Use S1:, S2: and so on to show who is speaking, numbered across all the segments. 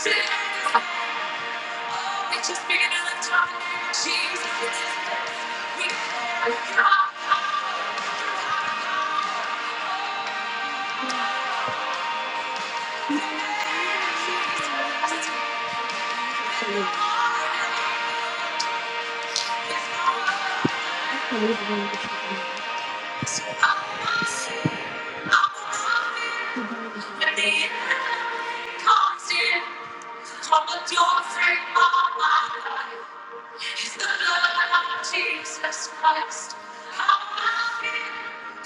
S1: Thank you. It's just bigger than the top. Jesus. We are God. Jesus. And the end comes in. Come with your faith, my God. It's the blood of Jesus Christ. I'm i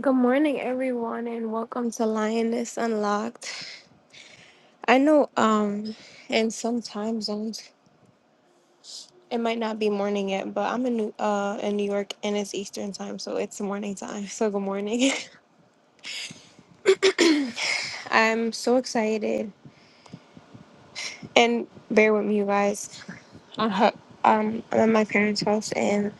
S1: Good morning, everyone, and welcome to Lioness Unlocked. I know, um, and sometimes I'm It might not be morning yet, but I'm in New uh in New York and it's Eastern time, so it's morning time. So good morning. I'm so excited. And bear with me you guys. I'm hu- um I'm at my parents' house and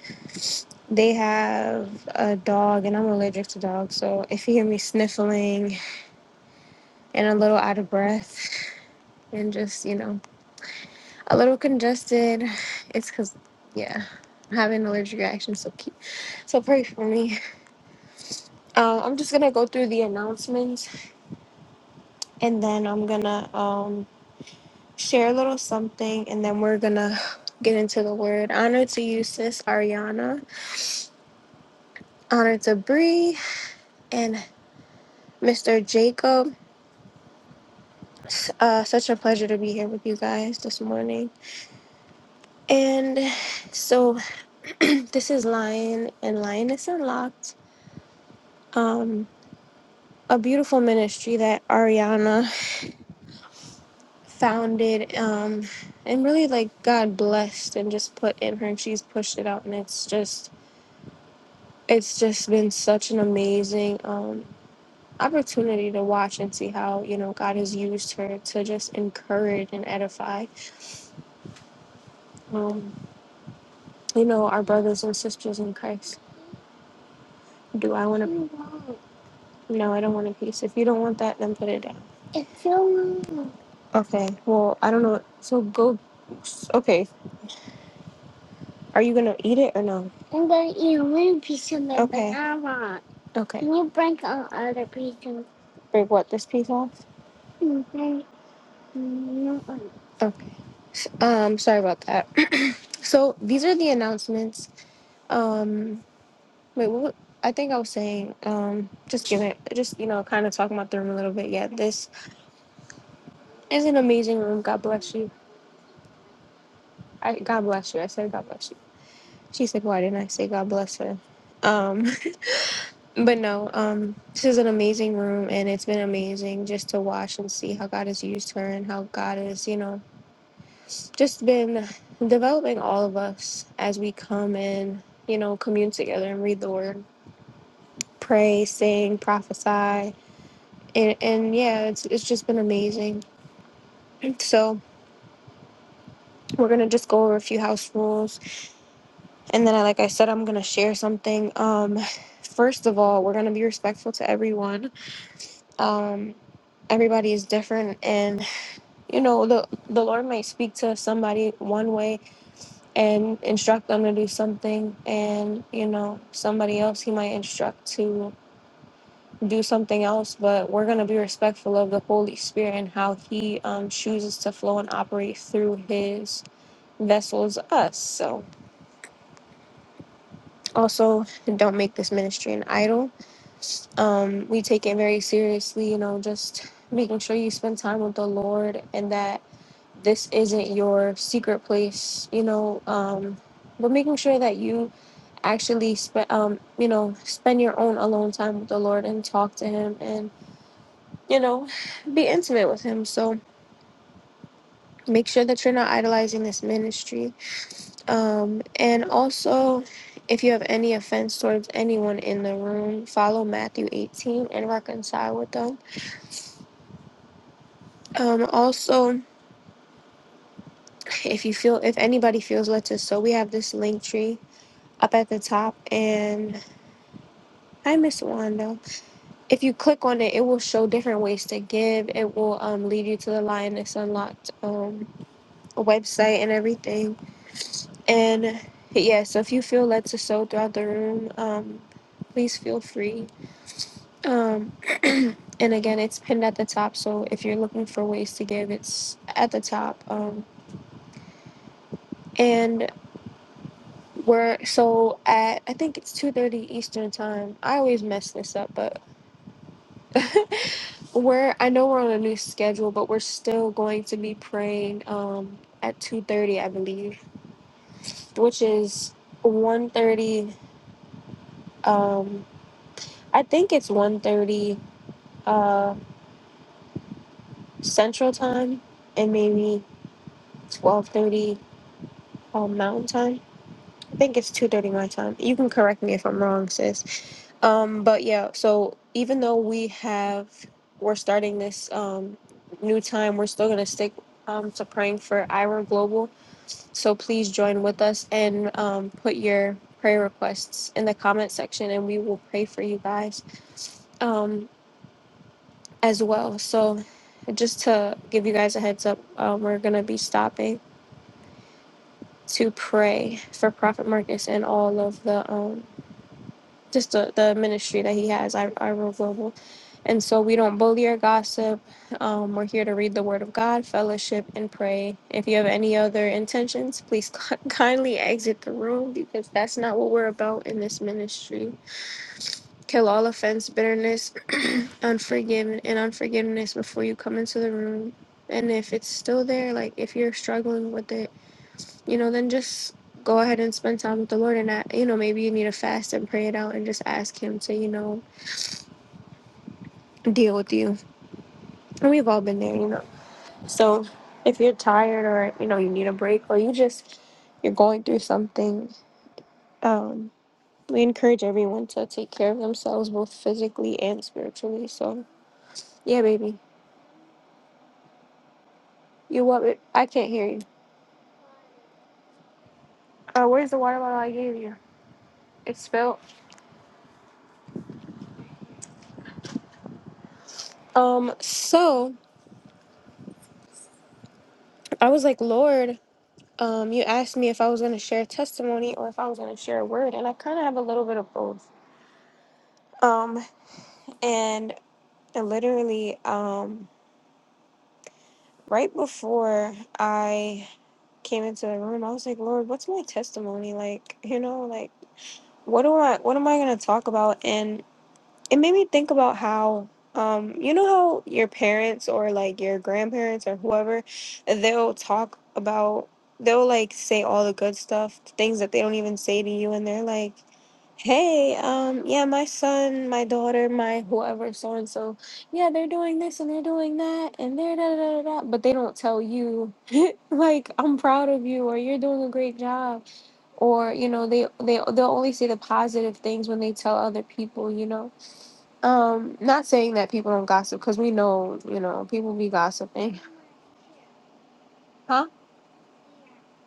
S1: they have a dog and I'm allergic to dogs, so if you hear me sniffling and a little out of breath and just, you know, a little congested, it's cause yeah, I'm having an allergic reaction, so keep so pray for me. Uh, I'm just gonna go through the announcements and then I'm gonna um, share a little something and then we're gonna get into the word. Honor to you, sis Ariana. Honor to Bree and Mr. Jacob. S- Uh, such a pleasure to be here with you guys this morning. And so this is Lion and Lioness Unlocked. Um, a beautiful ministry that Ariana founded um and really like god blessed and just put in her and she's pushed it out and it's just it's just been such an amazing um opportunity to watch and see how you know god has used her to just encourage and edify um you know our brothers and sisters in christ do i want to no i don't want a piece if you don't want that then put it down It's so long. okay well i don't know so go okay Are you gonna eat it or no? I'm gonna eat a little piece of it, Okay. but not a lot. Okay. Can you break an other piece Break what this piece off? Mhm. Mhm. Okay. Um, sorry about that. so these are the announcements. Um, wait, what? I think I was saying, um, just giving, just you know, kind of talking about the room a little bit. Yeah, this is an amazing room. God bless you. I God bless you. I said God bless you. She's like, why didn't I say God bless her? Um, But no, um, this is an amazing room, and it's been amazing just to watch and see how God has used her and how God has, you know, just been developing all of us as we come and, you know, commune together and read the word, pray, sing, prophesy. And, and yeah, it's, it's just been amazing. So we're going to just go over a few house rules. And then, I, like I said, I'm going to share something. Um, first of all, we're going to be respectful to everyone. Um, everybody is different and you know the the lord might speak to somebody one way and instruct them to do something and you know somebody else he might instruct to do something else but we're going to be respectful of the holy spirit and how he um, chooses to flow and operate through his vessels us so also don't make this ministry an idol um, we take it very seriously you know just making sure you spend time with the lord and that this isn't your secret place you know um but making sure that you actually spend um you know spend your own alone time with the lord and talk to him and you know be intimate with him so make sure that you're not idolizing this ministry um and also if you have any offense towards anyone in the room follow matthew 18 and reconcile with them um also if you feel if anybody feels led to so we have this link tree up at the top and Hi, Miss Wanda. If you click on it, it will show different ways to give. It will um, lead you to the Lioness Unlocked um, website and everything. And yeah, so if you feel led to sew throughout the room, um, please feel free. Um, and again, it's pinned at the top. So if you're looking for ways to give, it's at the top. Um, and we're so at I think it's two thirty Eastern time. I always mess this up, but We're I know we're on a new schedule, but we're still going to be praying um at two thirty, I believe, which is one thirty. Um, I think it's one thirty uh Central Time and maybe twelve thirty um Mountain Time. I think it's two thirty my time. You can correct me if I'm wrong, sis. Um, but yeah, so even though we have we're starting this um new time, we're still gonna stick um to praying for Ira Global So please join with us and um, put your prayer requests in the comment section, and we will pray for you guys um, as well. So, just to give you guys a heads up, um, we're going to be stopping to pray for Prophet Marcus and all of the um, just the, the ministry that he has, I, I Global. And so we don't bully or gossip. Um, we're here to read the Word of God, fellowship, and pray. If you have any other intentions, please kindly exit the room because that's not what we're about in this ministry. Kill all offense, bitterness, unforgiven, and unforgiveness before you come into the room. And if it's still there, like if you're struggling with it, you know, then just go ahead and spend time with the Lord. And, I, you know, maybe you need to fast and pray it out and just ask Him to, you know, deal with you. And we've all been there, you know. So if you're tired or you know you need a break or you just you're going through something, um, we encourage everyone to take care of themselves both physically and spiritually. So yeah, baby, you what? ba- I can't hear you. Uh, where's the water bottle I gave you? It's spilled. Um, so I was like, Lord, um, you asked me if I was gonna share testimony or if I was gonna share a word, and I kind of have a little bit of both. Um, and uh, literally, um, right before I came into the room, I was like, Lord, what's my testimony? Like, you know, like what do I what am I gonna talk about? And it made me think about how um, you know how your parents or like your grandparents or whoever, they'll talk about they'll like say all the good stuff, things that they don't even say to you and they're like Hey, um, yeah, my son, my daughter, my whoever, so and so, yeah, they're doing this and they're doing that and they're da da da da, but they don't tell you, like, I'm proud of you or you're doing a great job, or you know, they they they'll only say the positive things when they tell other people, you know. Um, not saying that people don't gossip because we know, you know, people be gossiping, huh?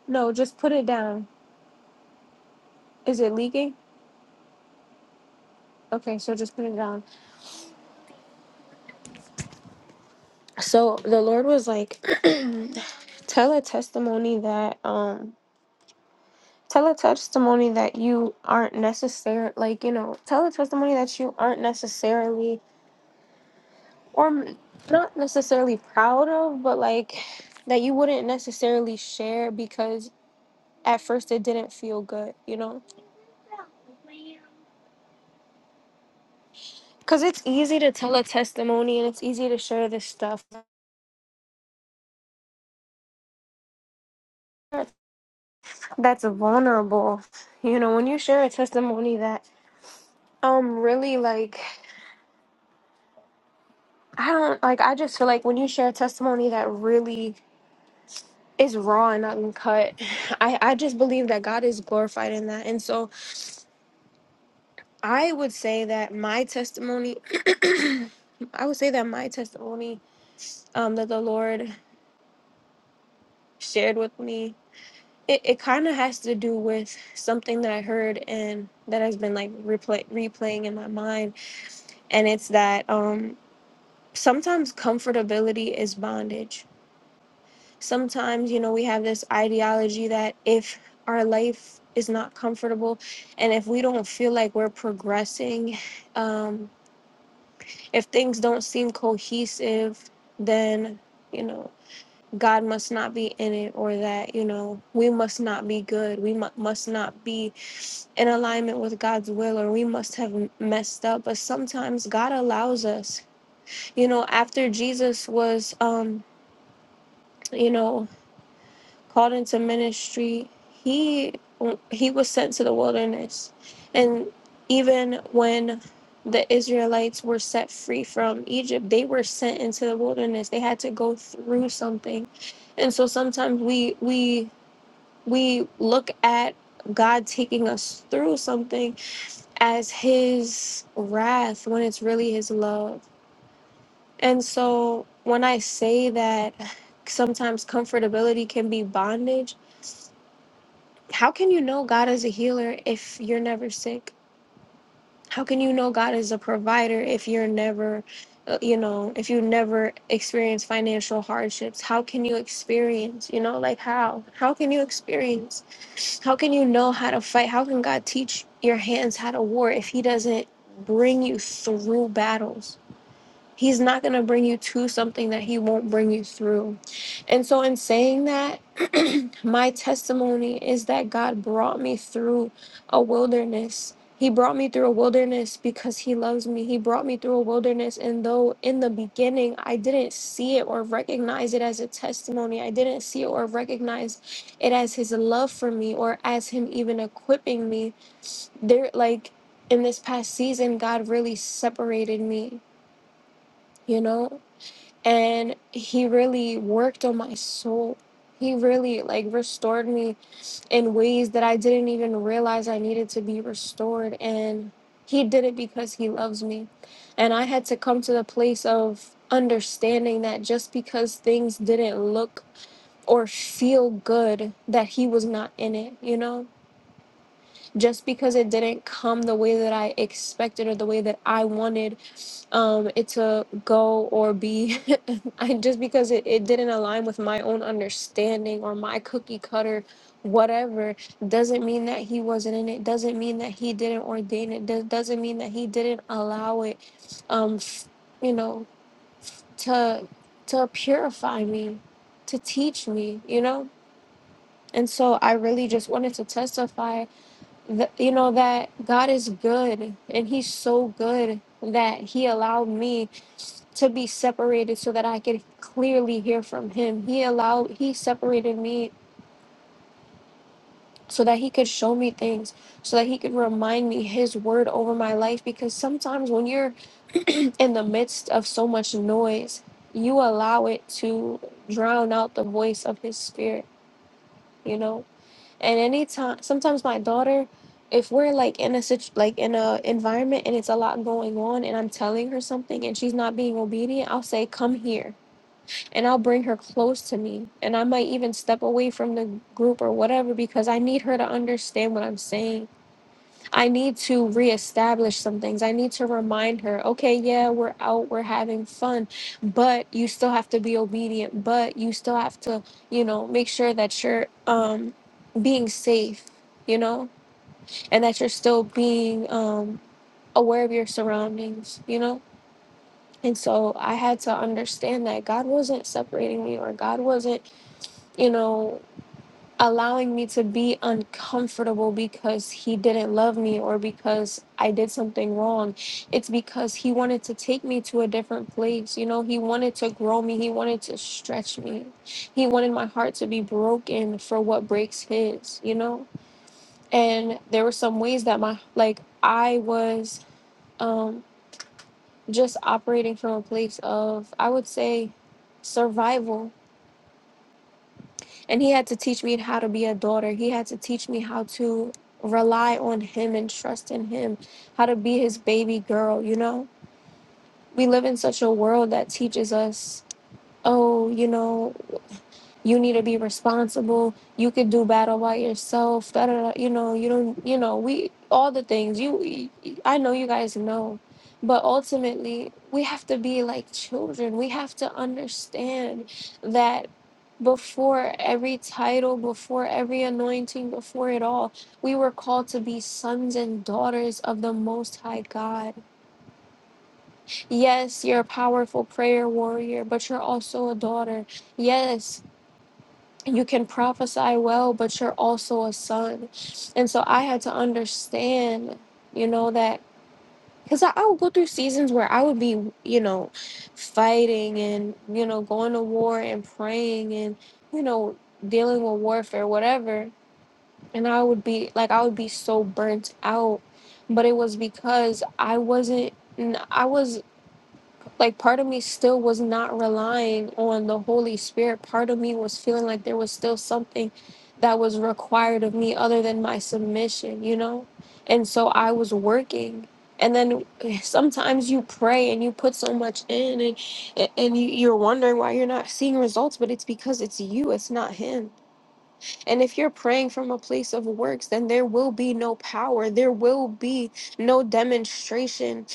S1: No, just put it down. Is it leaking? Okay, so just put it down. So the Lord was like, tell a testimony that um tell a testimony that you aren't necessary like you know tell a testimony that you aren't necessarily or m- not necessarily proud of but like that you wouldn't necessarily share because at first it didn't feel good you know because it's easy to tell a testimony and it's easy to share this stuff that's vulnerable you know when you share a testimony that um really like I don't like. I just feel like when you share testimony that really is raw and uncut, I I just believe that God is glorified in that. And so I would say that my testimony, I would say that my testimony, um, that the Lord shared with me, it, it kind of has to do with something that I heard and that has been like replay replaying in my mind, and it's that um sometimes comfortability is bondage sometimes you know we have this ideology that if our life is not comfortable and if we don't feel like we're progressing um if things don't seem cohesive then you know god must not be in it or that you know we must not be good we mu- must not be in alignment with god's will or we must have m- messed up but sometimes god allows us you know after jesus was um you know called into ministry, he he was sent to the wilderness. And even when the Israelites were set free from Egypt, they were sent into the wilderness. They had to go through something. And so sometimes we we we look at God taking us through something as his wrath when it's really his love. And so when I say that sometimes comfortability can be bondage, how can you know God is a healer if you're never sick? How can you know God is a provider if you're never, uh, you know, if you never experience financial hardships? How can you experience, you know, like how? How can you experience? How can you know how to fight? How can God teach your hands how to war if He doesn't bring you through battles? He's not going to bring you to something that he won't bring you through. And so, in saying that, my testimony is that God brought me through a wilderness. He brought me through a wilderness because he loves me. He brought me through a wilderness. And though in the beginning I didn't see it or recognize it as a testimony, I didn't see it or recognize it as his love for me or as him even equipping me. There, like in this past season, God really separated me, you know? and he really worked on my soul he really like restored me in ways that i didn't even realize i needed to be restored and he did it because he loves me and i had to come to the place of understanding that just because things didn't look or feel good that he was not in it you know just because it didn't come the way that I expected or the way that I wanted um, it to go or be, I, just because it, it didn't align with my own understanding or my cookie cutter, whatever, doesn't mean that he wasn't in it, doesn't mean that he didn't ordain it, do- doesn't mean that he didn't allow it, um, f- you know, to, to purify me, to teach me, you know? And so I really just wanted to testify th- you know that God is good and he's so good that he allowed me to be separated so that I could clearly hear from him. He allowed he separated me so that he could show me things, so that he could remind me his word over my life because sometimes when you're in the midst of so much noise, you allow it to drown out the voice of his spirit, you know? And anytime, sometimes my daughter, if we're like in a situ- like in a environment and it's a lot going on, and I'm telling her something and she's not being obedient, I'll say, "Come here," and I'll bring her close to me, and I might even step away from the group or whatever because I need her to understand what I'm saying I need to reestablish some things. I need to remind her, okay, yeah, we're out, we're having fun, but you still have to be obedient, but you still have to, you know, make sure that you're um being safe, you know, and that you're still being um aware of your surroundings, you know? And so I had to understand that God wasn't separating me or God wasn't, you know, allowing me to be uncomfortable because he didn't love me or because I did something wrong. It's because he wanted to take me to a different place. You know, he wanted to grow me, he wanted to stretch me. He wanted my heart to be broken for what breaks his, you know? And there were some ways that my like I was um just operating from a place of I would say survival And he had to teach me how to be a daughter. He had to teach me how to rely on him and trust in him, how to be his baby girl, you know? We live in such a world that teaches us, oh, you know, you need to be responsible you could do battle by yourself da, da, da, you know you don't you know we all the things you i know you guys know but ultimately we have to be like children we have to understand that before every title before every anointing before it all we were called to be sons and daughters of the most high god yes you're a powerful prayer warrior but you're also a daughter yes you can prophesy well, but you're also a son. And so I had to understand, you know, that because I, I would go through seasons where I would be, you know, fighting and, you know, going to war and praying and, you know, dealing with warfare, whatever. And I would be like, I would be so burnt out. But it was because I wasn't, I was like part of me still was not relying on the holy spirit part of me was feeling like there was still something that was required of me other than my submission you know and so i was working and then sometimes you pray and you put so much in and and you, you're wondering why you're not seeing results but it's because it's you it's not him and if you're praying from a place of works then there will be no power there will be no demonstration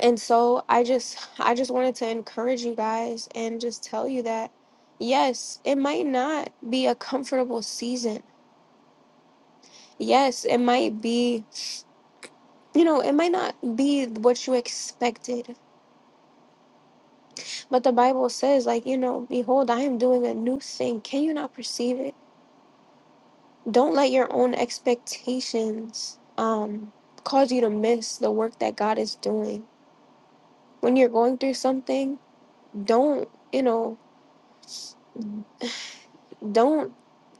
S1: and so i just i just wanted to encourage you guys and just tell you that yes it might not be a comfortable season yes it might be you know it might not be what you expected but the bible says like you know behold i am doing a new thing can you not perceive it don't let your own expectations um cause you to miss the work that god is doing when you're going through something don't you know Don't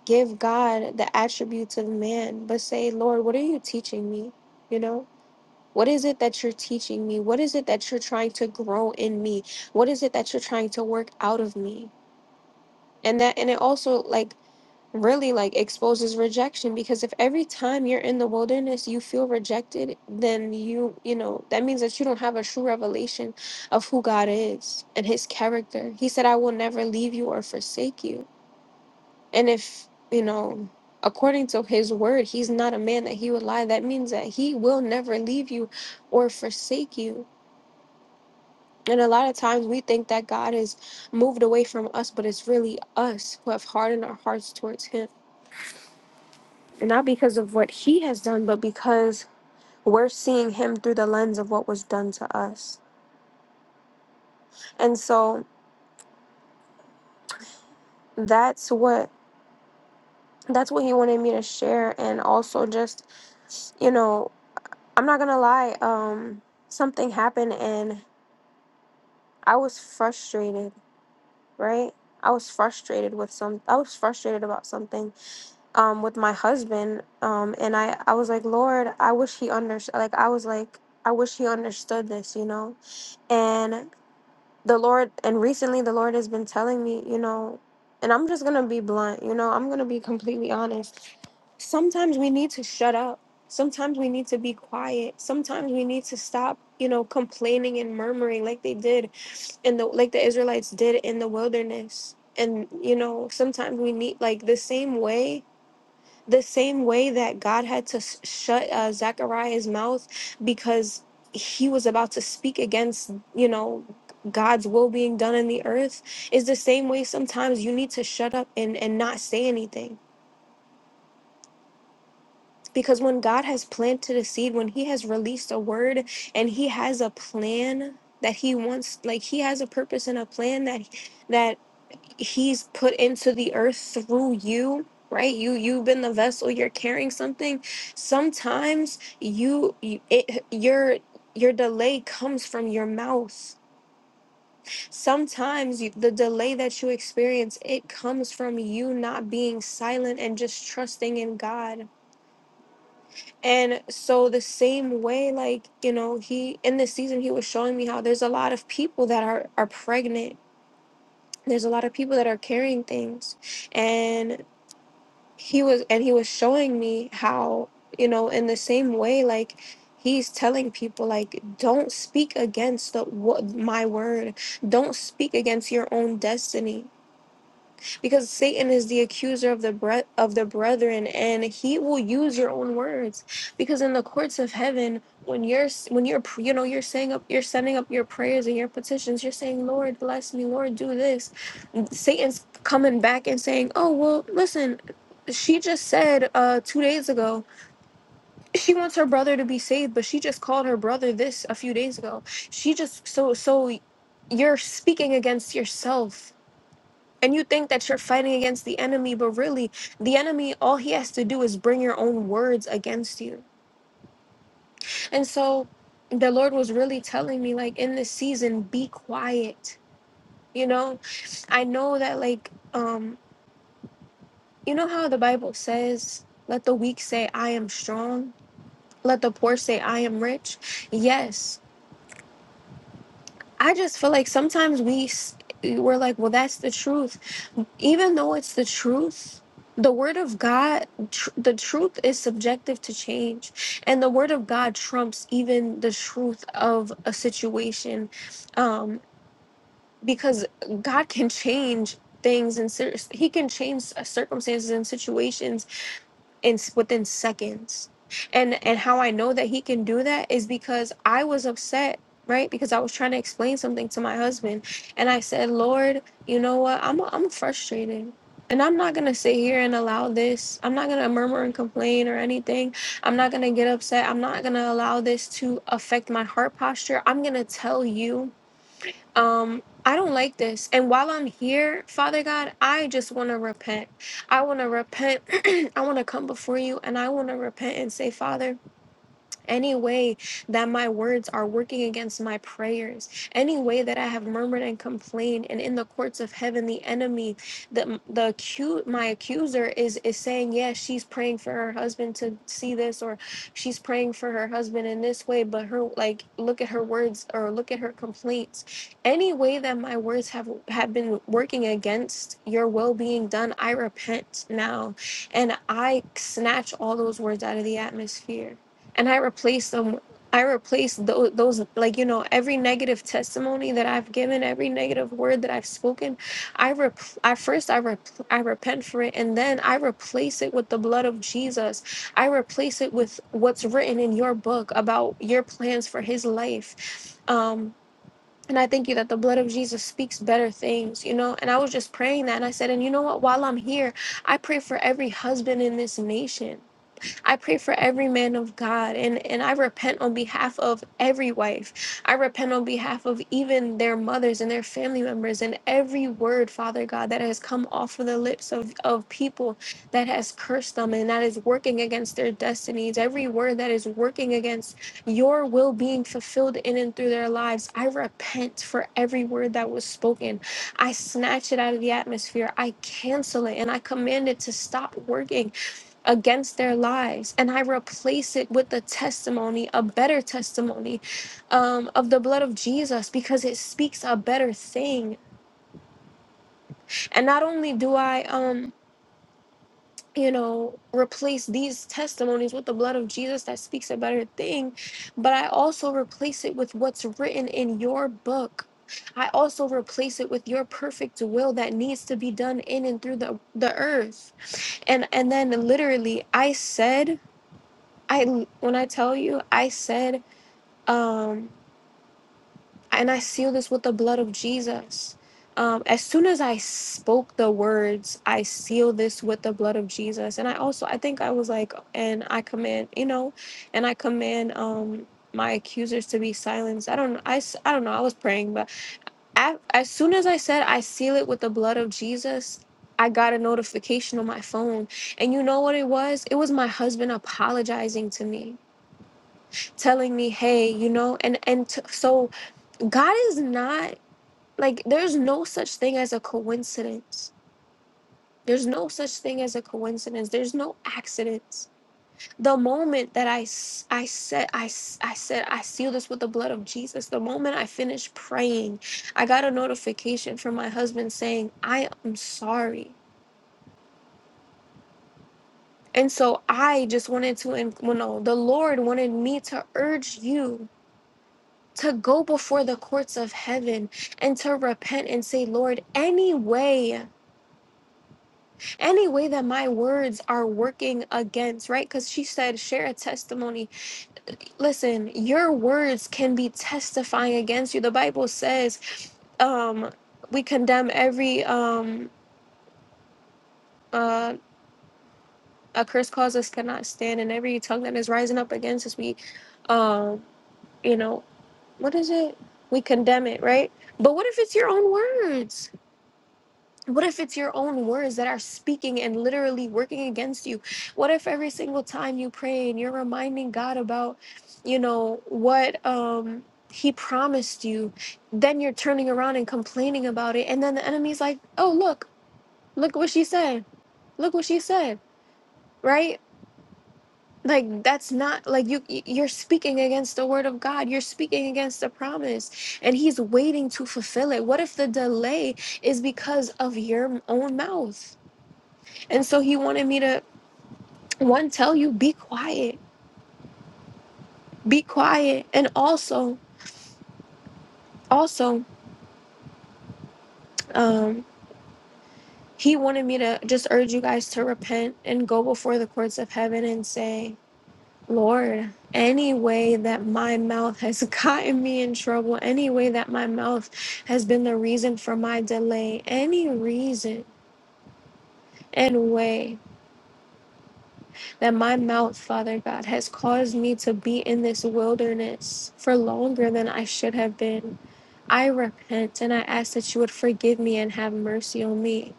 S1: give God the attributes of man, but say, Lord, what are you teaching me? You know, what is it that you're teaching me? What is it that you're trying to grow in me? What is it that you're trying to work out of me? And that, and it also like really like exposes rejection because if every time you're in the wilderness you feel rejected, then you, you know, that means that you don't have a true revelation of who God is and his character. He said, I will never leave you or forsake you. And if, you know, according to his word, he's not a man that he would lie, that means that he will never leave you or forsake you. And a lot of times we think that God has moved away from us, but it's really us who have hardened our hearts towards him. And not because of what he has done, but because we're seeing him through the lens of what was done to us. And so that's what that's what he wanted me to share and also just you know I'm not gonna lie, um, something happened and I was frustrated, right? I was frustrated with some I was frustrated about something um with my husband. Um and I I was like, "Lord, I wish he understood." Like I was like, "I wish he understood this, you know?" And the Lord, and recently the Lord has been telling me, you know, and I'm just gonna be blunt, you know, I'm gonna be completely honest. Sometimes we need to shut up. Sometimes we need to be quiet. Sometimes we need to stop, you know, complaining and murmuring like they did in the like the Israelites did in the wilderness. And you know, sometimes we need like the same way the same way that God had to s- shut uh, Zechariah's mouth because he was about to speak against, you know, God's will being done in the earth is the same way sometimes you need to shut up and, and not say anything. Because when God has planted a seed, when He has released a word and He has a plan that He wants, like He has a purpose and a plan that that he's put into the earth through you right you you've been the vessel you're carrying something sometimes you, you it, your your delay comes from your mouth sometimes you, the delay that you experience it comes from you not being silent and just trusting in god and so the same way like you know he in this season he was showing me how there's a lot of people that are are pregnant there's a lot of people that are carrying things and. he was and he was showing me how you know in the same way like he's telling people like don't speak against the what my word don't speak against your own destiny because satan is the accuser of the bre- of the brethren and he will use your own words because in the courts of heaven when you're s- when you're pr- you know you're saying up you're sending up your prayers and your petitions you're saying lord bless me lord do this Satan's coming back and saying, "Oh well, listen, she just said uh, two days ago she wants her brother to be saved, but she just called her brother this a few days ago. She just so so you're speaking against yourself." And you think that you're fighting against the enemy, but really, the enemy, all he has to do is bring your own words against you. And so the Lord was really telling me, like, in this season, be quiet. You know, I know that, like, um, You know how the Bible says, let the weak say, I am strong, let the poor say, I am rich? Yes. I just feel like sometimes we, s- we're like, well, that's the truth. Even though it's the truth, the word of God, tr- the truth is subjective to change. And the word of God trumps even the truth of a situation um, because God can change things and cir- he can change circumstances and situations in s- within seconds. And and how I know that he can do that is because I was upset, right? Because I was trying to explain something to my husband, and I said, "Lord, you know what? I'm I'm frustrated." And I'm not gonna sit here and allow this. I'm not gonna murmur and complain or anything. I'm not gonna get upset. I'm not gonna allow this to affect my heart posture. I'm gonna tell you um I don't like this. And while I'm here, Father God, I just want to repent. I want to repent. I want to come before you and I want to repent and say, Father, any way that my words are working against my prayers any way that i have murmured and complained and in the courts of heaven the enemy the the accu- my accuser is is saying yes she's praying for her husband to see this or she's praying for her husband in this way but her like look at her words or look at her complaints any way that my words have have been working against your will being done i repent now and i snatch all those words out of the atmosphere and I replace them. I replace those, those, like, you know, every negative testimony that I've given, every negative word that I've spoken. I, rep- I first, I, rep- I repent for it, and then I replace it with the blood of Jesus. I replace it with what's written in your book about your plans for his life. Um, and I thank you that the blood of Jesus speaks better things, you know. And I was just praying that. And I said, and you know what? While I'm here, I pray for every husband in this nation. I pray for every man of God and, and I repent on behalf of every wife. I repent on behalf of even their mothers and their family members and every word, Father God, that has come off of the lips of, of people that has cursed them and that is working against their destinies. Every word that is working against your will being fulfilled in and through their lives. I repent for every word that was spoken. I snatch it out of the atmosphere. I cancel it and I command it to stop working against their lives and i replace it with a testimony a better testimony um, of the blood of jesus because it speaks a better thing and not only do i um you know replace these testimonies with the blood of jesus that speaks a better thing but i also replace it with what's written in your book I also replace it with your perfect will that needs to be done in and through the, the earth. And and then literally I said I when I tell you, I said, um, and I seal this with the blood of Jesus. Um, as soon as I spoke the words, I seal this with the blood of Jesus. And I also, I think I was like, and I command, you know, and I command um my accusers to be silenced. I don't, I, s- I don't know. I was praying, but a as soon as I said, I seal it with the blood of Jesus. I got a notification on my phone, and you know what it was? It was my husband apologizing to me telling me, "Hey, you know," and and t- so God is not like there's no such thing as a coincidence. There's no such thing as a coincidence. There's no accidents. The moment that I s- I said I s- I said I seal this with the blood of Jesus. The moment I finished praying, I got a notification from my husband saying, "I am sorry." And so I just wanted to, and well, no, the Lord wanted me to urge you to go before the courts of heaven and to repent and say, Lord, any way, any way that my words are working against, right? Because she said, share a testimony. Listen, your words can be testifying against you. The Bible says, um, we condemn every um uh a curse cause us cannot stand and every tongue that is rising up against us we um you know what is it we condemn it right but what if it's your own words What if it's your own words that are speaking and literally working against you? What if every single time you pray and you're reminding God about, you know, what um he promised you, then you're turning around and complaining about it and then the enemy's like, "Oh, look. Look what she said. Look what she said." Right? Like that's not like you you- you're speaking against the word of God. You're speaking against the promise and he's waiting to fulfill it. What if the delay is because of your own mouth? And so he wanted me to one tell you be quiet, be quiet, and also also um he wanted me to just urge you guys to repent and go before the courts of heaven and say, Lord, any way that my mouth has gotten me in trouble, any way that my mouth has been the reason for my delay, any reason and way that my mouth, Father God, has caused me to be in this wilderness for longer than I should have been. I repent and I ask that you would forgive me and have mercy on me.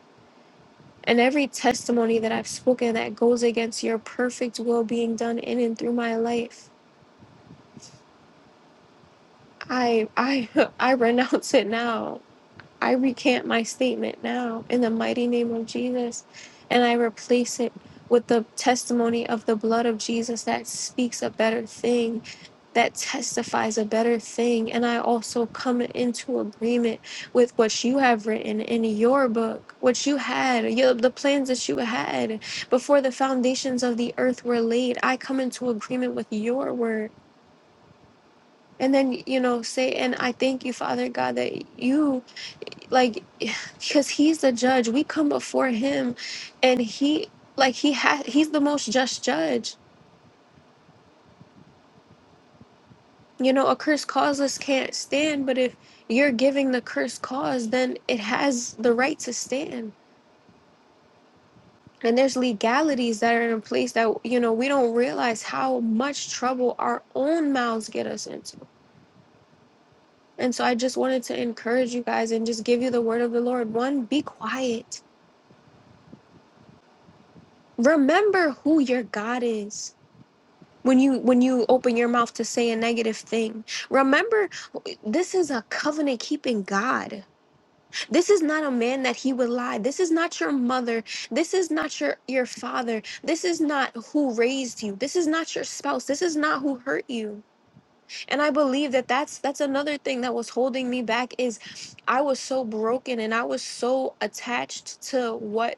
S1: And every testimony that I've spoken that goes against your perfect will being done in and through my life, I I I renounce it now. I recant my statement now in the mighty name of Jesus, and I replace it with the testimony of the blood of Jesus that speaks a better thing, that testifies a better thing. And I also come into agreement with what you have written in your book, what you had, your, the plans that you had before the foundations of the earth were laid. I come into agreement with your word. And then, you know, say, and I thank you, Father God, that you like because he's the judge we come before him and he like he ha he's the most just judge you know a curse causeless can't stand but if you're giving the curse cause then it has the right to stand and there's legalities that are in place that you know we don't realize how much trouble our own mouths get us into and so i just wanted to encourage you guys and just give you the word of the lord one be quiet remember who your god is when you when you open your mouth to say a negative thing remember this is a covenant keeping god this is not a man that he would lie this is not your mother this is not your your father this is not who raised you this is not your spouse this is not who hurt you and i believe that that's that's another thing that was holding me back is i was so broken and i was so attached to what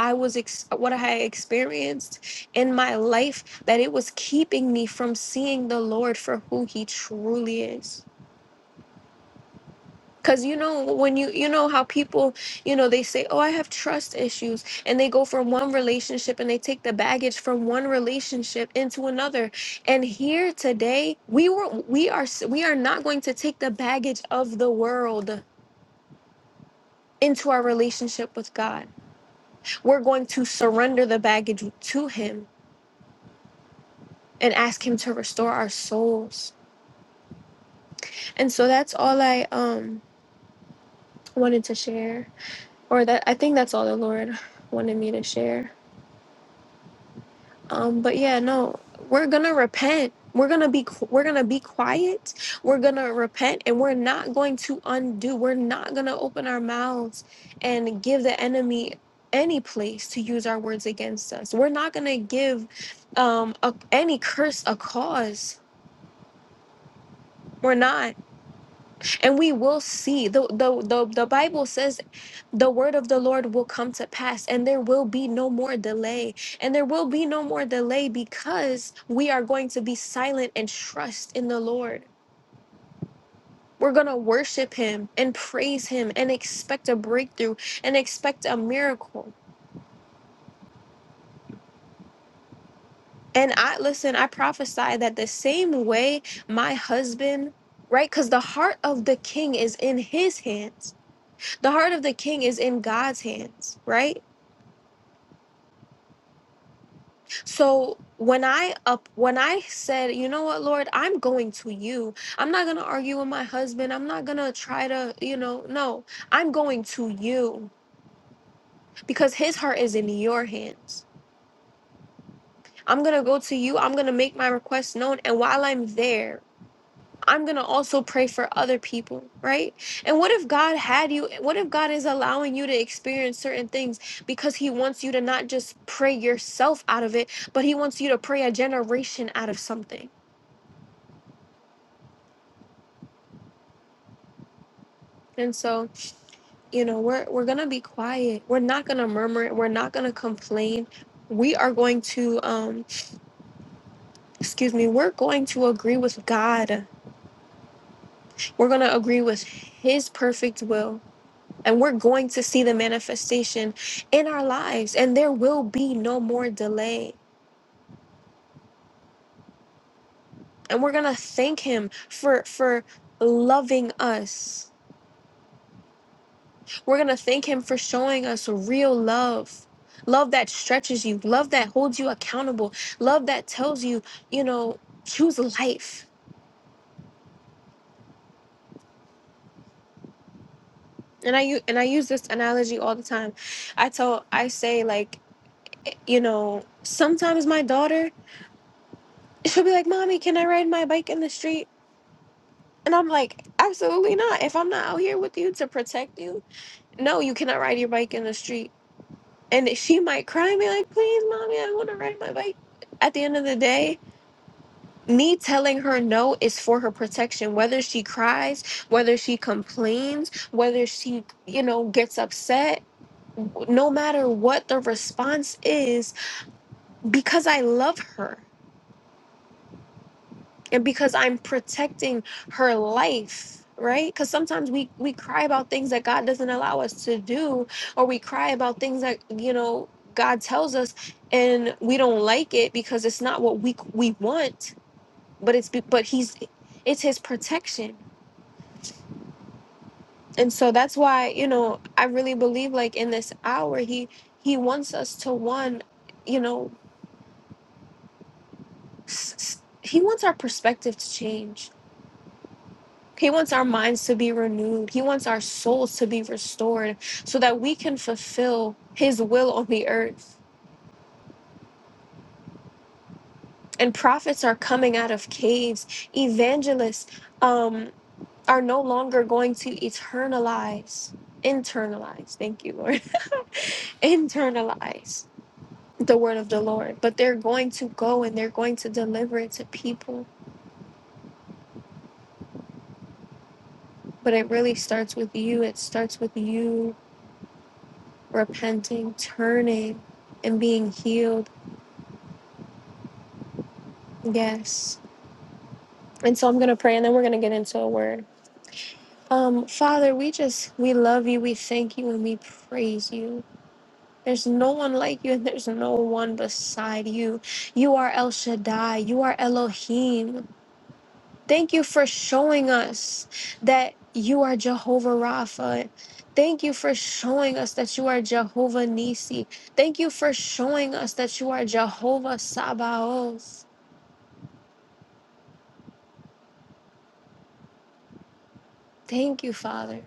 S1: I was ex- what I had experienced in my life that it was keeping me from seeing the Lord for who he truly is. Cause you know when you you know how people you know they say oh I have trust issues and they go from one relationship and they take the baggage from one relationship into another and here today we were we are s- we are not going to take the baggage of the world into our relationship with God we're going to surrender the baggage to Him and ask Him to restore our souls and so that's all I um wanted to share or that I think that's all the Lord wanted me to share Um, but yeah, no, we're gonna repent. We're gonna be qu- we're gonna be quiet. We're gonna repent, and we're not going to undo. We're not gonna open our mouths and give the enemy any place to use our words against us. We're not gonna give um, a, any curse a cause. We're not, and we will see. the the The, the Bible says the word of the Lord will come to pass, and there will be no more delay. And there will be no more delay because we are going to be silent and trust in the Lord. We're going to worship Him and praise Him and expect a breakthrough and expect a miracle. And I listen, I prophesy that the same way my husband, right? Because the heart of the king is in his hands, the heart of the king is in God's hands, right? So when I up when I said, you know what, Lord, I'm going to you. I'm not gonna argue with my husband. I'm not gonna try to, you know, no, I'm going to you because his heart is in your hands. I'm gonna go to you, I'm gonna make my request known, and while I'm there, I'm gonna also pray for other people, right? And what if God had you? What if God is allowing you to experience certain things because He wants you to not just pray yourself out of it, but He wants you to pray a generation out of something? And so, you know, we're we're gonna be quiet. We're not gonna murmur. We're not gonna complain. We are going to, um, excuse me, we're going to agree with God. We're gonna agree with His perfect will, and we're going to see the manifestation in our lives. And there will be no more delay. And we're gonna thank Him for for loving us We're going to thank Him for showing us real love. Love that stretches you, love that holds you accountable, love that tells you, you know, choose life. And I u- and I use this analogy all the time. I tell I say like, you know, sometimes my daughter she'll be like, "Mommy, can I ride my bike in the street?" And I'm like, "Absolutely not. If I'm not out here with you to protect you, no, you cannot ride your bike in the street." And she might cry and be like, "Please, Mommy, I want to ride my bike." At the end of the day, me telling her no is for her protection whether she cries whether she complains whether she you know gets upset no matter what the response is because i love her and because i'm protecting her life right because sometimes we we cry about things that god doesn't allow us to do or we cry about things that you know god tells us and we don't like it because it's not what we we want but it's be- but he's it's his protection and so that's why you know i really believe like in this hour he he wants us to one you know s- s- he wants our perspective to change he wants our minds to be renewed he wants our souls to be restored so that we can fulfill his will on the earth and prophets are coming out of caves evangelists um are no longer going to eternalize internalize thank you lord internalize the word of the Lord, but they're going to go and they're going to deliver it to people. But it really starts with you. It starts with you repenting, turning, and being healed. Yes. And so I'm going to pray and then we're going to get into a word. Um, Father, we just, we love you, we thank you, and we praise you. There's no one like you, and there's no one beside you. You are El Shaddai, you are Elohim. Thank you for showing us that you are Jehovah Rapha. Thank you for showing us that you are Jehovah Nisi. Thank you for showing us that you are Jehovah Sabaoth. Thank you, Father.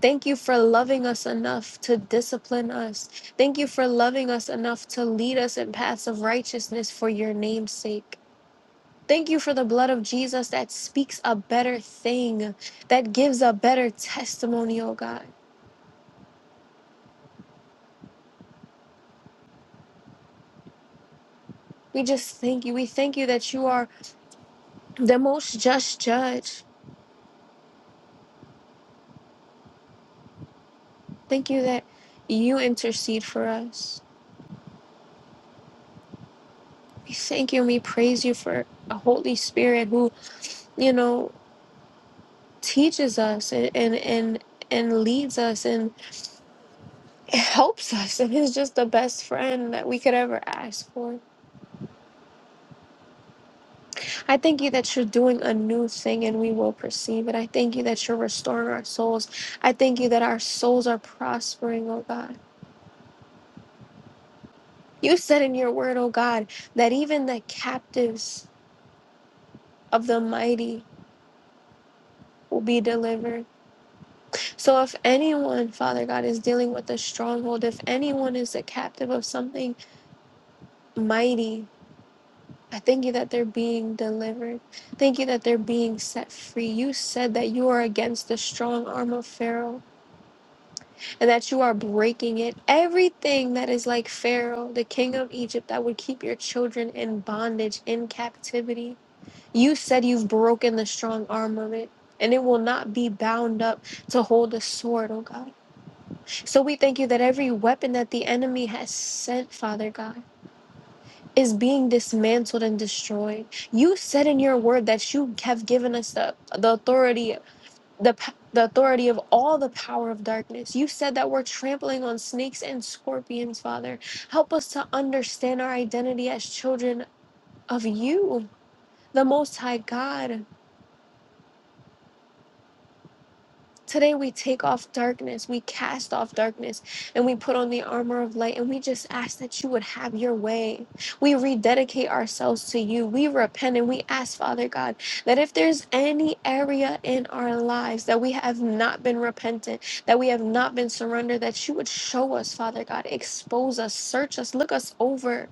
S1: Thank you for loving us enough to discipline us. Thank you for loving us enough to lead us in paths of righteousness for your name's sake. Thank you for the blood of Jesus that speaks a better thing, that gives a better testimony, oh God. We just thank you. We thank you that you are the most just judge. Thank you that you intercede for us. We thank you and we praise you for a Holy Spirit who, you know, teaches us and and and, and leads us and helps us and is just the best friend that we could ever ask for. I thank you that you're doing a new thing and we will perceive it. I thank you that you're restoring our souls. I thank you that our souls are prospering, oh God. You said in your word, O God, that even the captives of the mighty will be delivered. So if anyone, Father God, is dealing with a stronghold, if anyone is a captive of something mighty, I thank you that they're being delivered. Thank you that they're being set free. You said that you are against the strong arm of Pharaoh and that you are breaking it. Everything that is like Pharaoh, the king of Egypt, that would keep your children in bondage, in captivity. You said you've broken the strong arm of it, and it will not be bound up to hold a sword, oh God. So we thank you that every weapon that the enemy has sent, Father God, is being dismantled and destroyed. You said in your word that you have given us the, the authority, the p- the authority of all the power of darkness. You said that we're trampling on snakes and scorpions, Father. Help us to understand our identity as children of you, the Most High God. Today we take off darkness, we cast off darkness, and we put on the armor of light, and we just ask that you would have your way. We rededicate ourselves to you. We repent and we ask, Father God, that if there's any area in our lives that we have not been repentant, that we have not been surrendered, that you would show us, Father God, expose us, search us, look us over.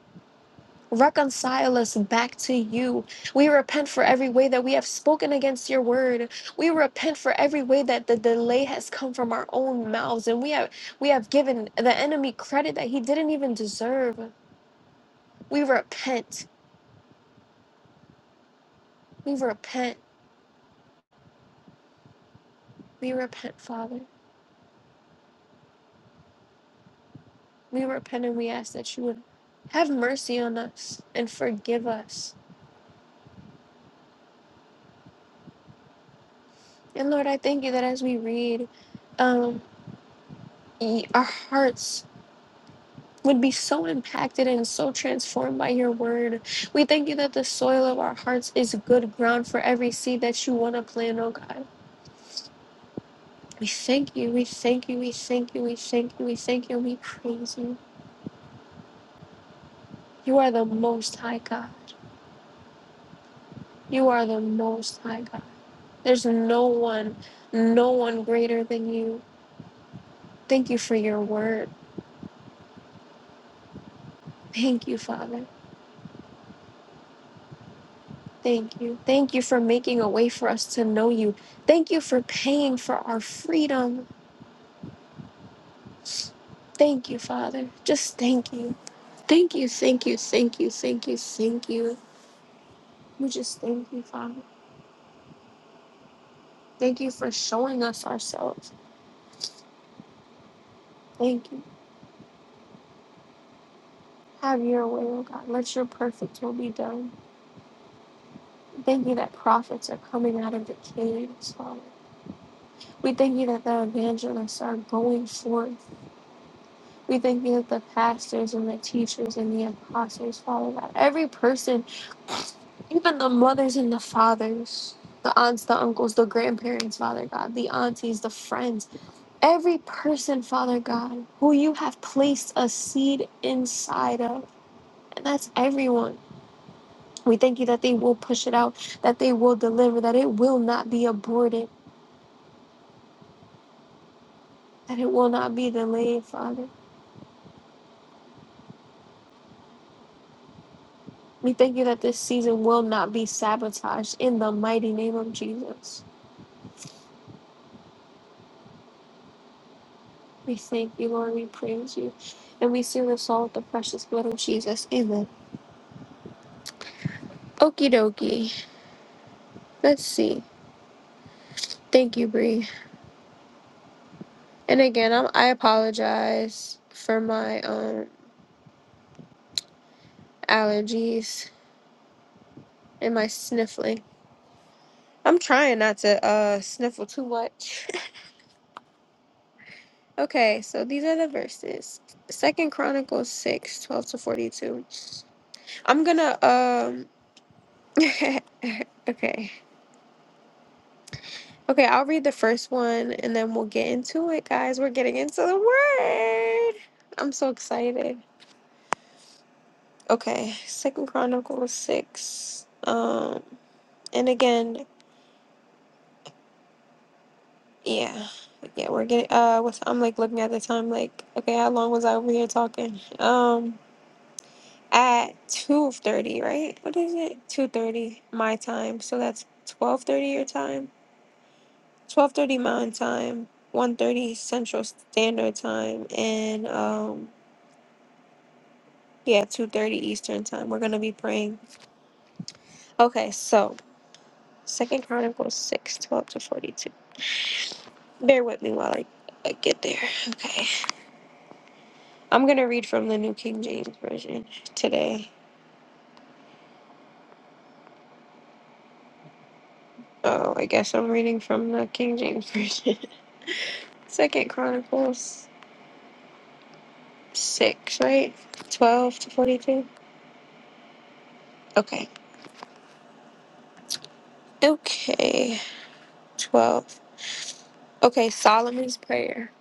S1: Reconcile us back to you. We repent for every way that we have spoken against your word. We repent for every way that the delay has come from our own mouths and we have we have given the enemy credit that he didn't even deserve. We repent. We repent. We repent, Father. We repent and we ask that you would have mercy on us and forgive us. And Lord, I thank you that as we read, um, y- our hearts would be so impacted and so transformed by your word. We thank you that the soil of our hearts is good ground for every seed that you want to plant, oh God. We thank you, we thank you, we thank you, we thank you, we thank you, and we praise you. You are the most high God. You are the most high God. There's no one, no one greater than you. Thank you for your word. Thank you, Father. Thank you. Thank you for making a way for us to know you. Thank you for paying for our freedom. Thank you, Father. Just thank you. Thank you, thank you, thank you, thank you, thank you. We just thank you, Father. Thank you for showing us ourselves. Thank you. Have your way, oh God. Let your perfect will be done. Thank you that prophets are coming out of the caves, Father. We thank you that the evangelists are going forth. We thank you that the pastors and the teachers and the apostles, Father, that every person Even the mothers and the fathers, the aunts, the uncles, the grandparents, Father God, the aunties, the friends, every person, Father God, who you have placed a seed inside of. And that's everyone. We thank you that they will push it out, that they will deliver, that it will not be aborted, that it will not be delayed, Father. We thank you that this season will not be sabotaged in the mighty name of Jesus. We thank you, Lord. We praise you. And we seal this all with the precious blood of Jesus. Amen. Okie dokie. Let's see. Thank you, Brie. And again, I'm, I apologize for my um allergies and my sniffling. I'm trying not to uh sniffle too much. okay, so these are the verses. Second Chronicles 6 12 to 42. I'm gonna um okay. Okay, I'll read the first one and then we'll get into it, guys. We're getting into the word. I'm so excited. Okay, Second Chronicles six. Um, and again, yeah, yeah, we're getting. Uh, what's I'm like looking at the time, like, okay, how long was I over here talking? Um, at two thirty, right? What is it? Two thirty my time. So that's twelve thirty your time, twelve thirty mountain time, one thirty Central Standard Time, and um, yeah, two thirty Eastern Time. We're gonna be praying. Okay, so Second Chronicles six, twelve to forty two. Bear with me while I, I get there. Okay. I'm going to read from the New King James Version today. Oh, I guess I'm reading from the King James Version. Second Chronicles 6, right? 12 to 42. Okay. Okay. 12. Okay, Solomon's prayer.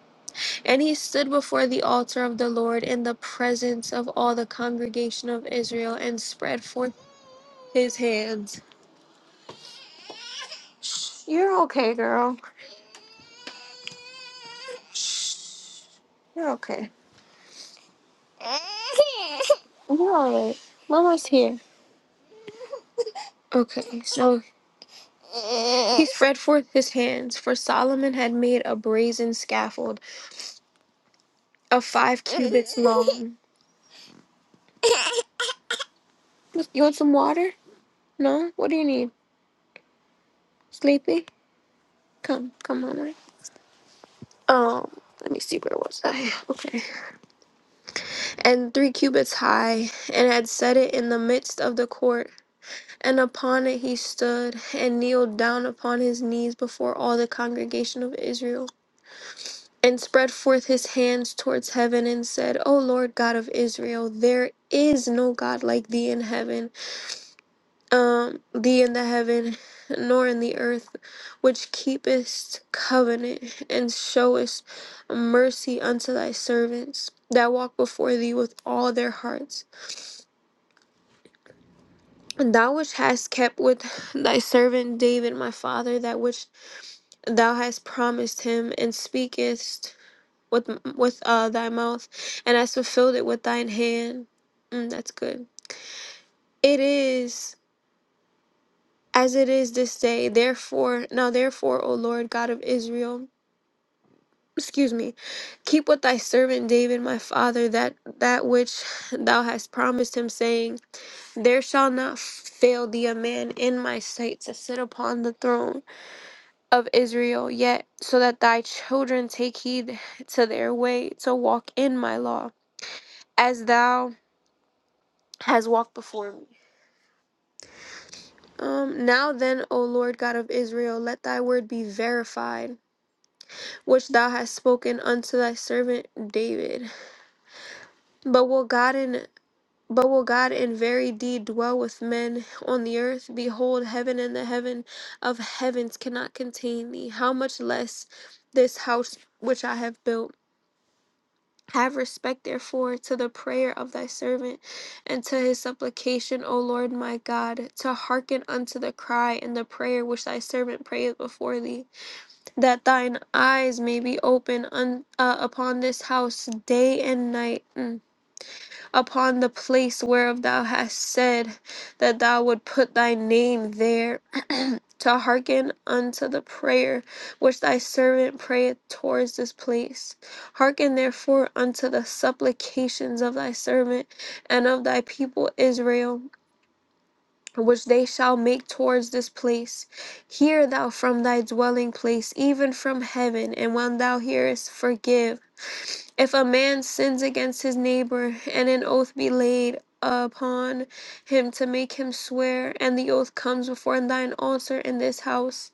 S1: And he stood before the altar of the Lord in the presence of all the congregation of Israel and spread forth his hands You're okay, girl. You're okay. You're alright. Mama's here. Okay, so he spread forth his hands, for Solomon had made a brazen scaffold of five cubits long. You want some water? No? What do you need? Sleepy? Come, come, mama. Um, let me see where was I? Okay. and three cubits high, and had set it in the midst of the court. And upon it he stood, and kneeled down upon his knees before all the congregation of Israel, and spread forth his hands towards heaven, and said, O Lord God of Israel, there is no God like thee in heaven, um, thee in the heaven, nor in the earth, which keepest covenant, and showest mercy unto thy servants that walk before thee with all their hearts. And Thou which hast kept with thy servant David my father, that which thou hast promised him, and speakest with with uh, thy mouth, and hast fulfilled it with thine hand. Mm, that's good. It is as it is this day. Therefore, now therefore, O Lord God of Israel, excuse me, keep with thy servant David my father that that which thou hast promised him, saying, There shall not fail thee a man in my sight to sit upon the throne. of Israel, yet so that thy children take heed to their way to walk in my law, as thou hast walked before me. Um, now then, O Lord God of Israel, let thy word be verified, which thou hast spoken unto thy servant David. But will God in but will God in very deed dwell with men on the earth? Behold, heaven and the heaven of heavens cannot contain thee. How much less this house which I have built? Have respect, therefore, to the prayer of thy servant and to his supplication, O Lord my God, to hearken unto the cry and the prayer which thy servant prayeth before thee, that thine eyes may be open un- uh, upon this house day and night. Mm upon the place whereof thou hast said that thou would put thy name there, to hearken unto the prayer which thy servant prayeth towards this place. Hearken therefore unto the supplications of thy servant and of thy people Israel. Which they shall make towards this place. Hear thou from thy dwelling place, even from heaven, and when thou hearest, forgive if a man sins against his neighbor, and an oath be laid upon him to make him swear, and the oath comes before thine altar in this house,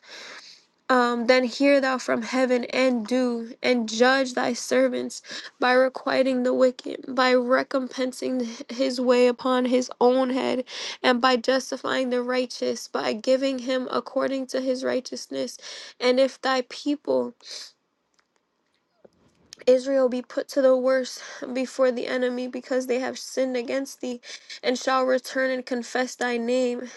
S1: um, then hear thou from heaven and do, and judge thy servants by requiting the wicked, by recompensing his way upon his own head, and by justifying the righteous, by giving him according to his righteousness. And if thy people Israel be put to the worst before the enemy because they have sinned against thee and shall return and confess thy name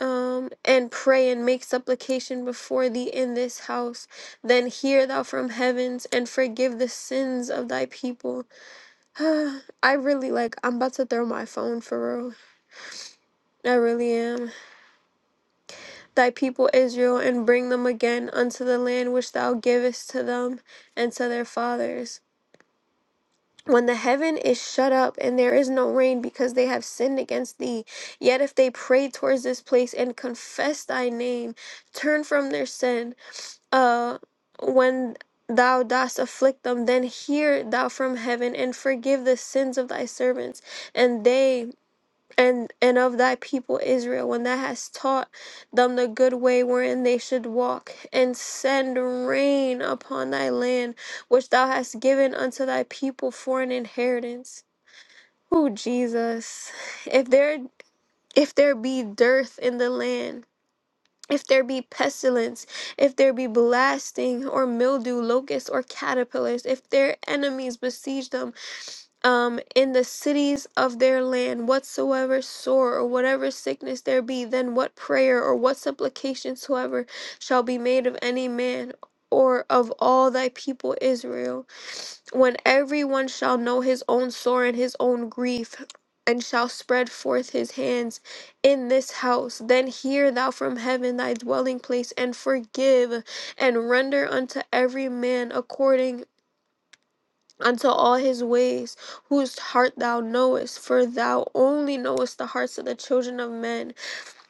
S1: um, and pray and make supplication before thee in this house. Then hear thou from heavens and forgive the sins of thy people. I really like, I'm about to throw my phone for real. I really am. Thy people Israel and bring them again unto the land which thou givest to them and to their fathers. when the heaven is shut up and there is no rain because they have sinned against thee, yet if they pray towards this place and confess thy name, turn from their sin, uh, when thou dost afflict them, then hear thou from heaven and forgive the sins of thy servants, and they and and of thy people Israel, when thou hast taught them the good way wherein they should walk, and send rain upon thy land, which thou hast given unto thy people for an inheritance. Oh Jesus, if there if there be dearth in the land. If there be pestilence, if there be blasting or mildew, locusts or caterpillars, if their enemies besiege them, um, in the cities of their land, whatsoever sore or whatever sickness there be, then what prayer or what supplication soever shall be made of any man or of all thy people Israel, when every one shall know his own sore and his own grief. And shall spread forth his hands in this house. Then hear thou from heaven thy dwelling place, and forgive, and render unto every man according unto all his ways, whose heart thou knowest, for thou only knowest the hearts of the children of men,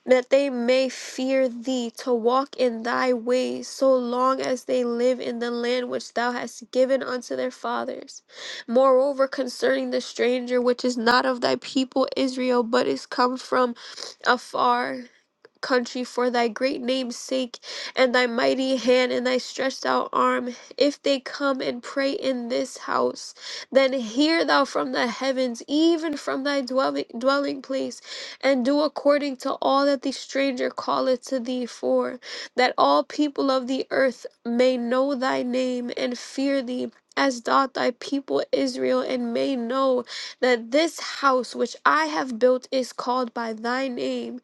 S1: that they may fear thee to walk in thy ways so long as they live in the land which thou hast given unto their fathers. Moreover, concerning the stranger which is not of thy people Israel, but is come from afar, country for thy great name's sake and thy mighty hand and thy stretched out arm. If they come and pray in this house, then hear thou from the heavens, even from thy dwelling, dwelling place, and do according to all that the stranger calleth to thee for, that all people of the earth may know thy name and fear thee. As doth thy people Israel, and may know that this house which I have built is called by thy name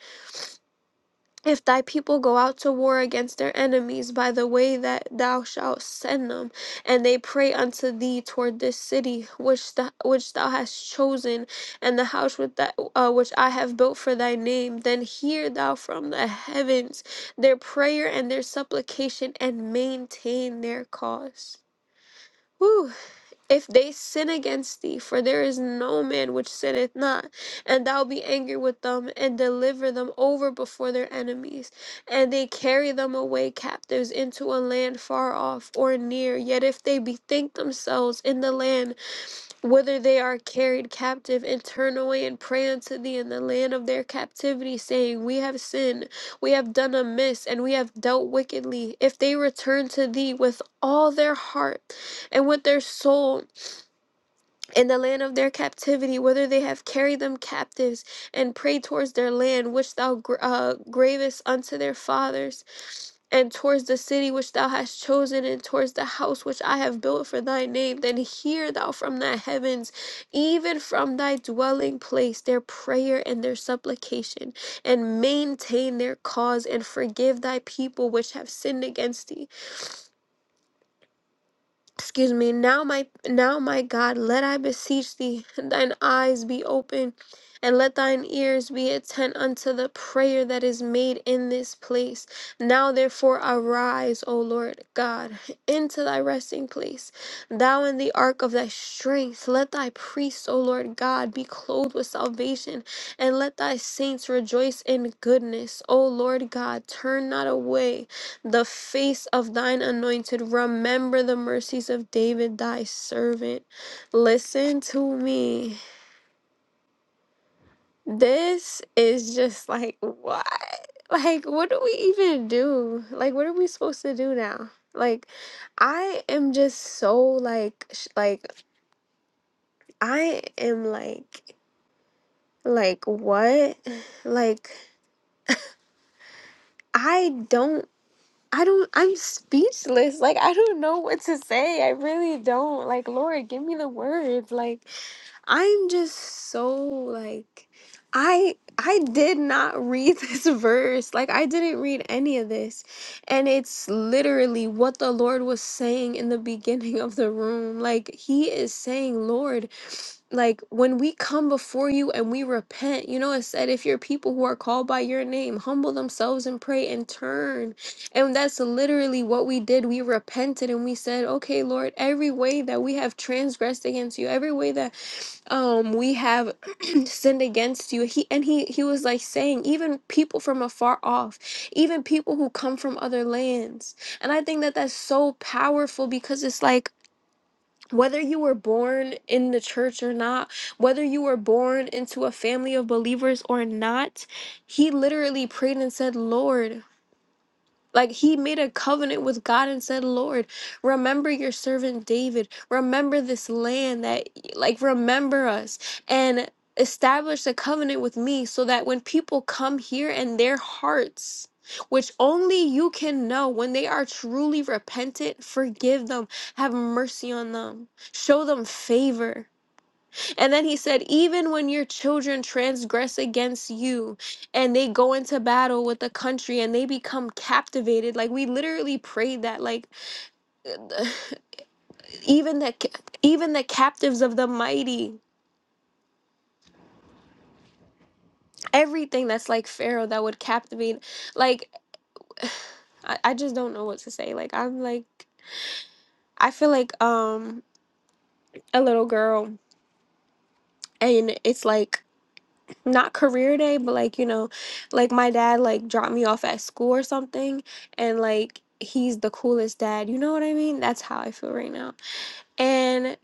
S1: if thy people go out to war against their enemies by the way that thou shalt send them, and they pray unto thee toward this city which thou, which thou hast chosen, and the house with that, uh, which I have built for thy name, then hear thou from the heavens their prayer and their supplication, and maintain their cause. Whew if they sin against thee, for there is no man which sinneth not, and thou be angry with them, and deliver them over before their enemies, and they carry them away captives into a land far off or near. Yet if they bethink themselves in the land whither they are carried captive, and turn away and pray unto thee in the land of their captivity, saying, We have sinned, we have done amiss, and we have dealt wickedly, if they return to thee with all their heart and with their soul, in the land of their captivity, whether they have carried them captives and prayed towards their land, which thou gr- uh, gravest unto their fathers, and towards the city which thou hast chosen, and towards the house which I have built for thy name, then hear thou from thy heavens, even from thy dwelling place, their prayer and their supplication, and maintain their cause, and forgive thy people which have sinned against thee excuse me now my now my god let i beseech thee thine eyes be open and let thine ears be attent unto the prayer that is made in this place now therefore arise o lord god into thy resting place thou in the ark of thy strength let thy priests o lord god be clothed with salvation and let thy saints rejoice in goodness o lord god turn not away the face of thine anointed. Remember the mercies of David, thy servant. Listen to me. This is just like, what? Like, what do we even do? Like, what are we supposed to do now? Like, I am just so like, sh- like, I am like, like, what? Like, I don't. I don't, I'm speechless. Like, I don't know what to say. I really don't. Like, Lord, give me the words. Like, I'm just so, like, I. I did not read this verse. Like, I didn't read any of this. And it's literally what the Lord was saying in the beginning of the room. Like, He is saying, Lord, like when we come before you and we repent you know it said if your people who are called by your name humble themselves and pray and turn and that's literally what we did we repented and we said okay lord every way that we have transgressed against you every way that um we have sinned against you he and he he was like saying even people from afar off even people who come from other lands and i think that that's so powerful because it's like whether you were born in the church or not, whether you were born into a family of believers or not, he literally prayed and said, Lord, like he made a covenant with God and said, Lord, remember your servant David. Remember this land that, like, remember us and establish a covenant with me so that when people come here and their hearts, which only you can know when they are truly repentant, forgive them, have mercy on them, show them favor. And then he said, Even when your children transgress against you and they go into battle with the country and they become captivated, like we literally prayed that, like even the even the captives of the mighty, everything that's like Pharaoh that would captivate, like I, I just don't know what to say. Like I'm like I feel like um a little girl and it's like not career day, but like, you know, like my dad like dropped me off at school or something and like he's the coolest dad. You know what I mean? That's how I feel right now. And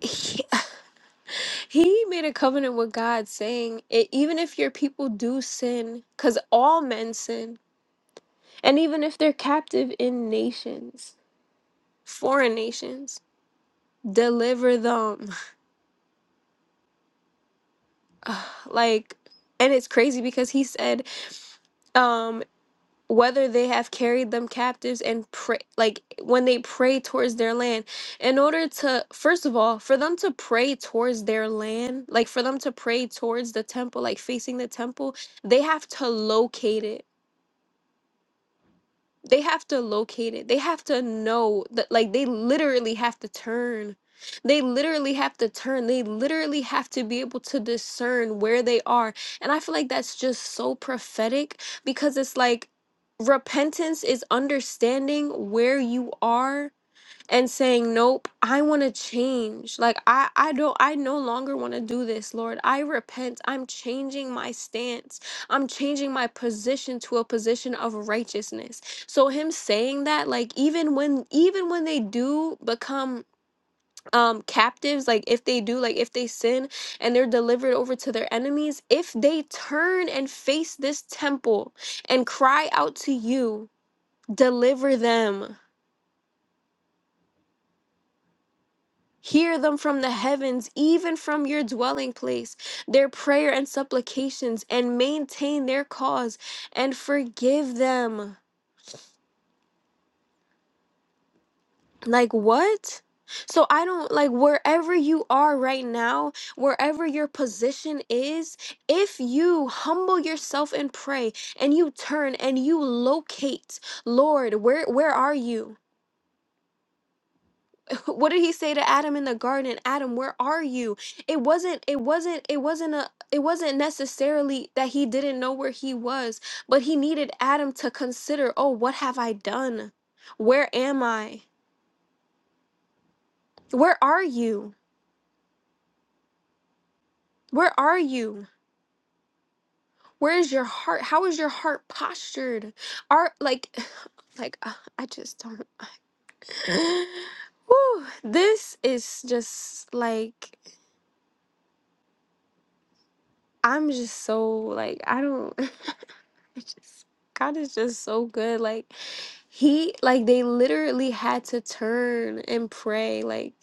S1: he, he made a covenant with God saying, it, even if your people do sin, cuz all men sin, and even if they're captive in nations, foreign nations, deliver them. like and it's crazy because he said um, whether they have carried them captives and pray like when they pray towards their land in order to first of all for them to pray towards their land like for them to pray towards the temple like facing the temple they have to locate it they have to locate it they have to know that like they literally have to turn they literally have to turn they literally have to be able to discern where they are and i feel like that's just so prophetic because it's like repentance is understanding where you are and saying nope i want to change like i i don't i no longer want to do this lord i repent i'm changing my stance i'm changing my position to a position of righteousness so him saying that like even when even when they do become um captives like if they do like if they sin and they're delivered over to their enemies if they turn and face this temple and cry out to you deliver them Hear them from the heavens, even from your dwelling place, their prayer and supplications, and maintain their cause and forgive them. Like what? So I don't like wherever you are right now, wherever your position is, if you humble yourself and pray and you turn and you locate, Lord, where where are you? What did he say to Adam in the garden? Adam, where are you? It wasn't it wasn't it wasn't a it wasn't necessarily that he didn't know where he was, but he needed Adam to consider, "Oh, what have I done? Where am I? Where are you? Where are you?" Where is your heart? How is your heart postured? Are like, like uh, I just don't. Whew, this is just like I'm just so like I don't. It's just- God is just so good. Like he like they literally had to turn and pray. Like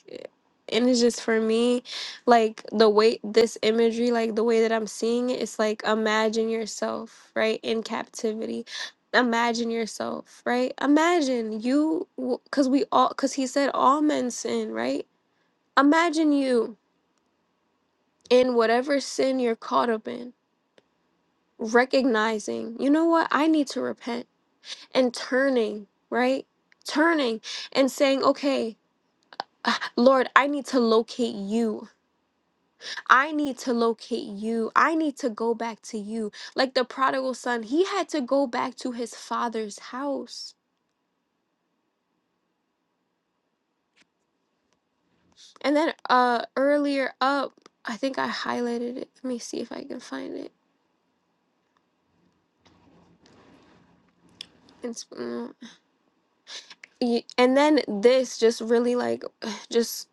S1: and it's just for me, like the way this imagery, like the way that I'm seeing it, it's like imagine yourself, right, in captivity. Imagine yourself, right? Imagine you, because we all, because he said all men sin, right? Imagine you in whatever sin you're caught up in, recognizing, you know what, I need to repent and turning, right? Turning and saying, okay, Lord, I need to locate you. I need to locate you. I need to go back to you. Like the prodigal son, he had to go back to his father's house. And then uh earlier up, I think I highlighted it. Let me see if I can find it. It's, mm, y- and then this just really like just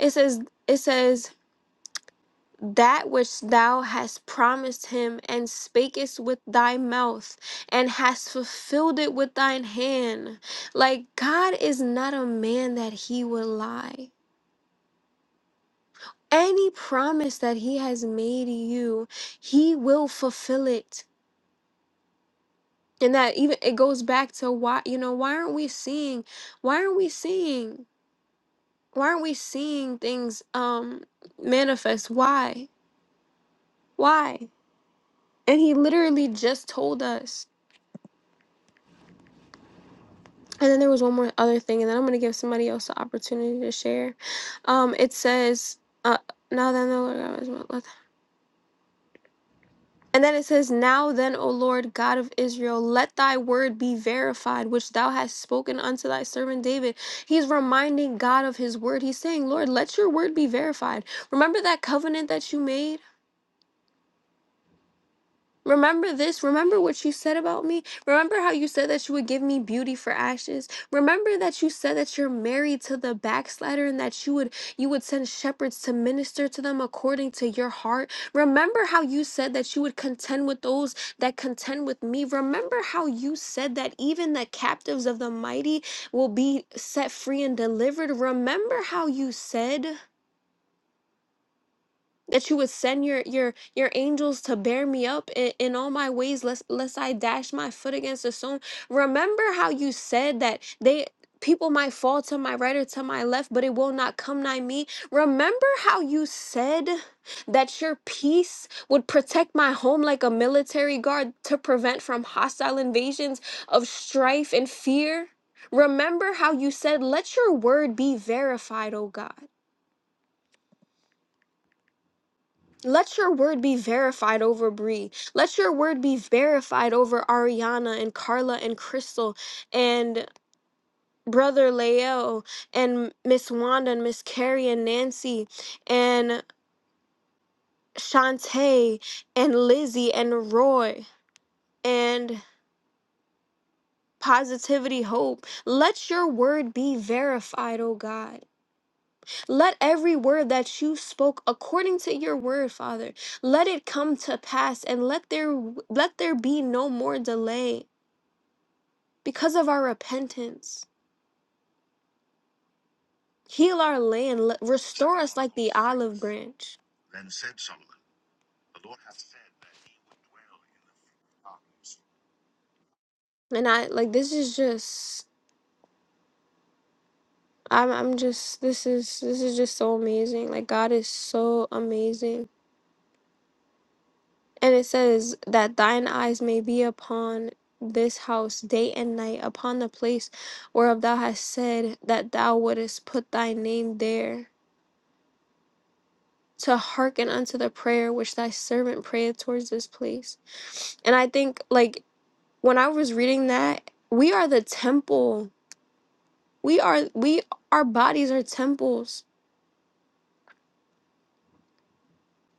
S1: it says it says that which thou hast promised him, and spakest with thy mouth, and hast fulfilled it with thine hand. Like God is not a man that he will lie. Any promise that he has made you, he will fulfill it. And that even it goes back to why you know why aren't we seeing why aren't we seeing why aren't we seeing things um manifest why why and he literally just told us And then there was one more other thing, and then I'm going to give somebody else the opportunity to share. Um, it says, uh, now then, O Lord God of Israel, let- and then it says, Now then, O Lord God of Israel, let thy word be verified, which thou hast spoken unto thy servant David. He's reminding God of his word. He's saying, Lord, let your word be verified. Remember that covenant that you made? Remember this. Remember what you said about me. Remember how you said that you would give me beauty for ashes. Remember that you said that you're married to the backslider and that you would you would send shepherds to minister to them according to your heart. Remember how you said that you would contend with those that contend with me. Remember how you said that even the captives of the mighty will be set free and delivered. Remember how you said that you would send your your your angels to bear me up in, in all my ways lest lest i dash my foot against a stone remember how you said that they people might fall to my right or to my left but it will not come nigh me remember how you said that your peace would protect my home like a military guard to prevent from hostile invasions of strife and fear remember how you said let your word be verified o god Let your word be verified over Bree. Let your word be verified over Ariana and Carla and Crystal and Brother Leo and Miss Wanda and Miss Carrie and Nancy and Shantae and Lizzie and Roy and Positivity Hope. Let your word be verified, oh God. Let every word that you spoke according to your word, Father, let it come to pass and let there let there be no more delay because of our repentance. Heal our land, le- restore us like the olive branch. And I like this is just I'm I'm just this is this is just so amazing. Like God is so amazing. And it says that thine eyes may be upon this house day and night, upon the place whereof thou hast said that thou wouldest put thy name there, to hearken unto the prayer which thy servant prayeth towards this place. And I think like when I was reading that, we are the temple. We are we our bodies are temples.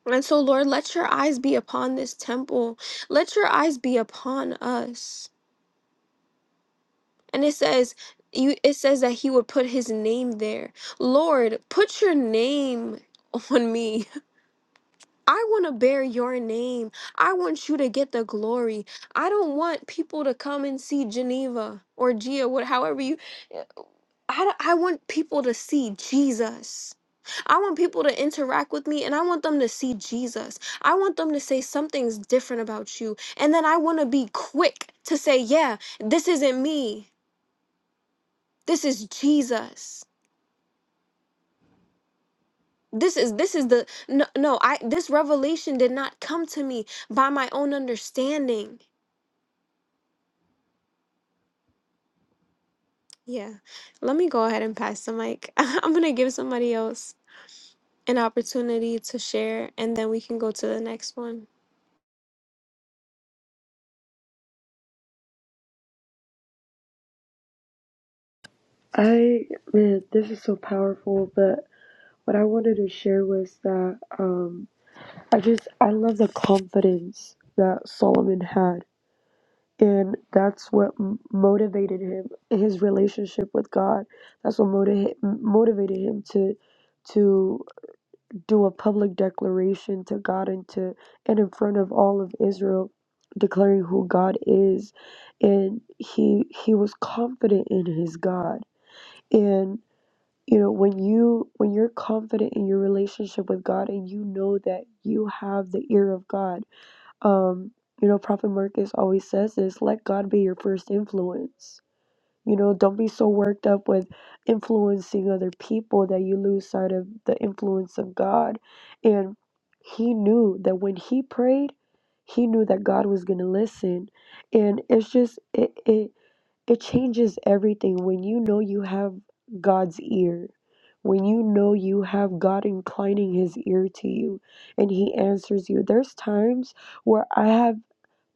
S1: And so Lord, let your eyes be upon this temple. Let your eyes be upon us. and it says you it says that he would put his name there lord put your name on me i want to bear your name i want you to get the glory i don't want people to come and see geneva or gia what however you I, don't- I want people to see Jesus. I want people to interact with me and I want them to see Jesus. I want them to say something's different about you. And then I want to be quick to say, yeah, this isn't me. This is Jesus. this is this is the no no i this revelation did not come to me by my own understanding yeah let me go ahead and pass the mic i'm gonna give somebody else an opportunity to share and then we can go to the next one
S2: I man, this is so powerful. But what I wanted to share was that um, I just I love the confidence that Solomon had, and that's what m- motivated him. His relationship with God. That's what motiv- motivated him to to do a public declaration to God and to and in front of all of Israel, declaring who God is, and he he was confident in his God and you know when you when you're confident in your relationship with god and you know that you have the ear of god um you know prophet marcus always says this let god be your first influence you know don't be so worked up with influencing other people that you lose sight of the influence of god and he knew that when he prayed he knew that god was going to listen and it's just it, it it changes everything when you know you have God's ear, when you know you have God inclining his ear to you and he answers you. There's times where I have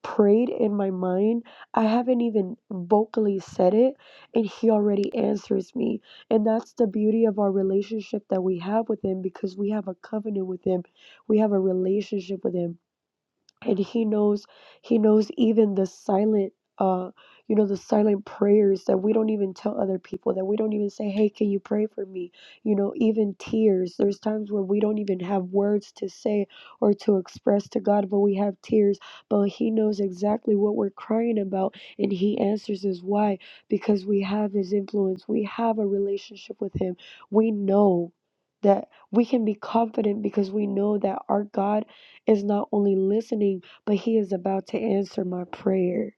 S2: prayed in my mind, I haven't even vocally said it, and he already answers me. And that's the beauty of our relationship that we have with him because we have a covenant with him, we have a relationship with him and he knows he knows even the silent uh you know the silent prayers that we don't even tell other people that we don't even say hey can you pray for me you know even tears there's times where we don't even have words to say or to express to god but we have tears but he knows exactly what we're crying about and he answers us why because we have his influence we have a relationship with him we know that we can be confident because we know that our god is not only listening, but He is about to answer my prayer.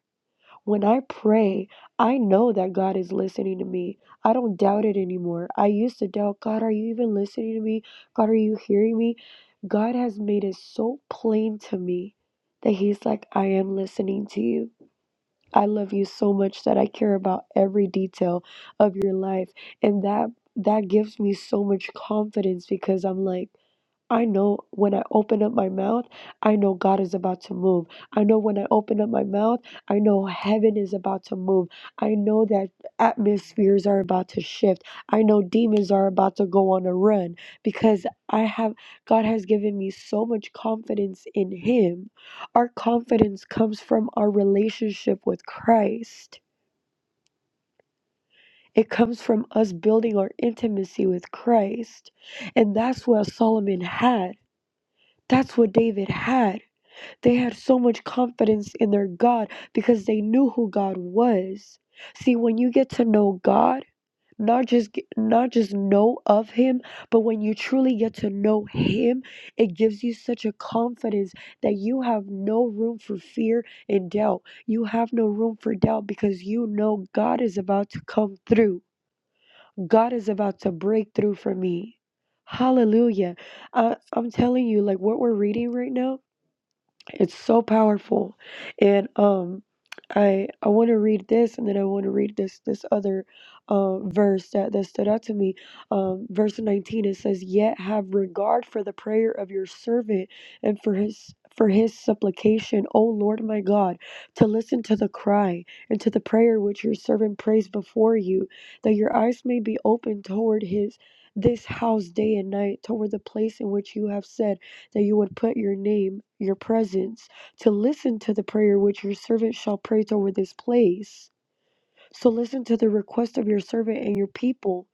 S2: When I pray, I know that God is listening to me. I don't doubt it anymore. I used to doubt God, are you even listening to me? God, are you hearing me? God has made it so plain to me that He's like, I am listening to you. I love you so much that I care about every detail of your life. And that that gives me so much confidence because I'm like I know when I open up my mouth, I know God is about to move. I know when I open up my mouth, I know heaven is about to move. I know that atmospheres are about to shift. I know demons are about to go on a run because I have God has given me so much confidence in him. Our confidence comes from our relationship with Christ. It comes from us building our intimacy with Christ. And that's what Solomon had. That's what David had They had so much confidence in their God because they knew who God was. See, when you get to know God, not just get- not just know of him, but when you truly get to know him, it gives you such a confidence that you have no room for fear and doubt. You have no room for doubt because you know God is about to come through. God is about to break through for me. Hallelujah. Uh, I'm telling you, like what we're reading right now, it's so powerful. And um I I want to read this and then I want to read this this other uh, verse that, that stood out to me. Um, verse 19 it says, Yet have regard for the prayer of your servant and for his for his supplication, O Lord my God, to listen to the cry and to the prayer which your servant prays before you, that your eyes may be open toward his this house day and night, toward the place in which you have said that you would put your name, your presence, to listen to the prayer which your servant shall pray over this place. So listen to the request of your servant and your people,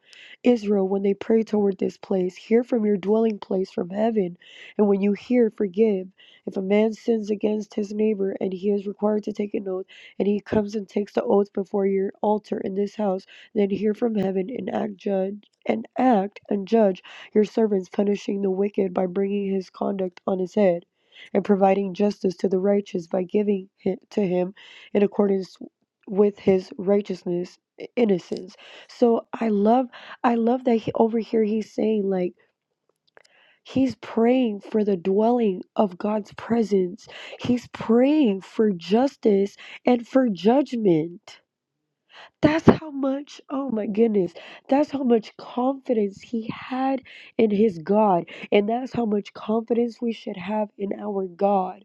S2: Israel, when they pray toward this place. Hear from your dwelling place from heaven, and when you hear, forgive. If a man sins against his neighbor, and he is required to take an oath, and he comes and takes the oath before your altar in this house, then hear from heaven and act judge and act and judge your servants, punishing the wicked by bringing his conduct on his head. And providing justice to the righteous by giving it to him in accordance with his righteousness i- innocence so i love i love that he, over here he's saying like he's praying for the dwelling of god's presence he's praying for justice and for judgment that's how much oh my goodness that's how much confidence he had in his god and that's how much confidence we should have in our god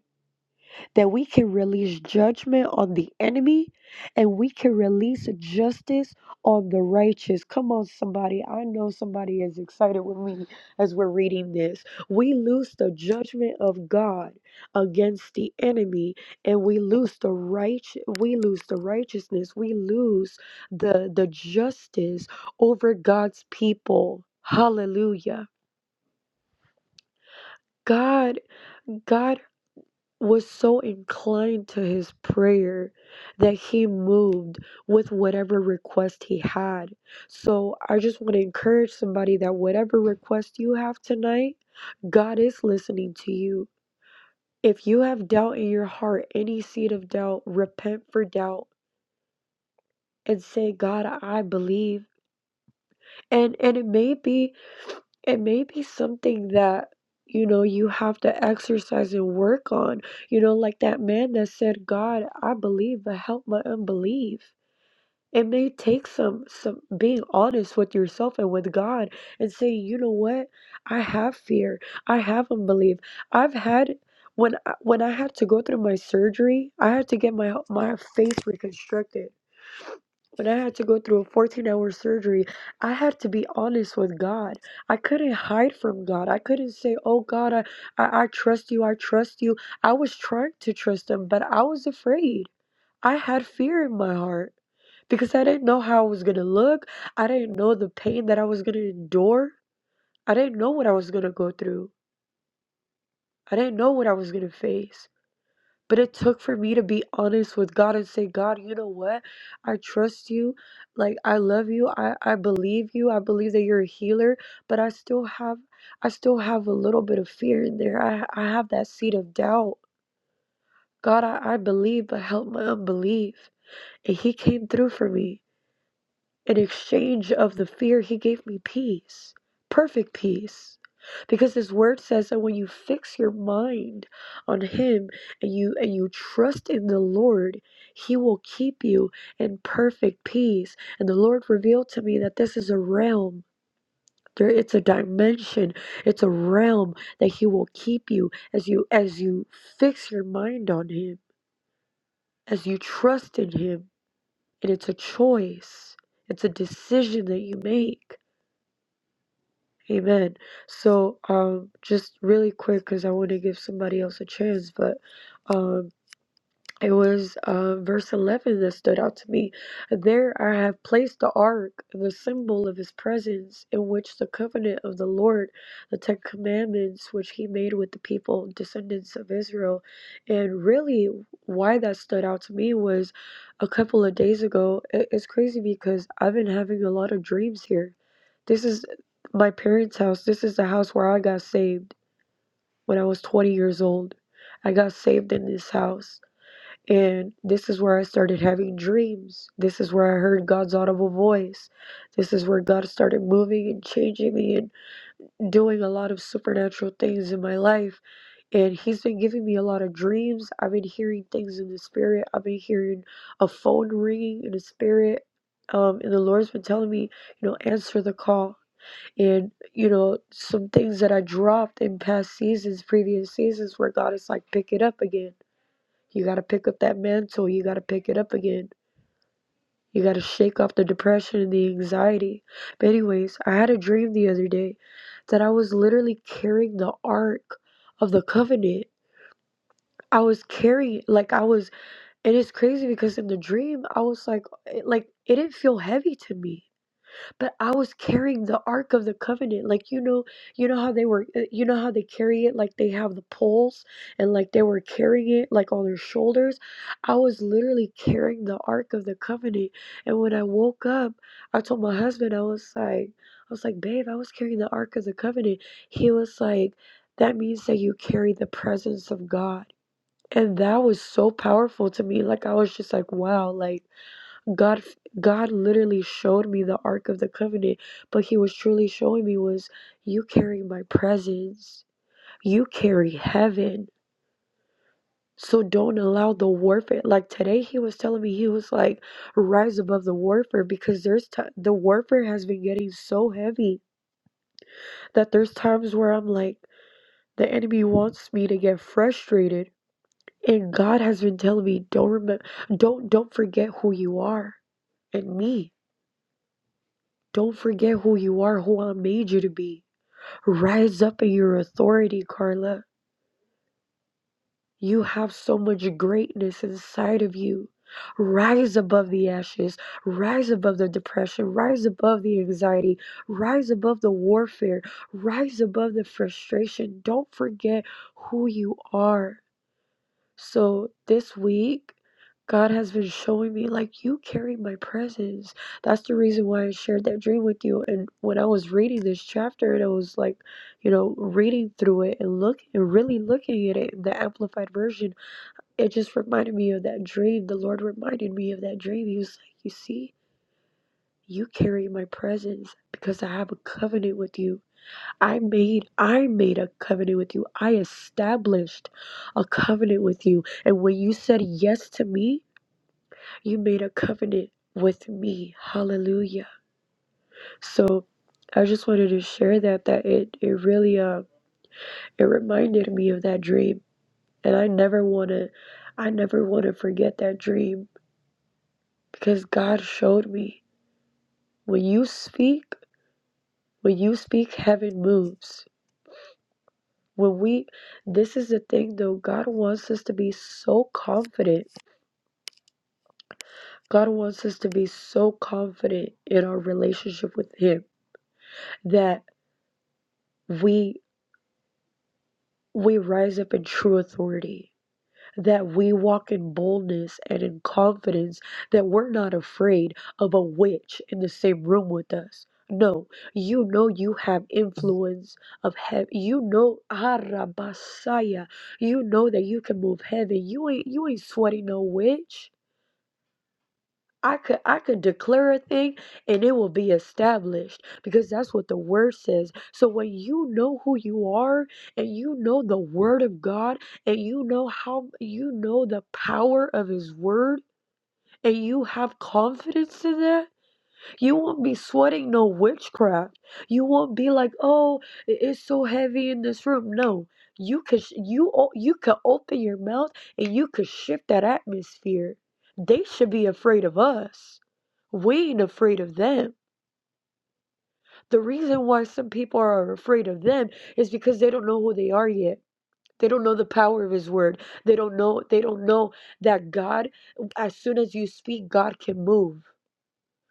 S2: that we can release judgment on the enemy and we can release justice on the righteous. Come on, somebody. I know somebody is excited with me as we're reading this. We loose the judgment of God against the enemy and we lose the right we lose the righteousness. We lose the the justice over God's people. Hallelujah. God, God was so inclined to his prayer that he moved with whatever request he had. So I just want to encourage somebody that whatever request you have tonight, God is listening to you. If you have doubt in your heart, any seed of doubt, repent for doubt and say, God, I believe. And and it may be it may be something that you know you have to exercise and work on you know like that man that said god i believe but help my unbelief it may take some some being honest with yourself and with god and say you know what i have fear i have unbelief i've had when I, when i had to go through my surgery i had to get my my face reconstructed when I had to go through a 14 hour surgery, I had to be honest with God. I couldn't hide from God. I couldn't say, Oh God, I, I, I trust you. I trust you. I was trying to trust Him, but I was afraid. I had fear in my heart because I didn't know how I was going to look. I didn't know the pain that I was going to endure. I didn't know what I was going to go through. I didn't know what I was going to face. But it took for me to be honest with God and say, God, you know what? I trust you. Like, I love you. I, I believe you. I believe that you're a healer, but I still have, I still have a little bit of fear in there. I, I have that seed of doubt. God, I, I believe, but help my unbelief. And he came through for me. In exchange of the fear, he gave me peace, perfect peace. Because his word says that when you fix your mind on him and you and you trust in the Lord, he will keep you in perfect peace. And the Lord revealed to me that this is a realm. There, it's a dimension. It's a realm that he will keep you as you as you fix your mind on him, as you trust in him. And it's a choice. It's a decision that you make. Amen. So, um, just really quick, because I want to give somebody else a chance, but um, it was uh, verse 11 that stood out to me. There I have placed the ark, the symbol of his presence, in which the covenant of the Lord, the Ten Commandments, which he made with the people, descendants of Israel. And really, why that stood out to me was a couple of days ago. It, it's crazy because I've been having a lot of dreams here this is my parents' house. This is the house where I got saved when I was 20 years old. I got saved in this house. And this is where I started having dreams. This is where I heard God's audible voice. This is where God started moving and changing me and doing a lot of supernatural things in my life. And He's been giving me a lot of dreams. I've been hearing things in the spirit. I've been hearing a phone ringing in the spirit. Um, and the Lord's been telling me, you know, answer the call and, you know, some things that I dropped in past seasons, previous seasons, where God is like, pick it up again. You got to pick up that mantle. You got to pick it up again. You got to shake off the depression and the anxiety. But, anyways, I had a dream the other day that I was literally carrying the ark of the covenant. I was carrying it like I was, and it's crazy because in the dream, I was like, it- like it didn't feel heavy to me but I was carrying the ark of the covenant like you know you know how they were uh, you know how they carry it like they have the poles and like they were carrying it like on their shoulders I was literally carrying the ark of the covenant and when I woke up I told my husband I was like I was like babe I was carrying the ark of the covenant he was like that means that you carry the presence of God and that was so powerful to me like I was just like wow like God God literally showed me the Ark of the Covenant, but He was truly showing me was you carry my presence. You carry heaven. So don't allow the warfare. Like today, he was telling me he was like, rise above the warfare because there's t- the warfare has been getting so heavy that there's times where I'm like, the enemy wants me to get frustrated, and God has been telling me don't remember, don't don't forget who you are and me Don't forget who you are, who I made you to be. Rise up in your authority, Carla. You have so much greatness inside of you. Rise above the ashes. Rise above the depression. Rise above the anxiety. Rise above the warfare. Rise above the frustration. Don't forget who you are. So this week, God has been showing me like you carry my presence. That's the reason why I shared that dream with you. And when I was reading this chapter and I was like, you know, reading through it and look and really looking at it in the amplified version, it just reminded me of that dream. The Lord reminded me of that dream. He was like, You see, you carry my presence because I have a covenant with you. I made I made a covenant with you. I established a covenant with you. And when you said yes to me, you made a covenant with me. Hallelujah. So I just wanted to share that that it it really uh it reminded me of that dream. And I never wanna I never wanna forget that dream because God showed me when you speak, when you speak, heaven moves. When we, this is the thing though, God wants us to be so confident. God wants us to be so confident in our relationship with Him that we we rise up in true authority that we walk in boldness and in confidence, that we're not afraid of a witch in the same room with us. No, you know you have influence of heaven. You know Arabasaya. You know that you can move heaven. You ain't you ain't sweating no witch. I could I could declare a thing and it will be established because that's what the word says. So when you know who you are and you know the word of God and you know how you know the power of his word and you have confidence in that you won't be sweating no witchcraft. You won't be like, "Oh, it is so heavy in this room." No, you could sh- you o- you could open your mouth and you could shift that atmosphere. They should be afraid of us. We ain't afraid of them. The reason why some people are afraid of them is because they don't know who they are yet. They don't know the power of his word. They don't know they don't know that God as soon as you speak God can move.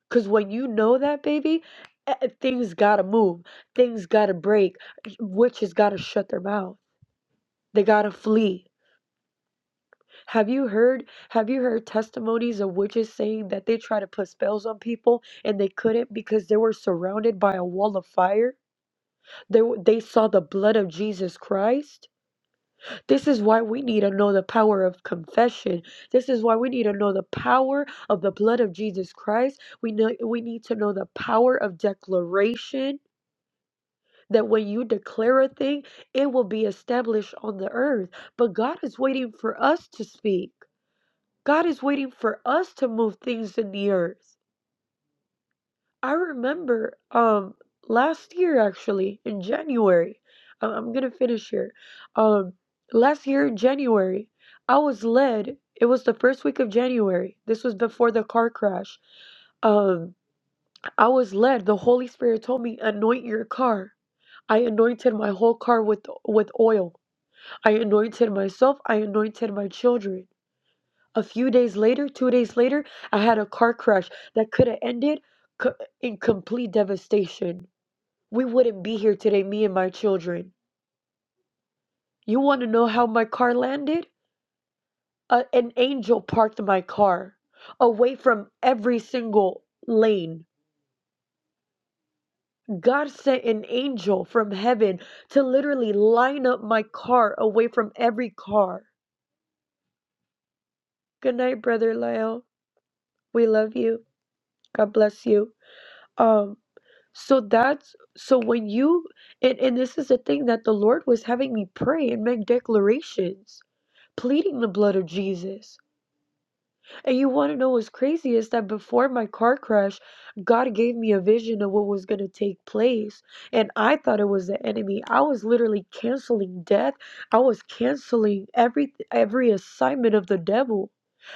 S2: Because when you know that, baby, eh, eh, things gotta move, things gotta break, witches gotta shut their mouth, they gotta flee. Have you heard? Have you heard testimonies of witches saying that they tried to put spells on people and they couldn't because they were surrounded by a wall of fire? They w- they saw the blood of Jesus Christ. This is why we need to know the power of confession. This is why we need to know the power of the blood of Jesus Christ. We know we need to know the power of declaration that when you declare a thing, it will be established on the earth. But God is waiting for us to speak. God is waiting for us to move things in the earth. I remember um last year actually in January. I- I'm gonna finish here. Um last year in January, I was led. It was the first week of January. This was before the car crash. Um I was led. The Holy Spirit told me anoint your car. I anointed my whole car with with oil I anointed myself, I anointed my children. A few days later, two days later, I had a car crash that could have ended co- in complete devastation. We wouldn't be here today, me and my children. You want to know how my car landed? Uh, an angel parked my car away from every single lane. God sent an angel from heaven to literally line up my car away from every car. Good night, Brother Lyle. We love you. God bless you. Um, so that's so when you and and this is the thing that the Lord was having me pray and make declarations, pleading the blood of Jesus. And you want to know what's crazy is that before my car crash, God gave me a vision of what was going to take place, and I thought it was the enemy. I was literally canceling death. I was canceling every every assignment of the devil.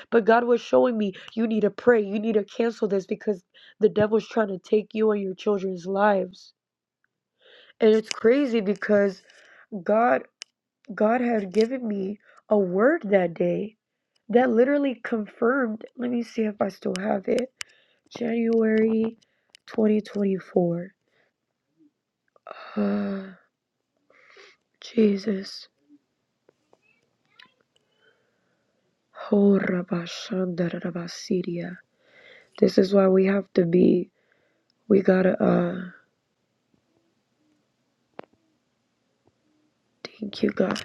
S2: But God was showing me, you need to pray. You need to cancel this because the devil's trying to take you and your children's lives. And it's crazy because God God had given me a word that day that literally confirmed. Let me see if I still have it. January 2024. Ah, Jesus. Oh, Rabba Shanda This is why we have to be. We gotta, uh, thank you, God.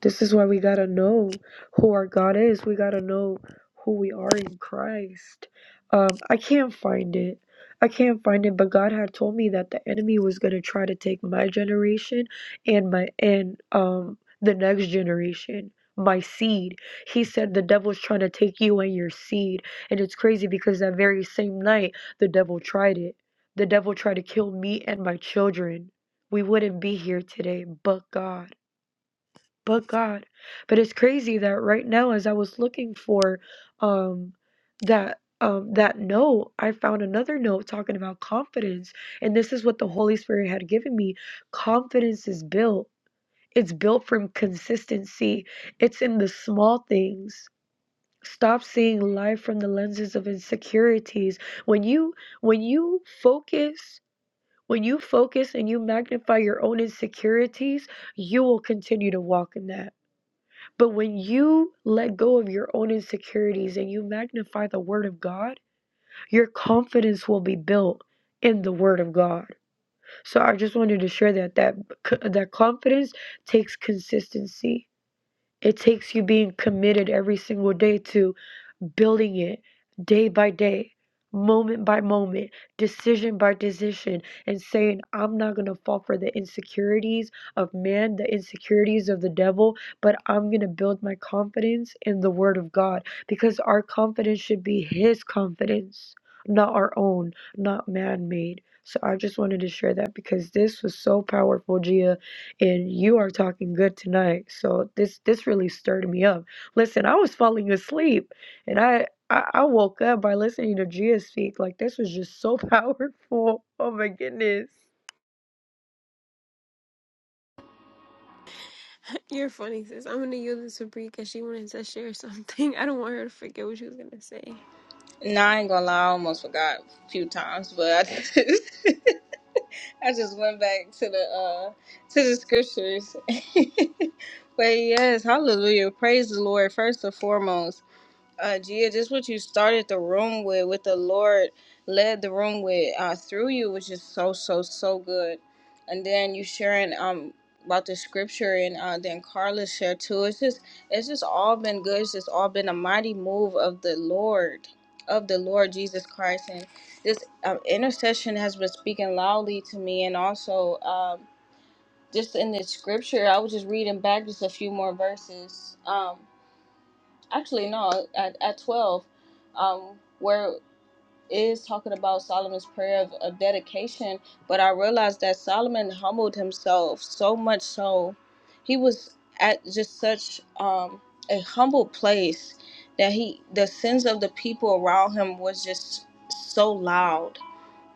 S2: This is why we gotta know who our God is. We gotta know who we are in Christ. Um, I can't find it. I can't find it, but God had told me that the enemy was gonna try to take my generation and my and um the next generation, my seed. He said the devil's trying to take you and your seed. And it's crazy because that very same night the devil tried it. The devil tried to kill me and my children. We wouldn't be here today, but God but God. But it's crazy that right now, as I was looking for um, that um, that note, I found another note talking about confidence, and this is what the Holy Spirit had given me. Confidence is built. It's built from consistency. It's in the small things. Stop seeing life from the lenses of insecurities. When you when you focus, when you focus and you magnify your own insecurities, you will continue to walk in that but when you let go of your own insecurities and you magnify the Word of God, your confidence will be built in the Word of God. So I just wanted to share that that that confidence takes consistency. It takes you being committed every single day to building it day by day, moment by moment, decision by decision, and saying, I'm not going to fall for the insecurities of man, the insecurities of the devil, but I'm going to build my confidence in the Word of God because our confidence should be His confidence, not our own, not man made. So I just wanted to share that because this was so powerful, Gia, and you are talking good tonight. So this this really stirred me up. Listen, I was falling asleep and I, I, I woke up by listening to Gia speak. Like, this was just so powerful. Oh my goodness.
S1: you're funny sis i'm gonna use this to Brie because she wanted to share something i don't want her to forget what she was gonna say
S3: Nah, I ain't gonna lie, I almost forgot a few times, but I just, I just went back to the uh to the scriptures. but yes, hallelujah. Praise the Lord first and foremost uh Gia, just what you started the room with, with the Lord led the room with uh through you, which is so so so good. And then you sharing um about the scripture and uh then Carla shared too. It's just it's just all been good. It's just all been a mighty move of the Lord, of the Lord Jesus Christ. And this um, intercession has been speaking loudly to me and also um just in the scripture, I was just reading back just a few more verses. Um actually no at, at 12 um where it is talking about solomon's prayer of, of dedication but i realized that solomon humbled himself so much so he was at just such um a humble place that he the sins of the people around him was just so loud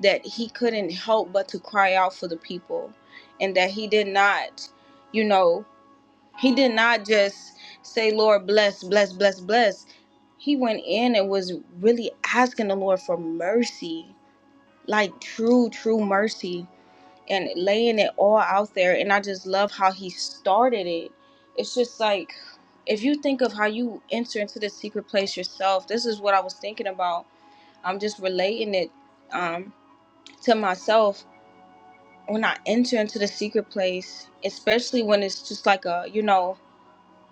S3: that he couldn't help but to cry out for the people and that he did not you know he did not just say, Lord, bless, bless, bless, bless. He went in and was really asking the Lord for mercy, like true, true mercy, and laying it all out there. And I just love how he started it. It's just like, if you think of how you enter into the secret place yourself, this is what I was thinking about. I'm just relating it um, to myself. When I enter into the secret place, especially when it's just like a, you know,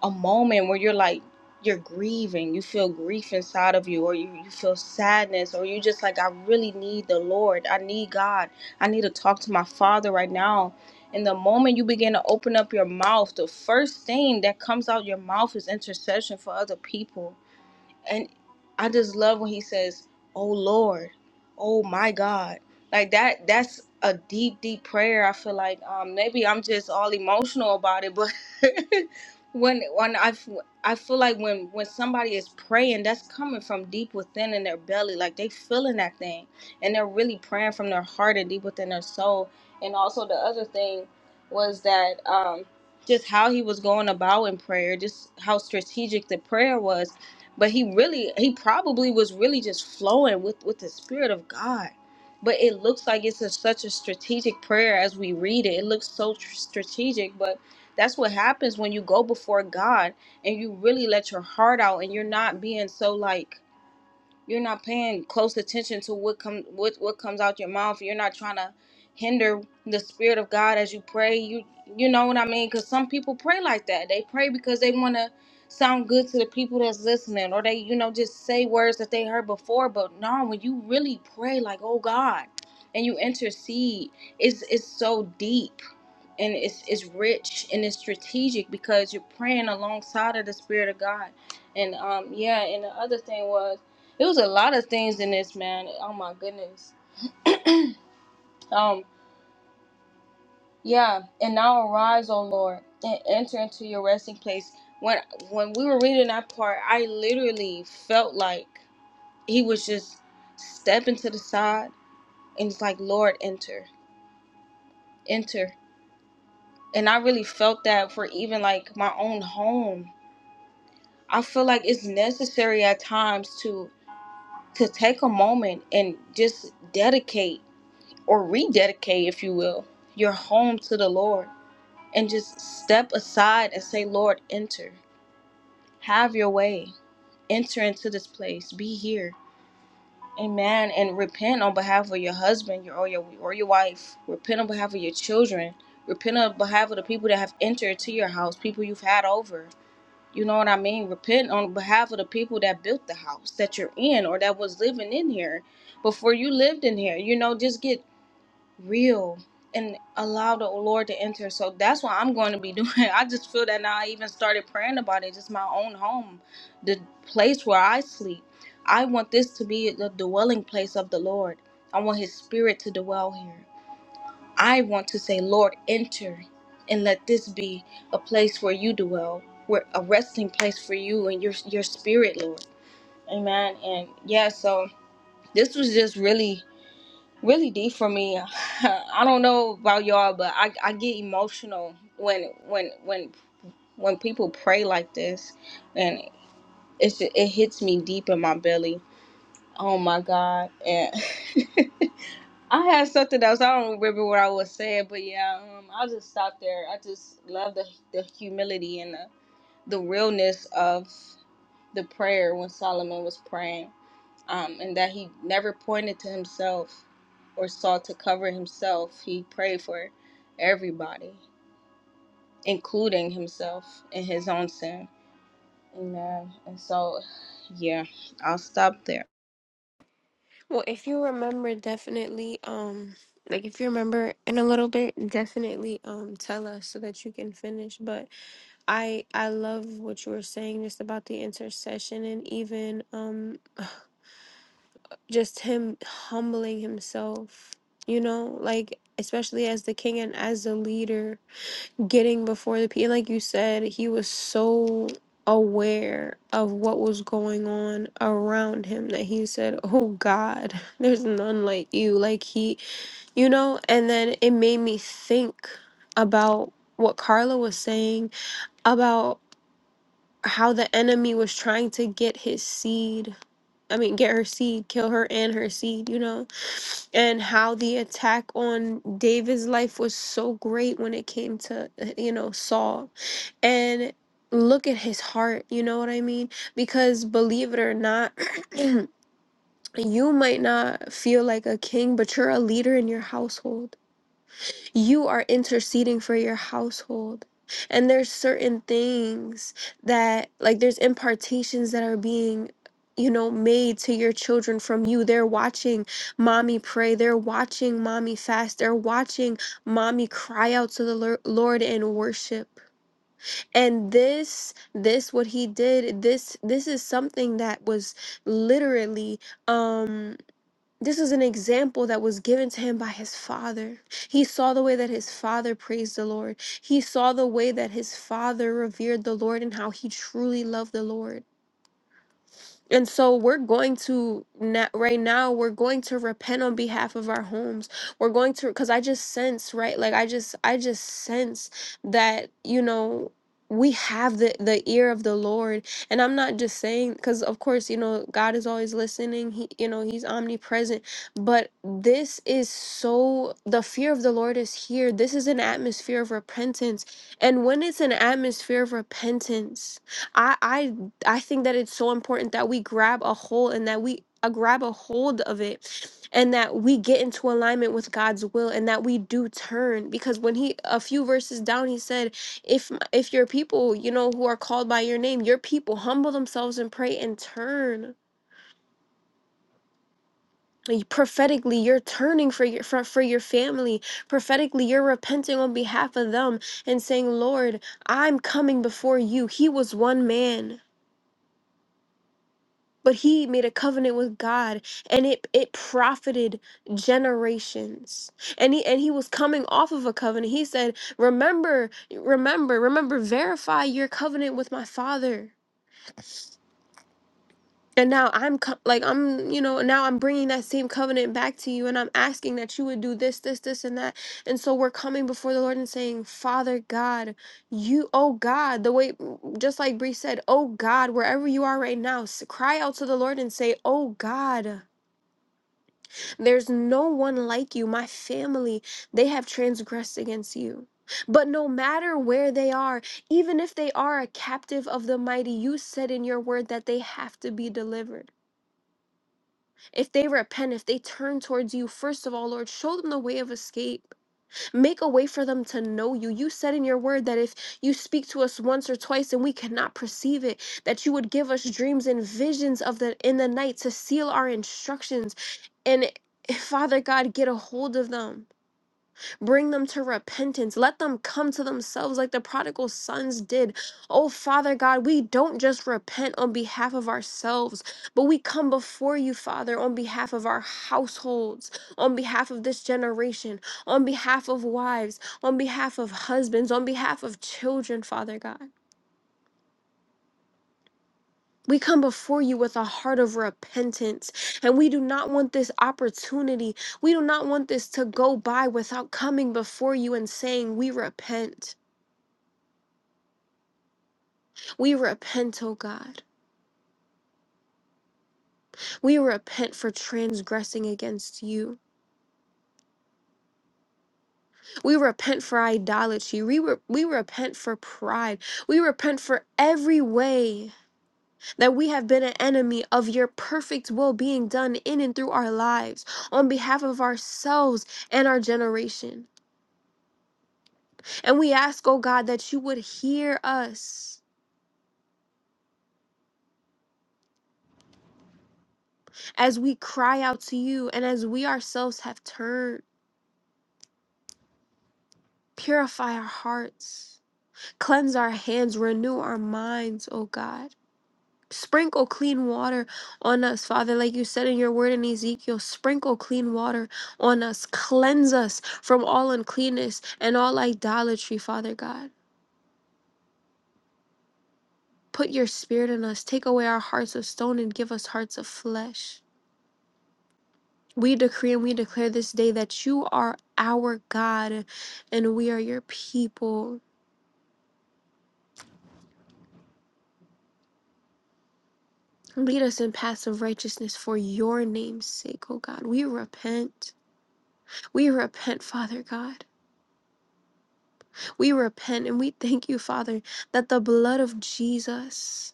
S3: a moment where you're like you're grieving you feel grief inside of you or you, you feel sadness or you just like i really need the lord i need god i need to talk to my father right now and the moment you begin to open up your mouth the first thing that comes out your mouth is intercession for other people and I just love when he says, "Oh Lord, oh my God," like that. That's a deep, deep prayer. I feel like um, maybe I'm just all emotional about it, but when when I f- I feel like when when somebody is praying, that's coming from deep within in their belly, like they feeling that thing, and they're really praying from their heart and deep within their soul. And also the other thing was that um, just how he was going about in prayer, just how strategic the prayer was but he really he probably was really just flowing with with the spirit of god but it looks like it's a, such a strategic prayer as we read it it looks so tr- strategic but that's what happens when you go before god and you really let your heart out and you're not being so like you're not paying close attention to what come what what comes out your mouth. You're not trying to hinder the spirit of God as you pray. You you know what I mean? Because some people pray like that. They pray because they want to sound good to the people that's listening, or they you know just say words that they heard before. But no, when you really pray, like oh God, and you intercede, it's it's so deep and it's it's rich and it's strategic because you're praying alongside of the spirit of God. And um yeah, and the other thing was it was a lot of things in this man. Oh my goodness. Um yeah, and now arise, O Lord, and enter into your resting place. When when we were reading that part, I literally felt like he was just stepping to the side and it's like, Lord, enter, enter. And I really felt that for even like my own home I feel like it's necessary at times to to take a moment and just dedicate or rededicate, if you will, your home to the Lord and just step aside and say, Lord, enter. Have your way. Enter into this place. Be here. Amen. And repent on behalf of your husband your, or your or your wife. Repent on behalf of your children. Repent on behalf of the people that have entered to your house, people you've had over. You know what I mean? Repent on behalf of the people that built the house that you're in or that was living in here before you lived in here. You know, just get real and allow the Lord to enter. So that's what I'm going to be doing. I just feel that now I even started praying about it. Just my own home, the place where I sleep. I want this to be the dwelling place of the Lord. I want his spirit to dwell here. I want to say, Lord, enter and let this be a place where you dwell, where a resting place for you and your your spirit, Lord. Amen. And yeah, so this was just really, really deep for me. I don't know about y'all, but I, I get emotional when when when when people pray like this, and it's it hits me deep in my belly. Oh my God, and. I had something else. I don't remember what I was saying, but yeah, um, I'll just stop there. I just love the the humility and the, the realness of the prayer when Solomon was praying, um, and that he never pointed to himself or sought to cover himself. He prayed for everybody, including himself and his own sin. You know, and so yeah, I'll stop there.
S1: Well, if you remember, definitely, um, like if you remember in a little bit, definitely, um, tell us so that you can finish. But I, I love what you were saying just about the intercession and even, um, just him humbling himself, you know, like especially as the king and as the leader getting before the people. Like you said, he was so aware of what was going on around him that he said, Oh God, there's none like you. Like he, you know, and then it made me think about what Carla was saying about how the enemy was trying to get his seed. I mean, get her seed, kill her and her seed, you know? and how the attack on David's life was so great when it came to uh, you know Saul and look at his heart, you know what I mean? Because believe it or not, you might not feel like a king, but you're a leader in your household. You are interceding for your household. And there's certain things that like there's impartations that are being you know made to your children from you. They're watching mommy pray, they're watching mommy fast, they're watching mommy cry out to the Lor- Lord in worship and this this what he did this this is something that was literally um this was an example that was given to him by his father. He saw the way that his father praised the Lord. He saw the way that his father revered the Lord and how he truly loved the Lord. And so we're going to na right now, we're going to repent on behalf of our homes. We're going to, because I just sense, right? Like I just, I just sense that, you know, we have the, the ear of the Lord. And I'm not just saying, because of course, you know, God is always listening. He, you know, he's omnipresent. But this is so, the fear of the Lord is here. This is an atmosphere of repentance. And when it's an atmosphere of repentance, I, I think that it's so important that we grab a hold and that we uh, grab a hold of it and that we get into alignment with God's will and that we do turn because when he a few verses down he said if m- if your people you know who are called by your name your people humble themselves and pray and turn Like, prophetically you're turning for your for, for your family prophetically you're repenting on behalf of them and saying lord i'm coming before you he was one man but he made a covenant with God and it it profited generations. And he and he was coming off of a covenant. He said, "Remember, remember, remember verify your covenant with my father." And now I'm co- like I'm, you know, now I'm bringing that same covenant back to you and I'm asking that you would do this, this, this and that. And so we're coming before the Lord and saying, "Father God, you oh God, the way just like Bree said, "Oh God, wherever you are right now, s- cry out to the Lord and say, "Oh God." There's no one like you. My family, they have transgressed against you. But no matter where they are, even if they are a captive of the mighty, you said in your word that they have to be delivered. If they repent, if they turn towards you, first of all, Lord, show them the way of escape. Make a way for them to know you. You said in your word that if you speak to us once or twice and we cannot perceive it, that you would give us dreams and visions of the in the night to seal our instructions. And Father God, get a hold of them. Bring them to repentance. Let them come to themselves like the prodigal sons did. Oh, Father God, we don't just repent on behalf of ourselves, but we come before you, Father, on behalf of our households, on behalf of this generation, on behalf of wives, on behalf of husbands, on behalf of children, Father God. We come before you with a heart of repentance, and we do not want this opportunity. We do not want this to go by without coming before you and saying, We repent. We repent, O God. We repent for transgressing against you. We repent for idolatry. We, re- we repent for pride. We repent for every way that we have been an enemy of your perfect will being done in and through our lives on behalf of ourselves and our generation. And we ask, O God, that you would hear us as we cry out to you and as we ourselves have turned. Purify our hearts. Cleanse our hands, renew our minds, O God. Sprinkle clean water on us, Father, like you said in your word in Ezekiel. Sprinkle clean water on us. Cleanse us from all uncleanness and all idolatry, Father God. Put your spirit in us. Take away our hearts of stone and give us hearts of flesh. We decree and we declare this day that you are our God and we are your people. Lead us in paths of righteousness for your name's sake, O God. We repent. We repent, Father God. We repent and we thank you, Father, that the blood of Jesus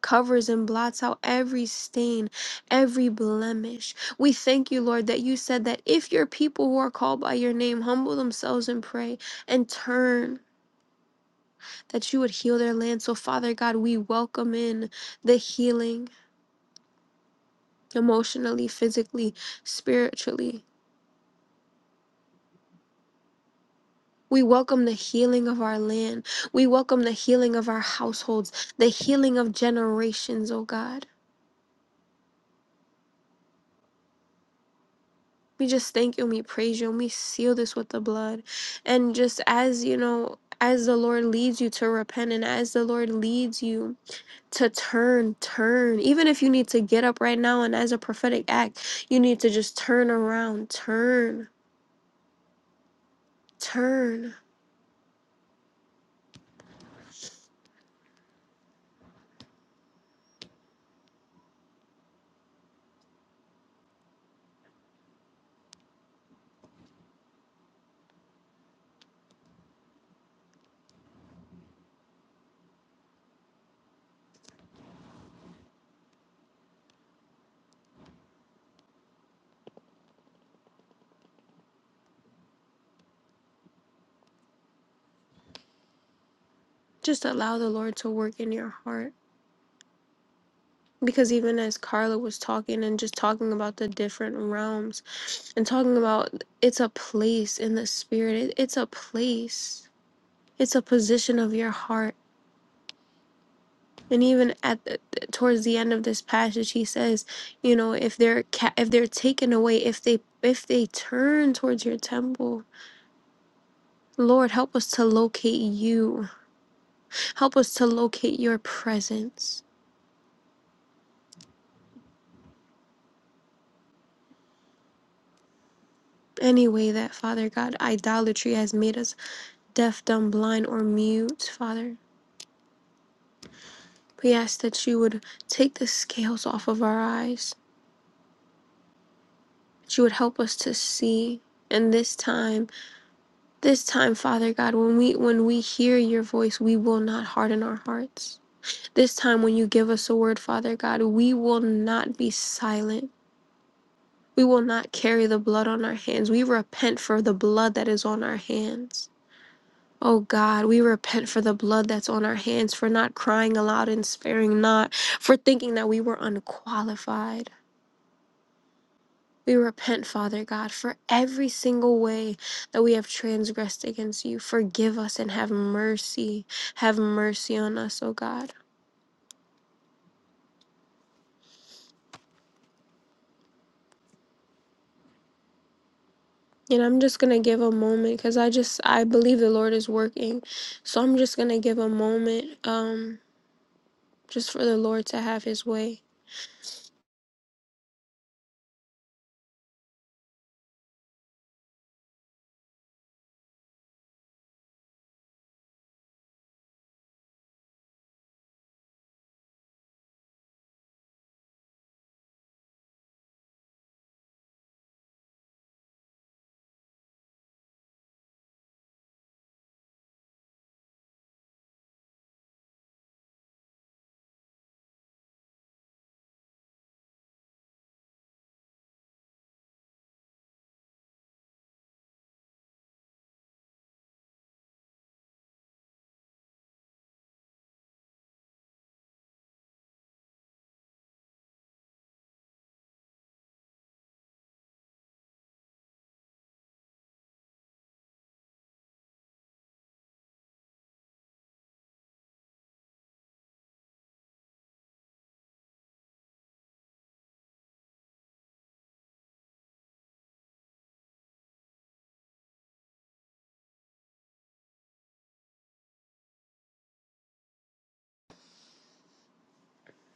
S1: covers and blots out every stain, every blemish. We thank you, Lord, that you said that if your people who are called by your name humble themselves and pray and turn, that you would heal their land. So, Father God, we welcome in the healing emotionally, physically, spiritually. We welcome the healing of our land. We welcome the healing of our households, the healing of generations, oh God. We just thank you and we praise you and we seal this with the blood. And just as, you know, as the Lord leads you to repent and as the Lord leads you to turn, turn. Even if you need to get up right now and as a prophetic act, you need to just turn around, turn, turn. Just allow the Lord to work in your heart. because even as Carla was talking and just talking about the different realms and talking about it's a place in the spirit, it, it's a place, it's a position of your heart. And even at the, towards the end of this passage, he says, you know, if they're ca- if they're taken away, if they if they turn towards your temple, Lord, help us to locate you. Help us to locate your presence. Any way that Father God, idolatry has made us deaf, dumb, blind, or mute, Father. We ask that you would take the scales off of our eyes, that you would help us to see. And this time, this time, Father God, when we when we hear your voice, we will not harden our hearts. This time when you give us a word, Father God, we will not be silent. We will not carry the blood on our hands. We repent for the blood that is on our hands. Oh God, we repent for the blood that's on our hands, for not crying aloud and sparing not, for thinking that we were unqualified. We repent, Father God, for every single way that we have transgressed against you. Forgive us and have mercy. Have mercy on us, oh God. And I'm just going to give a moment because I just, I believe the Lord is working. So I'm just going to give a moment um, just for the Lord to have his way.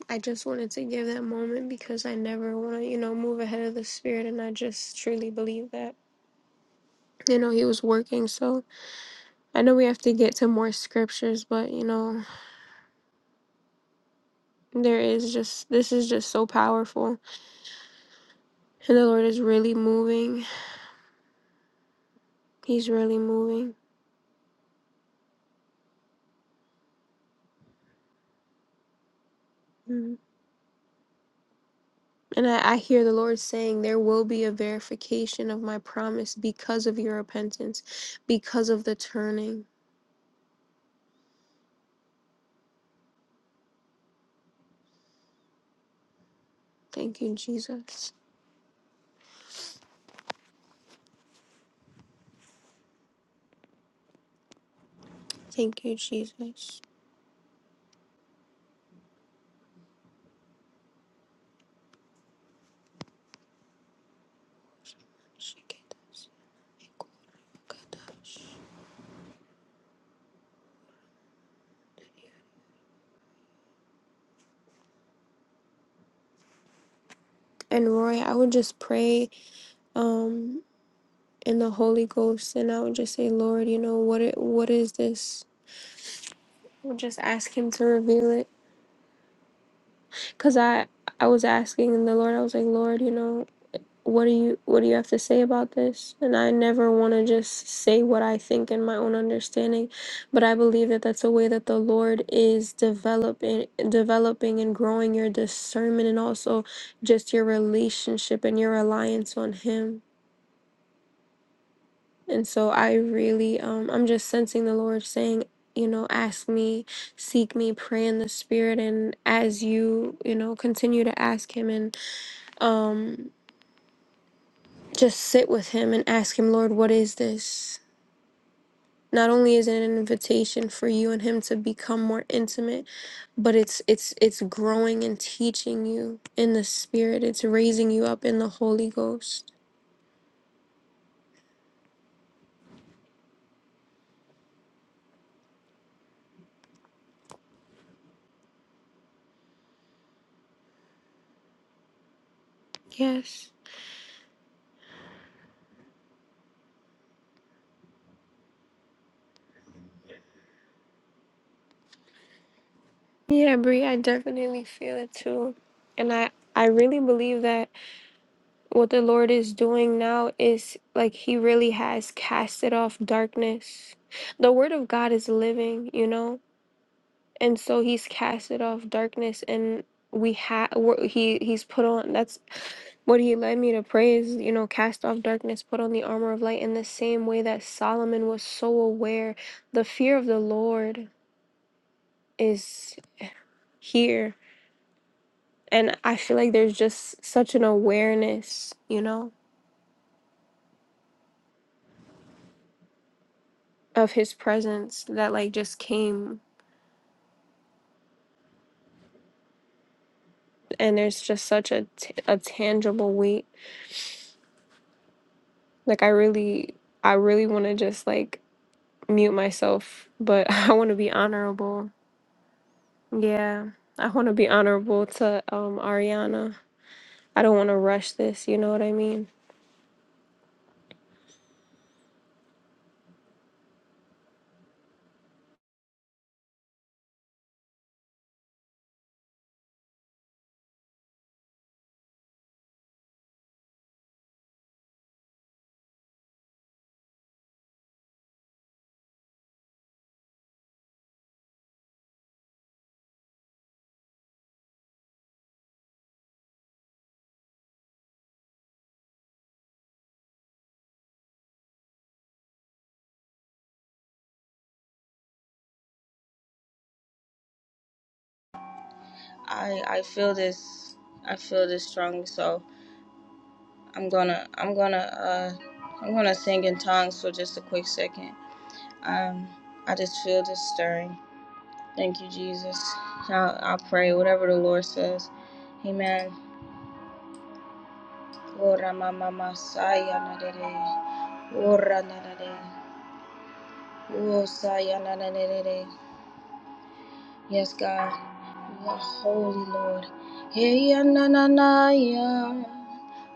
S1: I just wanted to give that moment because I never want to, you know, move ahead of the spirit. And I just truly believe that, you know, he was working. So I know we have to get to more scriptures, but, you know, there is just, this is just so powerful. And the Lord is really moving. He's really moving. Mhm. And I, I hear the Lord saying, There will be a verification of my promise because of your repentance, because of the turning. Thank you, Jesus. Thank you, Jesus. And Roy, I would just pray um in the Holy Ghost and I would just say, Lord, you know, what it, what is this? I would just ask him to reveal it. Cause I I was asking the Lord, I was like, Lord, you know. what do you what do you have to say about this and i never want to just say what i think in my own understanding but i believe that that's a way that the lord is developing developing and growing your discernment and also just your relationship and your reliance on him and so i really um i'm just sensing the lord saying you know ask me seek me pray in the spirit and as you you know continue to ask him and um Just sit with Him and ask Him, Lord, what is this? Not only is it an invitation for you and Him to become more intimate, but it's it's it's growing and teaching you in the Spirit. It's raising you up in the Holy Ghost. Yes. Yeah, Brie, I definitely feel it too, and I. I really believe that what the Lord is doing now is like He really has casted off darkness. The Word of God is living, you know? and so he's casted off darkness and we have he he's put on that's what he led me to pray is you know cast off darkness put on the armor of light in the same way that solomon was so aware the fear of the lord is here and i feel like there's just such an awareness you know of his presence that like just came and there's just such a, t- a tangible weight like i really i really want to just like mute myself, but I want to be honorable. Yeah, I want to be honorable to um Ariana. I don't want to rush this. You know what I mean?
S3: I I feel this. I feel this strongly. So. I'm gonna I'm gonna uh I'm gonna sing in tongues for just a quick second. Um I just feel this stirring. Thank you, Jesus. I'll, I'll pray whatever the Lord says. Amen. Ora mama masaya na de Ora na na O saya na na Yes, God. You are holy, Lord. Hey, ya na na na ya.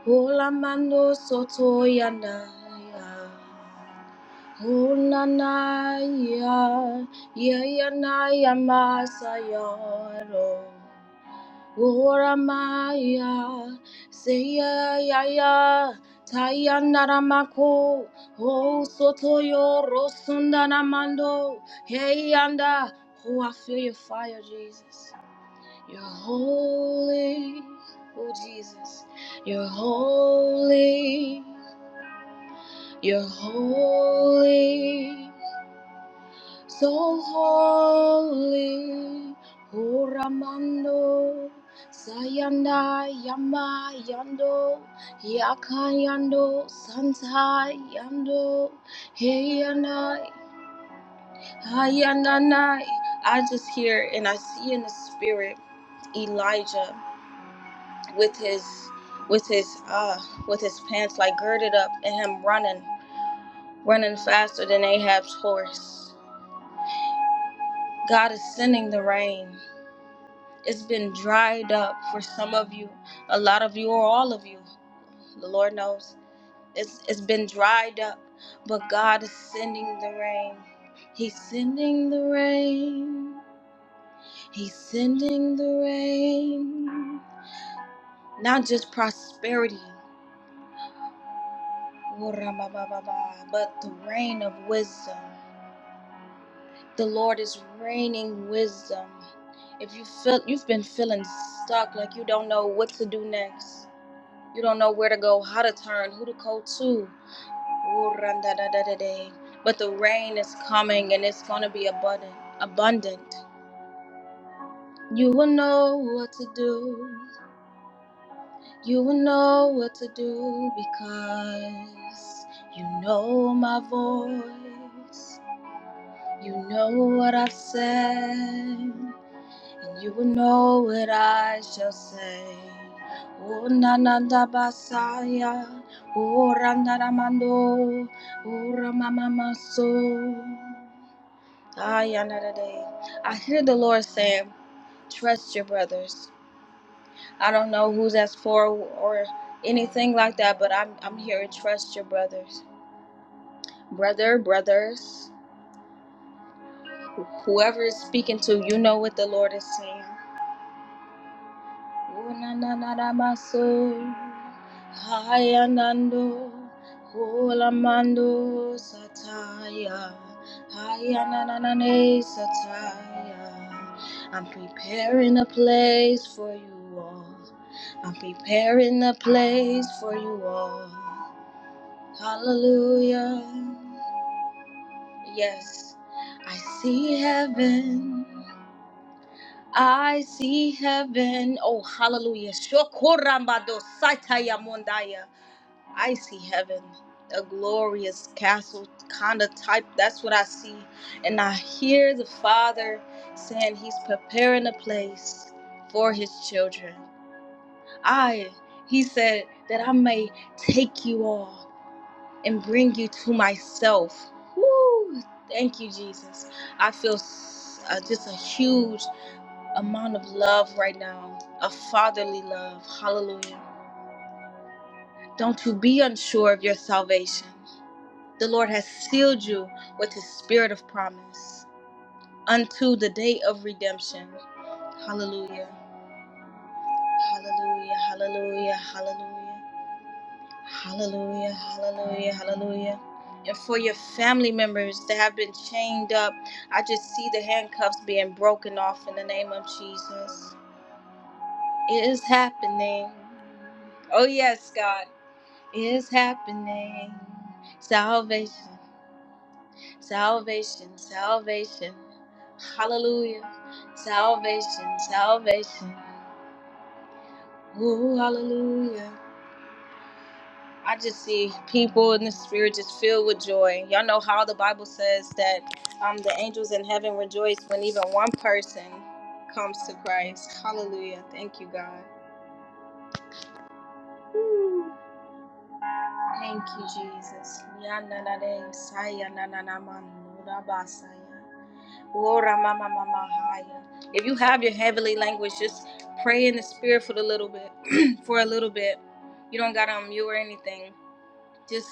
S3: Ola mando soto ya na ya. Unanaya, Yayanaya Masayaro, Uramaya, Seyaya, Tayandaramako, O Sotoyo Rosundanamando, Heyanda, oh, I feel your fire, Jesus. You're holy, oh Jesus, you're holy, you're holy. So holy, Horamando, Sayanda Yama Yando, Yakayando, Santa Yando, Heyanai, Hayananai. I just hear and I see in the spirit Elijah with his with his uh with his pants like girded up and him running, running faster than Ahab's horse. God is sending the rain. It's been dried up for some of you, a lot of you, or all of you. The Lord knows. It's, it's been dried up, but God is sending the rain. He's sending the rain. He's sending the rain. Not just prosperity, but the rain of wisdom. The Lord is raining wisdom. If you feel you've been feeling stuck, like you don't know what to do next, You don't know where to go, how to turn, who to go to. But the rain is coming and it's going to be abundant. abundant. You will know what to do. You will know what to do because you know my voice. You know what I've said. And you will know what I shall say. O nananda basaya, o randaramando, o ramamamaso. Ay, another day. I hear the Lord saying, trust your brothers. I don't know who that's for or anything like that, but I'm, I'm here to trust your brothers. Brother, brothers, whoever is speaking to, you know what the Lord is saying. O Unanaramaso, Hayanando, Hulamando Sataya, Hayananane Sataya. I'm preparing a place for you all. I'm preparing a place for you all. Hallelujah. Yes, I see heaven. I see heaven. Oh, hallelujah. Shokorambado Sataya Mondaya. I see heaven. A glorious castle kind of type. That's what I see. And I hear the Father saying he's preparing a place for his children. I, he said, that I may take you all and bring you to myself. Woo! Thank you, Jesus. I feel s- uh, just a huge amount of love right now, a fatherly love. Hallelujah. Don't you be unsure of your salvation. The Lord has sealed you with his spirit of promise unto the day of redemption. Hallelujah. Hallelujah. Hallelujah. Hallelujah. Hallelujah. Hallelujah. Hallelujah. And for your family members that have been chained up, I just see the handcuffs being broken off in the name of Jesus. It is happening. Oh, yes, God. is happening. Salvation, salvation, salvation. Hallelujah. Salvation, salvation. Ooh, hallelujah. I just see people in the spirit just filled with joy. Y'all know how the Bible says that um, the angels in heaven rejoice when even one person comes to Christ. Hallelujah. Thank you, God. Ooh, Thank you, Jesus. Yananade, sayanananaman, nurabasaya. If you have your heavenly language, just pray in the spirit for a little bit. for a little bit, you don't gotta unmute or anything. Just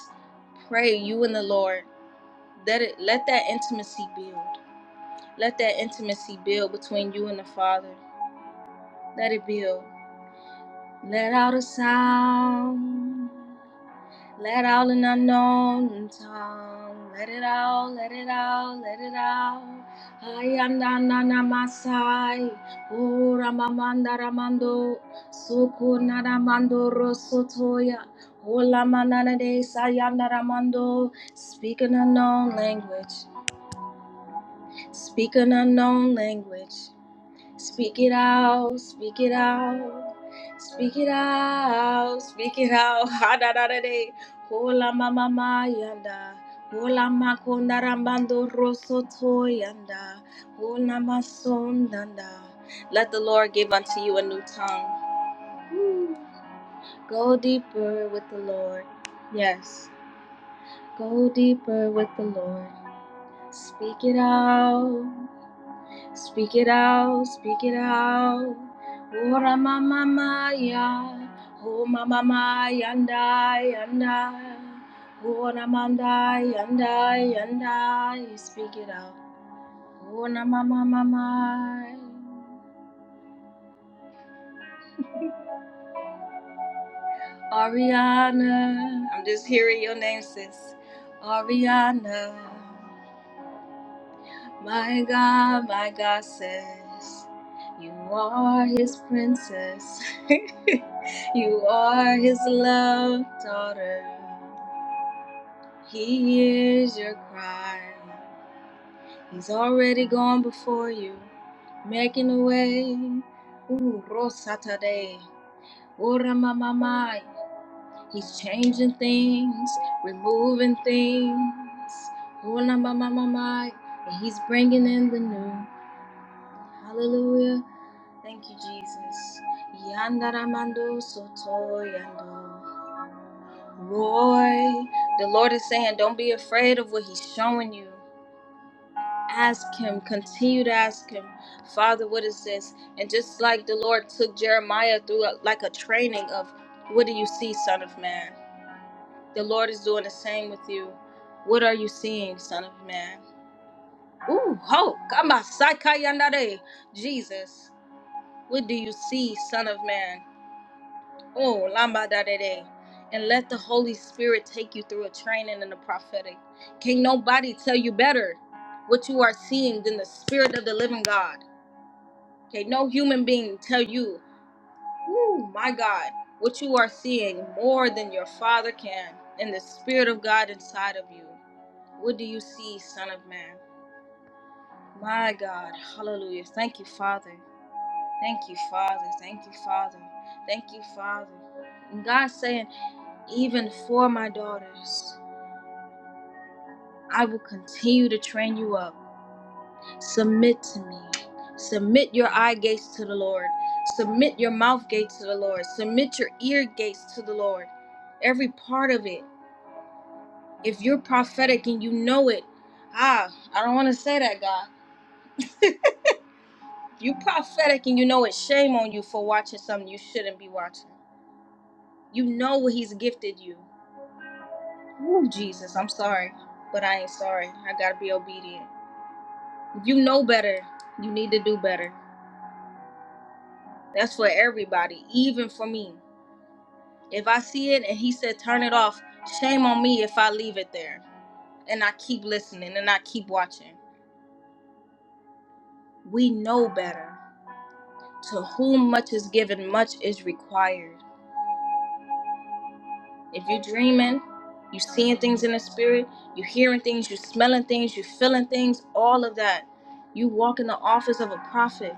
S3: pray you and the Lord. Let it. Let that intimacy build. Let that intimacy build between you and the Father. Let it build. Let out a sound. Let out an unknown tongue. Let it out, let it out, let it out. Ayandanana Masai. O Ramamanda Ramando. Suku Naramando Rosotoya. Ola manana de sayanda ramando. Speak an unknown language. Speak an unknown language. Speak it out, speak it out, speak it out, speak it out. Ha da da da day. Hola mama yanda. Hola makonda rambando rosso to yanda. Hola masondanda. Let the Lord give unto you a new tongue. Go deeper with the Lord. Yes. Go deeper with the Lord. Speak it out. Speak it out, speak it out. Oh, Ora mama maya, oh mama maya yanda yanda. Ora manda yanda yanda, speak it out. Oh, Ora mama mama. Ariana, I'm just hearing your name, sis. Ariana. My God, my God says, You are his princess. you are his loved daughter. He hears your cry. He's already gone before you, making a way. Ooh, Rosatade. Ora mamamai. He's changing things, removing things. Ora mamamai. And he's bringing in the new. Hallelujah. Thank you, Jesus. Yandaramando soto yando. Roy, the Lord is saying, don't be afraid of what He's showing you. Ask Him, continue to ask Him, Father, what is this? And just like the Lord took Jeremiah through a, like a training of, what do you see, Son of Man? The Lord is doing the same with you. What are you seeing, Son of Man? Ooh, ho, kama saikayandare. Jesus, what do you see, Son of Man? Oh, Lamba da da da. And let the Holy Spirit take you through a training in the prophetic. Can nobody tell you better what you are seeing than the Spirit of the living God? Okay, no human being tell you, oh my God, what you are seeing more than your Father can in the Spirit of God inside of you. What do you see, Son of Man? My God, hallelujah. Thank you, Father. Thank you, Father. Thank you, Father. Thank you, Father. And God saying. even for my daughters. I will continue to train you up. Submit to me. Submit your eye gates to the Lord. Submit your mouth gates to the Lord. Submit your ear gates to the Lord. Every part of it. If you're prophetic and you know it, ah, I don't want to say that, God. If you're prophetic and you know it, shame on you for watching something you shouldn't be watching. You know what He's gifted you. Ooh, Jesus, I'm sorry, but I ain't sorry. I got to be obedient. You know better. You need to do better. That's for everybody, even for me. If I see it and he said turn it off, shame on me if I leave it there and I keep listening and I keep watching. We know better. To whom much is given, much is required. If you're dreaming, you are seeing things in the spirit, you are hearing things, you are smelling things, you are feeling things, all of that. You walk in the office of a prophet.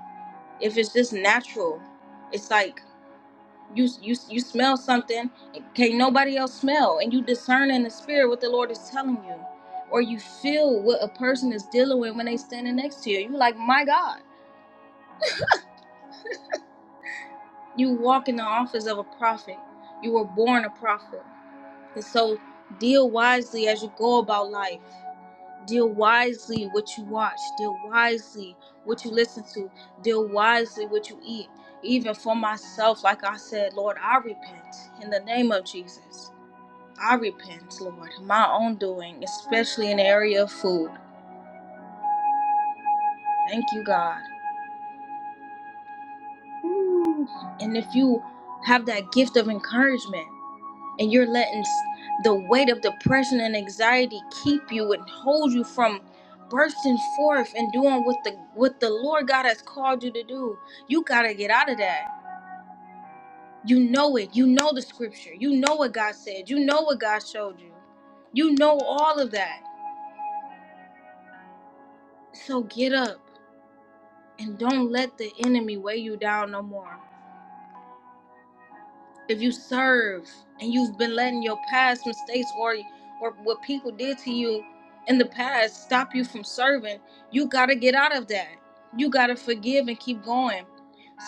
S3: If it's just natural, it's like You you you smell something, can't nobody else smell, and you discern in the spirit what the Lord is telling you, or you feel what a person is dealing with when they standing next to you. You like, my God, you walk in the office of a prophet. You were born a prophet, and so deal wisely as you go about life. Deal wisely what you watch. Deal wisely what you listen to. Deal wisely what you eat even for myself, like I said, Lord, I repent in the name of Jesus. I repent, Lord, my own doing, especially in the area of food. Thank you, God. Ooh. And if you have that gift of encouragement and you're letting s- the weight of depression and anxiety keep you and hold you from bursting forth and doing what the what the Lord God has called you to do, you got to get out of that. You know it. You know the scripture. You know what God said. You know what God showed you. You know all of that. So get up and don't let the enemy weigh you down no more. If you serve and you've been letting your past mistakes or or what people did to you in the past stop you from serving, you got to get out of that. You got to forgive and keep going.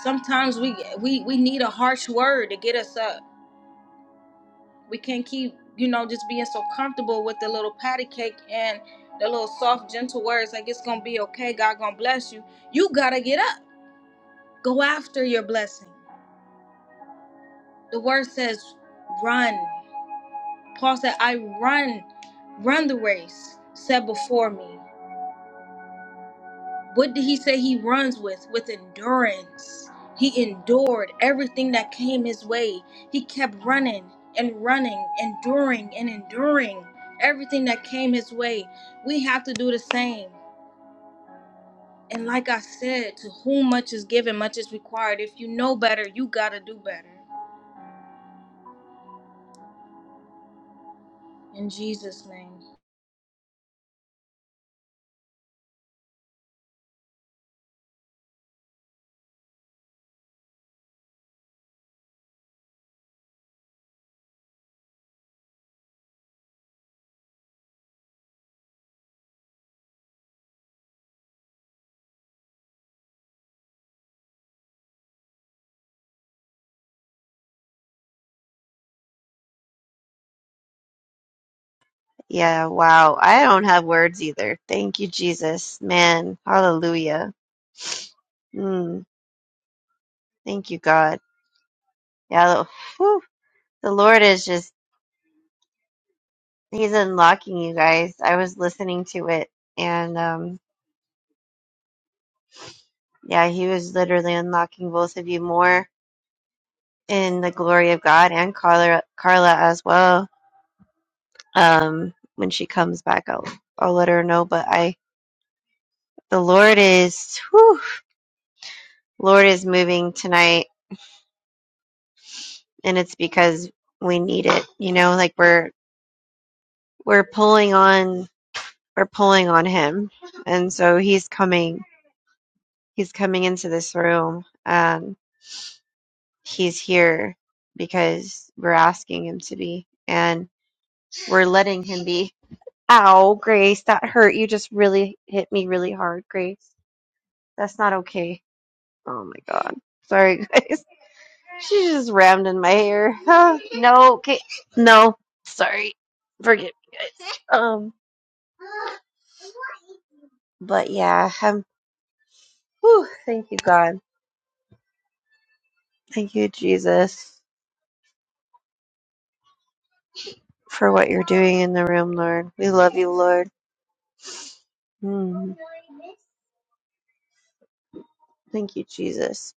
S3: Sometimes we we we need a harsh word to get us up. We can't keep, you know, just being so comfortable with the little patty cake and the little soft gentle words like it's going to be okay, God going to bless you. You got to get up. Go after your blessing The word says run. Paul said, I run, run the race set before me. What did he say he runs with? With endurance. He endured everything that came his way. He kept running and running, enduring and enduring everything that came his way. We have to do the same. And like I said, to whom much is given, much is required. If you know better, you got to do better. In Jesus' name.
S4: Yeah, wow. I don't have words either. Thank you, Jesus. Man, hallelujah. Mm, thank you, God. Yeah, the, whew, the Lord is just, He's unlocking you guys. I was listening to it, and um, yeah, He was literally unlocking both of you more in the glory of God and Carla, Carla as well. Um, when she comes back, I'll, I'll let her know. But I, the Lord is, whew, Lord is moving tonight and it's because we need it you know like we're we're pulling on we're pulling on him and so he's coming he's coming into this room Um, he's here because we're asking him to be and we're letting him be ow grace that hurt you just really hit me really hard grace that's not okay oh my god sorry guys she just rammed in my hair no okay no sorry forgive me guys um But yeah, I'm, whew, thank you, God. Thank you, Jesus, for what you're doing in the room, Lord. We love you, Lord. Mm. Thank you, Jesus.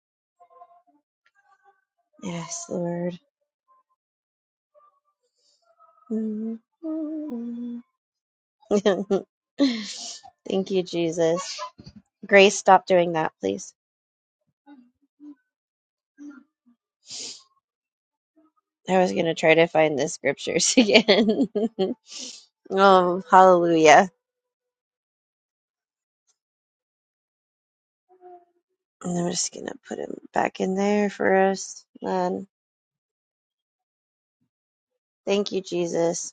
S4: Yes, Lord. Mm. thank you, Jesus. Grace, stop doing that, please. I was going to try to find the scriptures again. Oh, hallelujah. And I'm just going to put him back in there for us. Man, thank you, Jesus.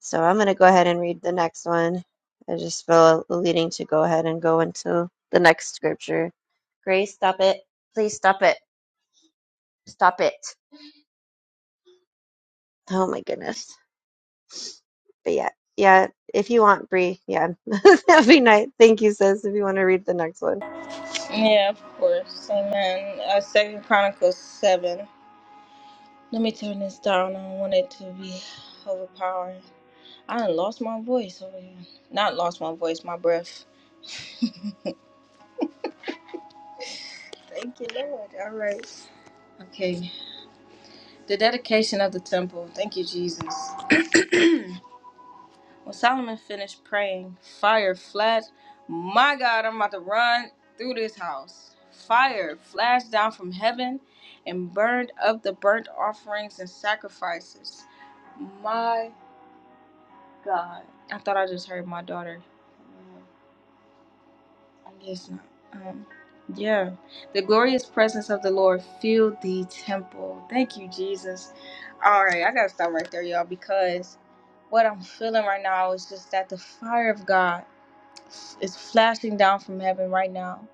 S4: So I'm going to go ahead and read the next one. I just feel leading to go ahead and go into the next scripture. Grace, stop it. Please stop it. Stop it. Oh my goodness. But yeah, yeah, if you want, Bree, yeah, that'd be nice. Thank you, sis, if you want to read the next one.
S3: Yeah, of course. Amen. Uh, Second Chronicles seven. Let me turn this down. I don't want it to be overpowering. I done lost my voice over here. Not lost my voice, my breath. Thank you, Lord. All right. Okay. The dedication of the temple. Thank you, Jesus. When Solomon finished praying, fire flashed. My God, I'm about to run through this house. Fire flashed down from heaven and burned up the burnt offerings and sacrifices. My God. I thought I just heard my daughter. Uh, I guess not. Um, yeah. The glorious presence of the Lord filled the temple. Thank you, Jesus. All right, I got to stop right there, y'all, because what I'm feeling right now is just that the fire of God is flashing down from heaven right now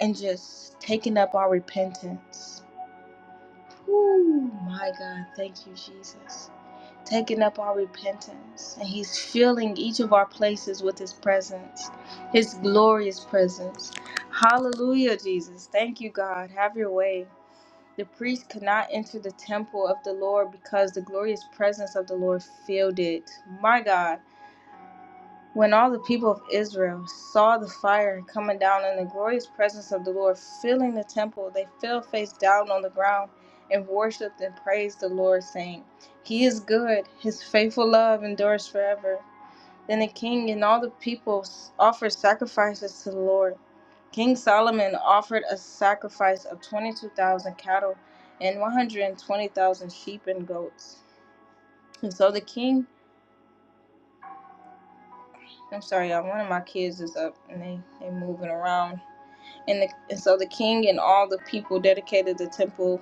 S3: and just taking up our repentance. Woo, my God, thank you, Jesus. Taking up our repentance. And He's filling each of our places with His presence, His glorious presence. Hallelujah, Jesus. Thank you, God. Have your way. The priest could not enter the temple of the Lord because the glorious presence of the Lord filled it. My God. When all the people of Israel saw the fire coming down in the glorious presence of the Lord filling the temple, they fell face down on the ground and worshiped and praised the Lord, saying, He is good, His faithful love endures forever. Then the king and all the people offered sacrifices to the Lord. King Solomon offered a sacrifice of 22,000 cattle and 120,000 sheep and goats. And so the king, I'm sorry, y'all, one of my kids is up and they, they moving around And, the, and so the king and all the people dedicated the temple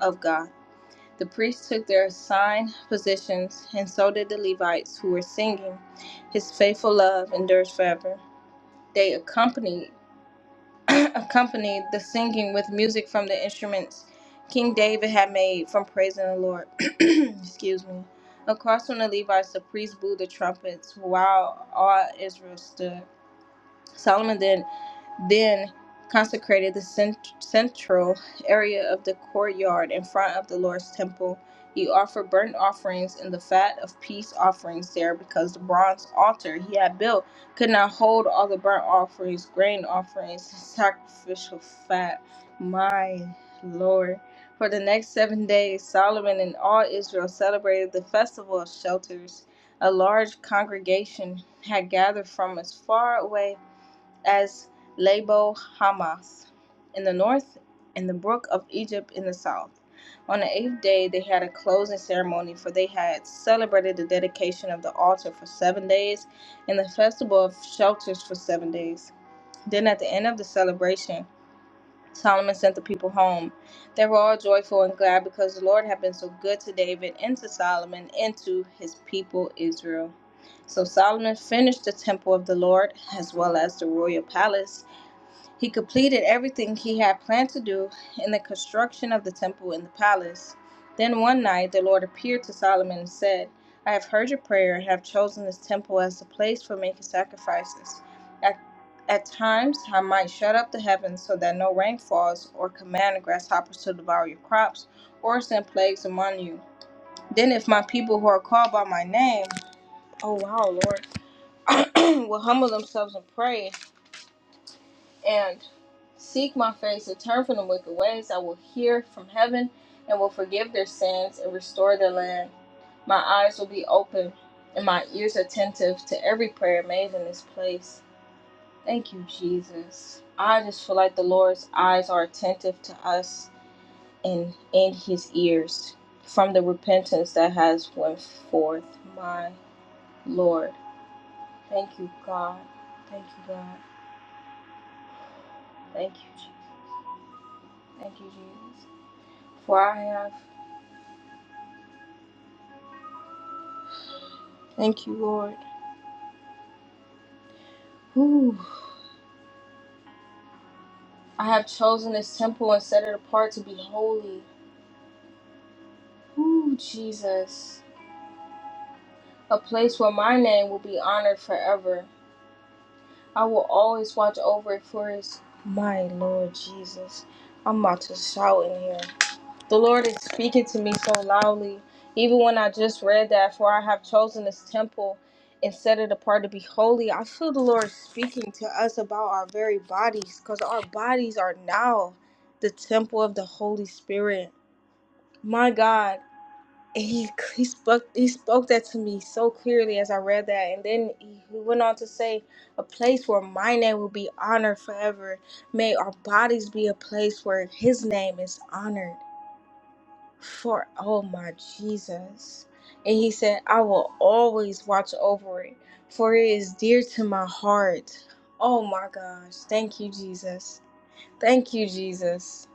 S3: of God. The priests took their assigned positions, and so did the Levites who were singing, "His faithful love endures forever." They accompanied accompanied the singing with music from the instruments King David had made from praising the Lord. Excuse me. Across from the Levites, the priests blew the trumpets while all Israel stood. Solomon then then consecrated the cent- central area of the courtyard in front of the Lord's temple. He offered burnt offerings and the fat of peace offerings there because the bronze altar he had built could not hold all the burnt offerings, grain offerings, and sacrificial fat. My Lord. For the next seven days, Solomon and all Israel celebrated the festival of shelters. A large congregation had gathered from as far away as Labo Hamath in the north and the brook of Egypt in the south. On the eighth day, they had a closing ceremony, for they had celebrated the dedication of the altar for seven days and the festival of shelters for seven days. Then, at the end of the celebration, Solomon sent the people home. They were all joyful and glad because the Lord had been so good to David and to Solomon and to his people Israel. So Solomon finished the temple of the Lord as well as the royal palace he completed everything he had planned to do in the construction of the temple and the palace. Then one night the Lord appeared to Solomon and said, I have heard your prayer and have chosen this temple as the place for making sacrifices. At, at times I might shut up the heavens so that no rain falls, or command the grasshoppers to devour your crops, or send plagues among you. Then if my people who are called by my name, oh wow, Lord, will humble themselves and pray and seek my face and turn from the wicked ways, I will hear from heaven and will forgive their sins and restore their land. My eyes will be open and my ears attentive to every prayer made in this place. Thank you, Jesus. I just feel like the Lord's eyes are attentive to us and in his ears from the repentance that has went forth. My Lord. Thank you, God. Thank you, God. Thank you, Jesus. Thank you, Jesus. For I have Thank you, Lord. Whew. I have chosen this temple and set it apart to be holy. Ooh, Jesus. A place where my name will be honored forever. I will always watch over it for his. My Lord Jesus. I'm about to shout in here. The Lord is speaking to me so loudly. Even when I just read that, for I have chosen this temple and set it apart to be holy, I feel the Lord speaking to us about our very bodies because our bodies are now the temple of the Holy Spirit. My God. And he, he spoke he spoke that to me so clearly as I read that, and then he went on to say, "A place where my name will be honored forever. May our bodies be a place where His name is honored." for oh my Jesus. And he said, I will always watch over it, for it is dear to my heart. Oh my gosh. Thank you, Jesus. Thank you, Jesus.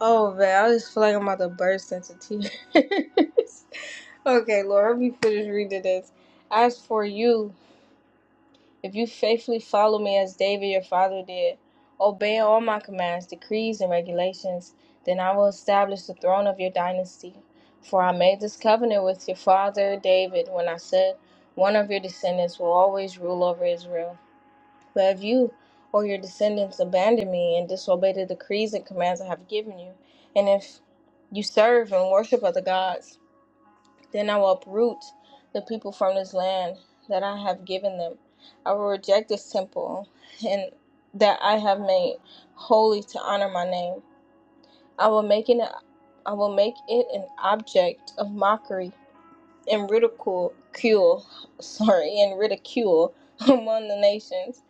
S3: Oh man, I just feel like I'm about to burst into tears. okay, Lord, let me finish reading this. As for you, If you faithfully follow me as David your father did, obeying all my commands, decrees, and regulations, then I will establish the throne of your dynasty. For I made this covenant with your father David when I said, One of your descendants will always rule over Israel. But if you or your descendants abandon me and disobey the decrees and commands I have given you, and if you serve and worship other gods, then I will uproot the people from this land that I have given them. I will reject this temple and that I have made holy to honor my name. I will make it I will make it an object of mockery and ridicule cule- sorry and ridicule among the nations.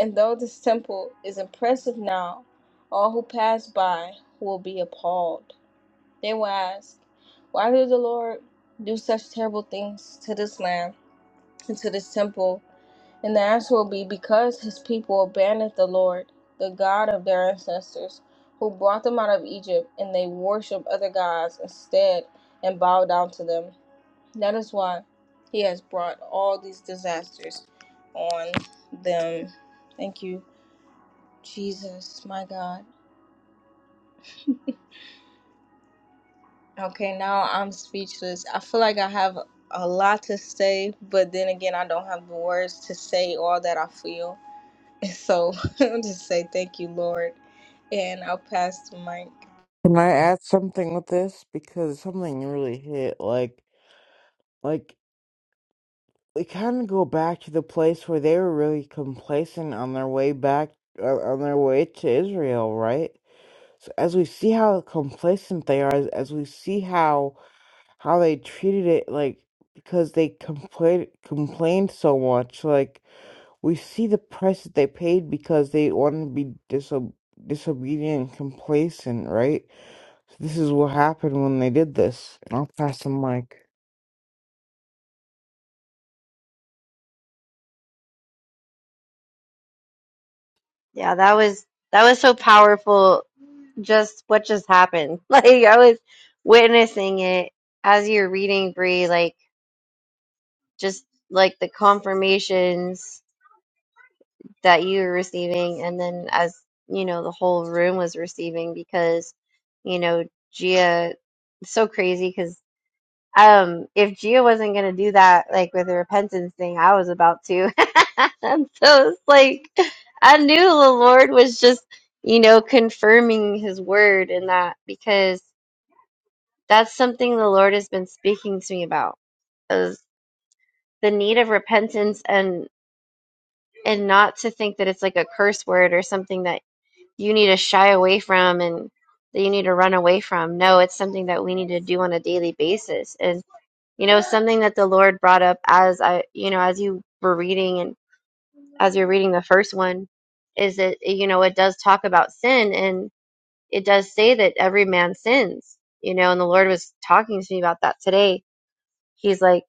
S3: And though this temple is impressive now, all who pass by will be appalled. They will ask, Why did the Lord do such terrible things to this land and to this temple? And the answer will be, Because his people abandoned the Lord, the God of their ancestors, who brought them out of Egypt, and they worshiped other gods instead and bowed down to them. That is why he has brought all these disasters on them. Thank you, Jesus, my God. Okay, now I'm speechless. I feel like I have a lot to say, but then again, I don't have the words to say all that I feel. So I'll just say thank you, Lord, and I'll pass the mic.
S5: Can I add something with this? Because something really hit. Like, like we kind of go back to the place where they were really complacent on their way back, uh, on their way to Israel, right? So as we see how complacent they are, as, as we see how how they treated it, like because they complained complained so much, like we see the price that they paid because they wanted to be disob disobedient, and complacent, right? So This is what happened when they did this. And I'll pass the mic.
S4: Yeah, that was that was so powerful. Just what just happened. Like I was witnessing it as you're reading, Bree. Like just like the confirmations that you were receiving and then as you know the whole room was receiving because you know Gia it's so crazy because um if Gia wasn't gonna do that like with the repentance thing I was about to and so it's like I knew the Lord was just you know confirming his word in that because that's something the Lord has been speaking to me about is the need of repentance and and not to think that it's like a curse word or something that you need to shy away from and that you need to run away from. No, it's something that we need to do on a daily basis. And you know, something that the Lord brought up as I, you know, as you were reading and as you're reading the first one is that you know, it does talk about sin and it does say that every man sins, you know, and the Lord was talking to me about that today. He's like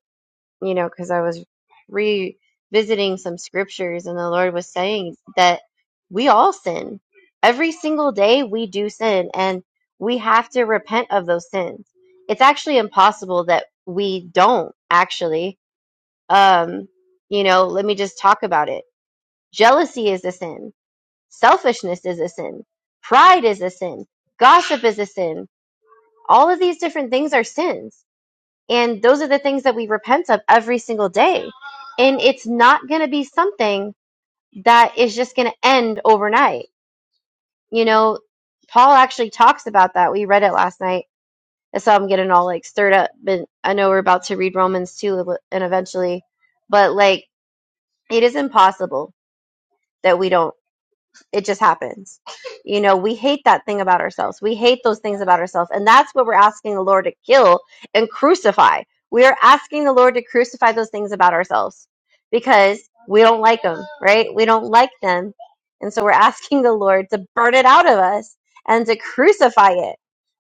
S4: you know, because I was revisiting some scriptures and the Lord was saying that we all sin. Every single day we do sin and we have to repent of those sins. It's actually impossible that we don't actually. Um, you know, let me just talk about it. Jealousy is a sin. Selfishness is a sin. Pride is a sin. Gossip is a sin. All of these different things are sins and those are the things that we repent of every single day. And it's not going to be something that is just going to end overnight. You know, Paul actually talks about that. We read it last night. That's how I'm getting all like stirred up. But I know we're about to read Romans 2 and eventually, but like it is impossible that we don't. It just happens. You know, we hate that thing about ourselves. We hate those things about ourselves. And that's what we're asking the Lord to kill and crucify. We are asking the Lord to crucify those things about ourselves because we don't like them, right? We don't like them. And so we're asking the Lord to burn it out of us and to crucify it.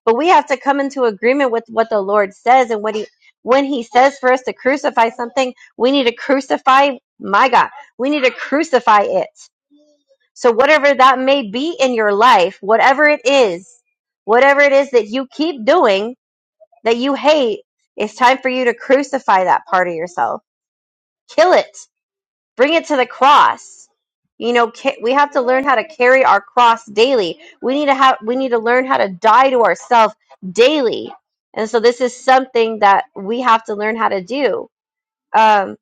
S4: But we have to come into agreement with what the Lord says and what he when he says for us to crucify something, we need to crucify my God. We need to crucify it so, whatever that may be in your life, whatever it is, whatever it is that you keep doing that you hate, it's time for you to crucify that part of yourself. Kill it. Bring it to the cross. You know, ca- we have to learn how to carry our cross daily. We need to have we need to learn how to die to ourselves daily. And so this is something that we have to learn how to do. Um,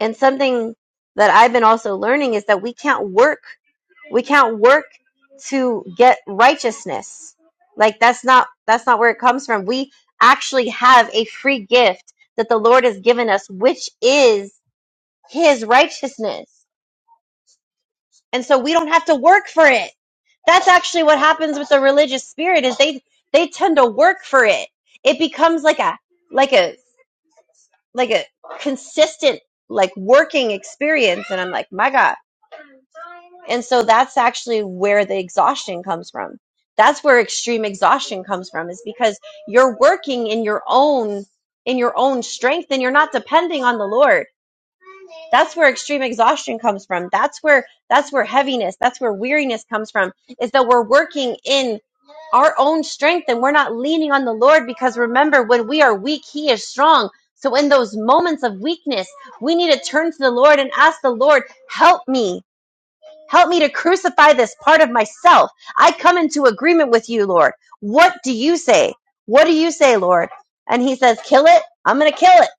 S4: and something that I've been also learning is that we can't work. We can't work to get righteousness. Like that's not that's not where it comes from. We actually have a free gift that the Lord has given us, which is his righteousness. And so we don't have to work for it. That's actually what happens with the religious spirit is they they tend to work for it. It becomes like a like a like a consistent like working experience and I'm like, "My God, And so that's actually where the exhaustion comes from. That's where extreme exhaustion comes from is because you're working in your own in your own strength and you're not depending on the Lord. That's where extreme exhaustion comes from. That's where that's where heaviness, that's where weariness comes from is that we're working in our own strength and we're not leaning on the Lord because remember when we are weak, he is strong. So in those moments of weakness, we need to turn to the Lord and ask the Lord, "Help me." Help me to crucify this part of myself. I come into agreement with you, Lord. What do you say? What do you say, Lord? And he says, kill it. I'm going to kill it.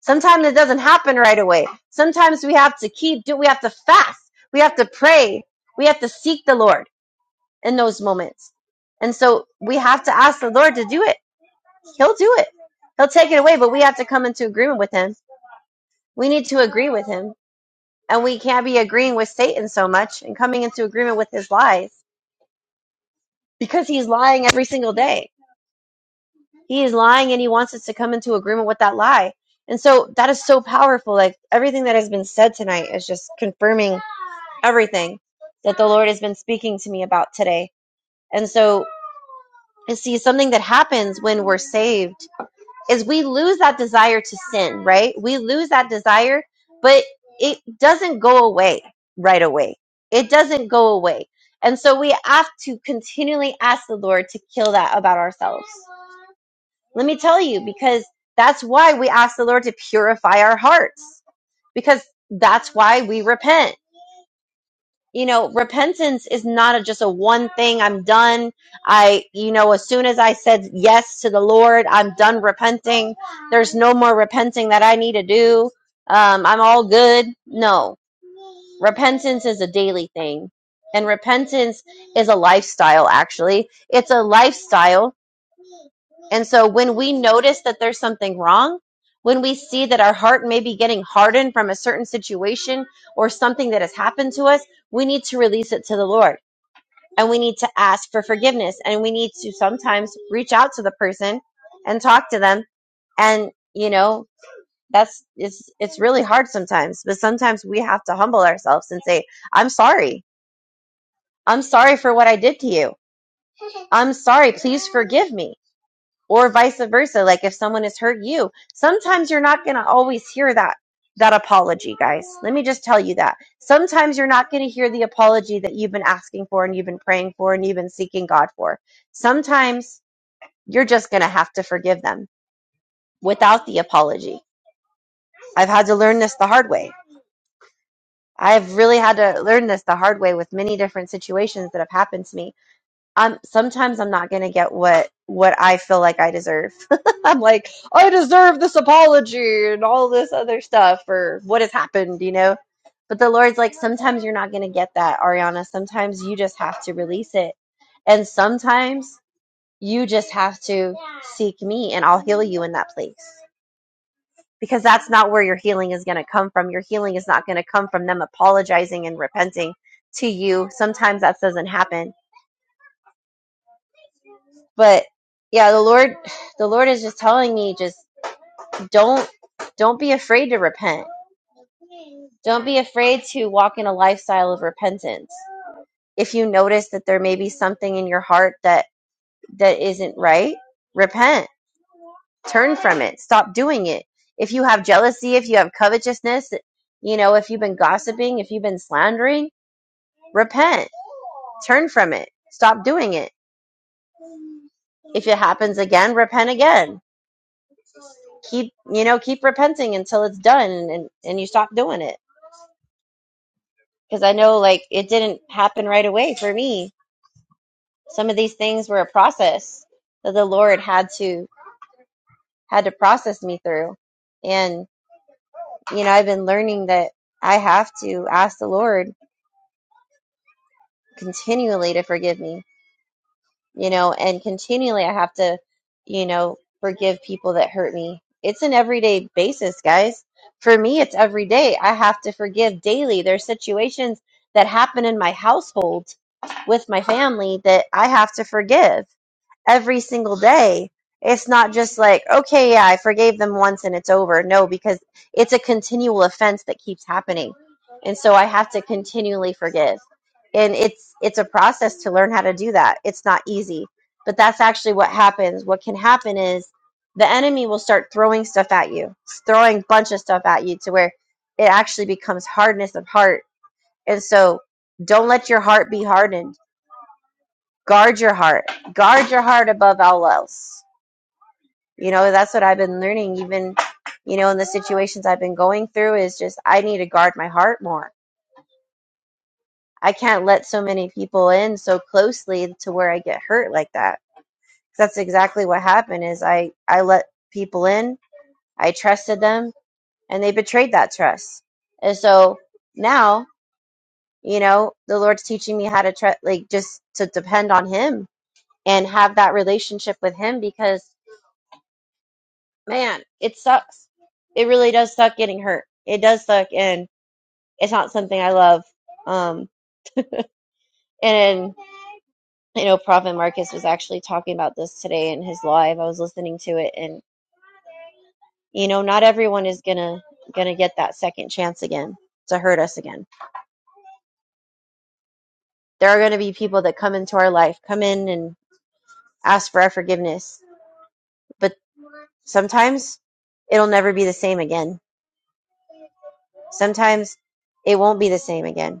S4: Sometimes it doesn't happen right away. Sometimes we have to keep, do, we have to fast. We have to pray. We have to seek the Lord in those moments. And so we have to ask the Lord to do it. He'll do it. He'll take it away, but we have to come into agreement with him. We need to agree with him. And we can't be agreeing with Satan so much and coming into agreement with his lies because he's lying every single day. He is lying and he wants us to come into agreement with that lie. And so that is so powerful. Like everything that has been said tonight is just confirming everything that the Lord has been speaking to me about today. And so, you see, something that happens when we're saved is we lose that desire to sin, right? We lose that desire, but it doesn't go away right away. It doesn't go away. And so we have to continually ask the Lord to kill that about ourselves Let me tell you, because that's why we ask the Lord to purify our hearts, because that's why we repent. You know, repentance is not a, just a one thing. I'm done. I, you know, as soon as I said yes to the Lord, I'm done repenting. There's no more repenting that I need to do. Um, I'm all good. No, repentance is a daily thing. And repentance is a lifestyle, actually. It's a lifestyle and so when we notice that there's something wrong, when we see that our heart may be getting hardened from a certain situation or something that has happened to us, we need to release it to the Lord and we need to ask for forgiveness and we need to sometimes reach out to the person and talk to them and you know that's it's it's really hard sometimes but sometimes we have to humble ourselves and say I'm sorry. I'm sorry for what I did to you. I'm sorry. Please forgive me or vice versa like if someone has hurt you sometimes you're not going to always hear that that apology guys let me just tell you that sometimes you're not going to hear the apology that you've been asking for and you've been praying for and you've been seeking god for sometimes you're just going to have to forgive them without the apology i've had to learn this the hard way i've really had to learn this the hard way with many different situations that have happened to me I'm sometimes I'm not gonna get what what I feel like I deserve. I'm like, I deserve this apology and all this other stuff or what has happened, you know? But the Lord's like, sometimes you're not gonna get that, Ariana. Sometimes you just have to release it. And sometimes you just have to seek me and I'll heal you in that place. Because that's not where your healing is gonna come from. Your healing is not gonna come from them apologizing and repenting to you. Sometimes that doesn't happen but yeah the lord the lord is just telling me just don't don't be afraid to repent don't be afraid to walk in a lifestyle of repentance if you notice that there may be something in your heart that that isn't right repent turn from it stop doing it if you have jealousy if you have covetousness you know if you've been gossiping if you've been slandering repent turn from it stop doing it if it happens again repent again keep you know keep repenting until it's done and and you stop doing it because i know like it didn't happen right away for me some of these things were a process that the lord had to had to process me through and you know i've been learning that i have to ask the lord continually to forgive me you know, and continually I have to, you know, forgive people that hurt me. It's an everyday basis, guys. For me, it's every day. I have to forgive daily. There's situations that happen in my household with my family that I have to forgive every single day. It's not just like, okay, yeah, I forgave them once and it's over. No, because it's a continual offense that keeps happening. And so I have to continually forgive. And it's it's a process to learn how to do that. It's not easy. But that's actually what happens. What can happen is the enemy will start throwing stuff at you, throwing a bunch of stuff at you to where it actually becomes hardness of heart. And so don't let your heart be hardened. Guard your heart. Guard your heart above all else you know, that's what I've been learning, even, you know, in the situations I've been going through, is just I need to guard my heart more. I can't let so many people in so closely to where I get hurt like that. 'Cause That's exactly what happened is I, I let people in, I trusted them, and they betrayed that trust. And so now, you know, the Lord's teaching me how to try, like, just to depend on Him and have that relationship with Him because man, it sucks. It really does suck getting hurt. It does suck, and it's not something I love. Um, and you know, Prophet Marcus was actually talking about this today in his live. I was listening to it, and you know, not everyone is gonna gonna get that second chance again to hurt us again. There are gonna be people that come into our life, come in and ask for our forgiveness, but sometimes it'll never be the same again. Sometimes it won't be the same again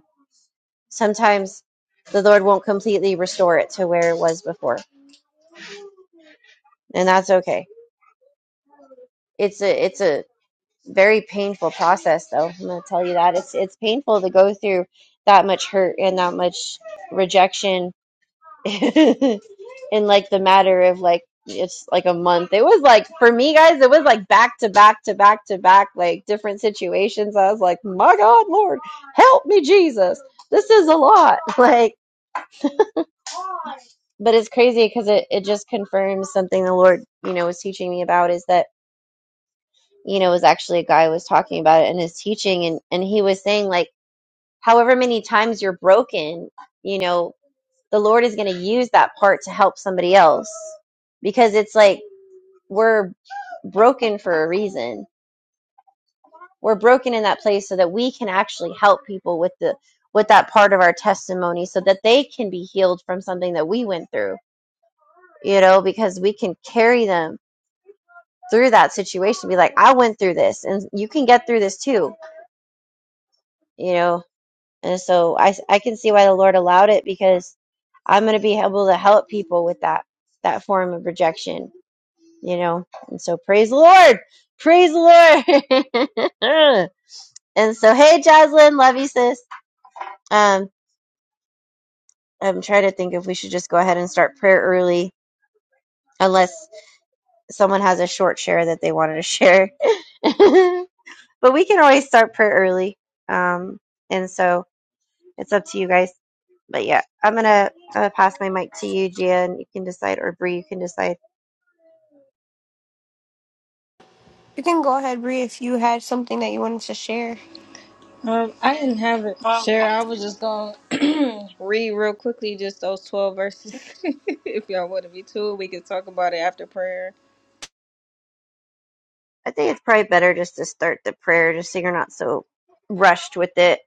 S4: sometimes the Lord won't completely restore it to where it was before, and that's okay. It's a it's a very painful process, though. I'm gonna tell you that it's it's painful to go through that much hurt and that much rejection in like the matter of like it's like a month. It was like for me guys, it was like back to back to back to back, like different situations. I was like, my God, Lord, help me, Jesus. This is a lot. Like but it's crazy because it, it just confirms something the lord you know was teaching me about is that you know it was actually a guy who was talking about it in his teaching and and he was saying like however many times you're broken you know the lord is going to use that part to help somebody else because it's like we're broken for a reason we're broken in that place so that we can actually help people with the with that part of our testimony so that they can be healed from something that we went through you know because we can carry them through that situation be like i went through this and you can get through this too you know and so i i can see why the lord allowed it because i'm going to be able to help people with that that form of rejection you know and so praise the lord praise the lord and so hey jocelyn love you sis um i'm trying to think if we should just go ahead and start prayer early unless someone has a short share that they wanted to share but we can always start prayer early um and so It's up to you guys. But yeah, I'm gonna I'm gonna pass my mic to you, Gia, and you can decide, or Bree, you can decide.
S1: You can go ahead, Bree, if you had something that you wanted to share.
S3: Um, I didn't have it, Share. I was just going to read real quickly just those 12 verses. if y'all want to be too, we can talk about it after prayer.
S4: I think it's probably better just to start the prayer, just so you're not so rushed with it.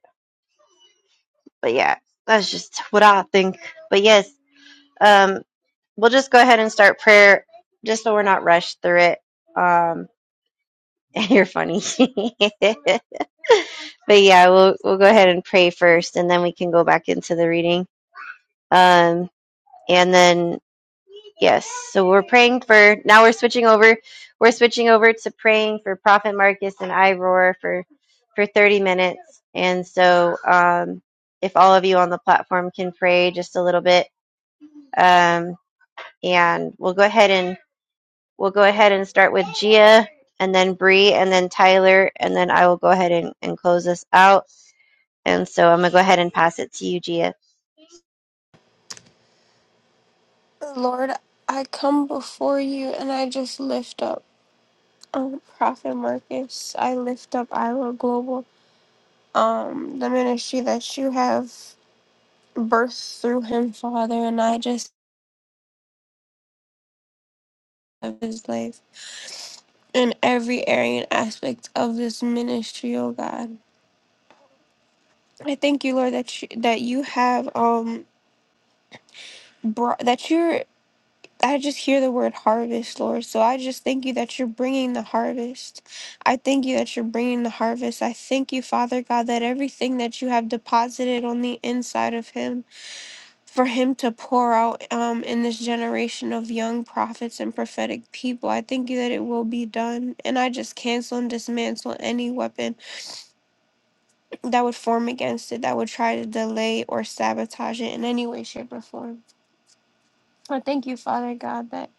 S4: But yeah, that's just what I think. But yes, um, we'll just go ahead and start prayer, just so we're not rushed through it. Um, you're funny. But yeah, we'll we'll go ahead and pray first, and then we can go back into the reading. Um, and then yes, so we're praying for. Now we're switching over. We're switching over to praying for Prophet Marcus and I for for thirty minutes. And so, um, if all of you on the platform can pray just a little bit, um, and we'll go ahead and we'll go ahead and start with Gia, and then Bree, and then Tyler, and then I will go ahead and, and close this out. And so I'm gonna go ahead and pass it to you, Gia.
S1: Lord, I come before you and I just lift up um Prophet Marcus. I lift up Iowa Global, um the ministry that you have birthed through him, Father, and I just love his life in every area and aspect of this ministry, oh God. I thank you, Lord, that you, that you have um brought that you're. I just hear the word harvest, Lord. So I just thank you that you're bringing the harvest. I thank you that you're bringing the harvest. I thank you, Father God, that everything that you have deposited on the inside of him for him to pour out um, in this generation of young prophets and prophetic people. I thank you that it will be done. And I just cancel and dismantle any weapon that would form against it, that would try to delay or sabotage it in any way, shape, or form. I thank you, Father God, that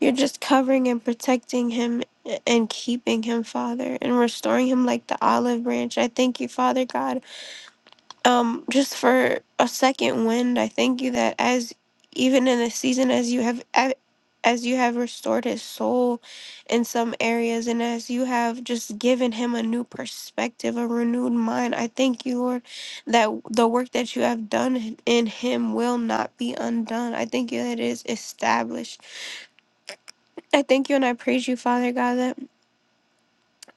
S1: you're just covering and protecting him eh, and keeping him, Father, and restoring him like the olive branch. I thank you, Father God um just for a second wind i thank you that as even in this season as you have a- as you have restored his soul in some areas and as you have just given him a new perspective a renewed mind i thank you lord that the work that you have done in him will not be undone i thank you that it is established i thank you and i praise you father god that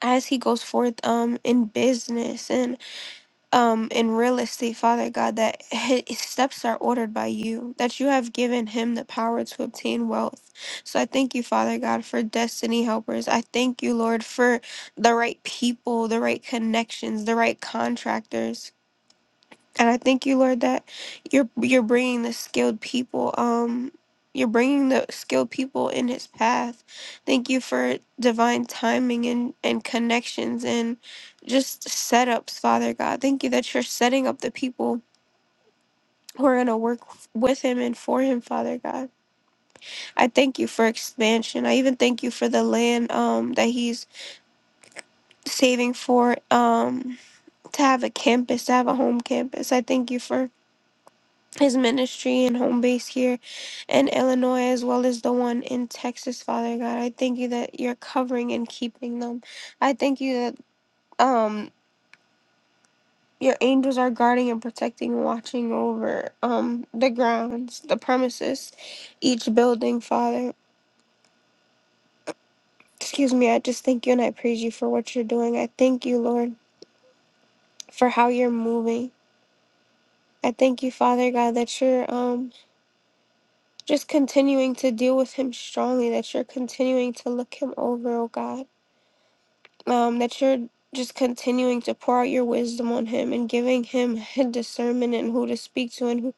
S1: as he goes forth um in business um and realistic father god that his steps are ordered by you that you have given him the power to obtain wealth so i thank you father god for destiny helpers i thank you lord for the right people the right connections the right contractors and I thank you, Lord, that you're you're bringing the skilled people. Um, you're bringing the skilled people in His path. Thank you for divine timing and and connections and just setups, Father God. Thank you that you're setting up the people who are going to work with Him and for Him, Father God. I thank you for expansion. I even thank you for the land um that He's saving for um to have a campus, to have a home campus. I thank you for his ministry and home base here in Illinois as well as the one in Texas, Father God. I thank you that you're covering and keeping them. I thank you that um your angels are guarding and protecting and watching over um the grounds, the premises, each building, Father. Excuse me, I just thank you and I praise you for what you're doing. I thank you, Lord, for how you're moving. I thank you, Father God, that you're um just continuing to deal with him strongly, that you're continuing to look him over, oh God. um, that you're just continuing to pour out your wisdom on him and giving him discernment and who to speak to and who,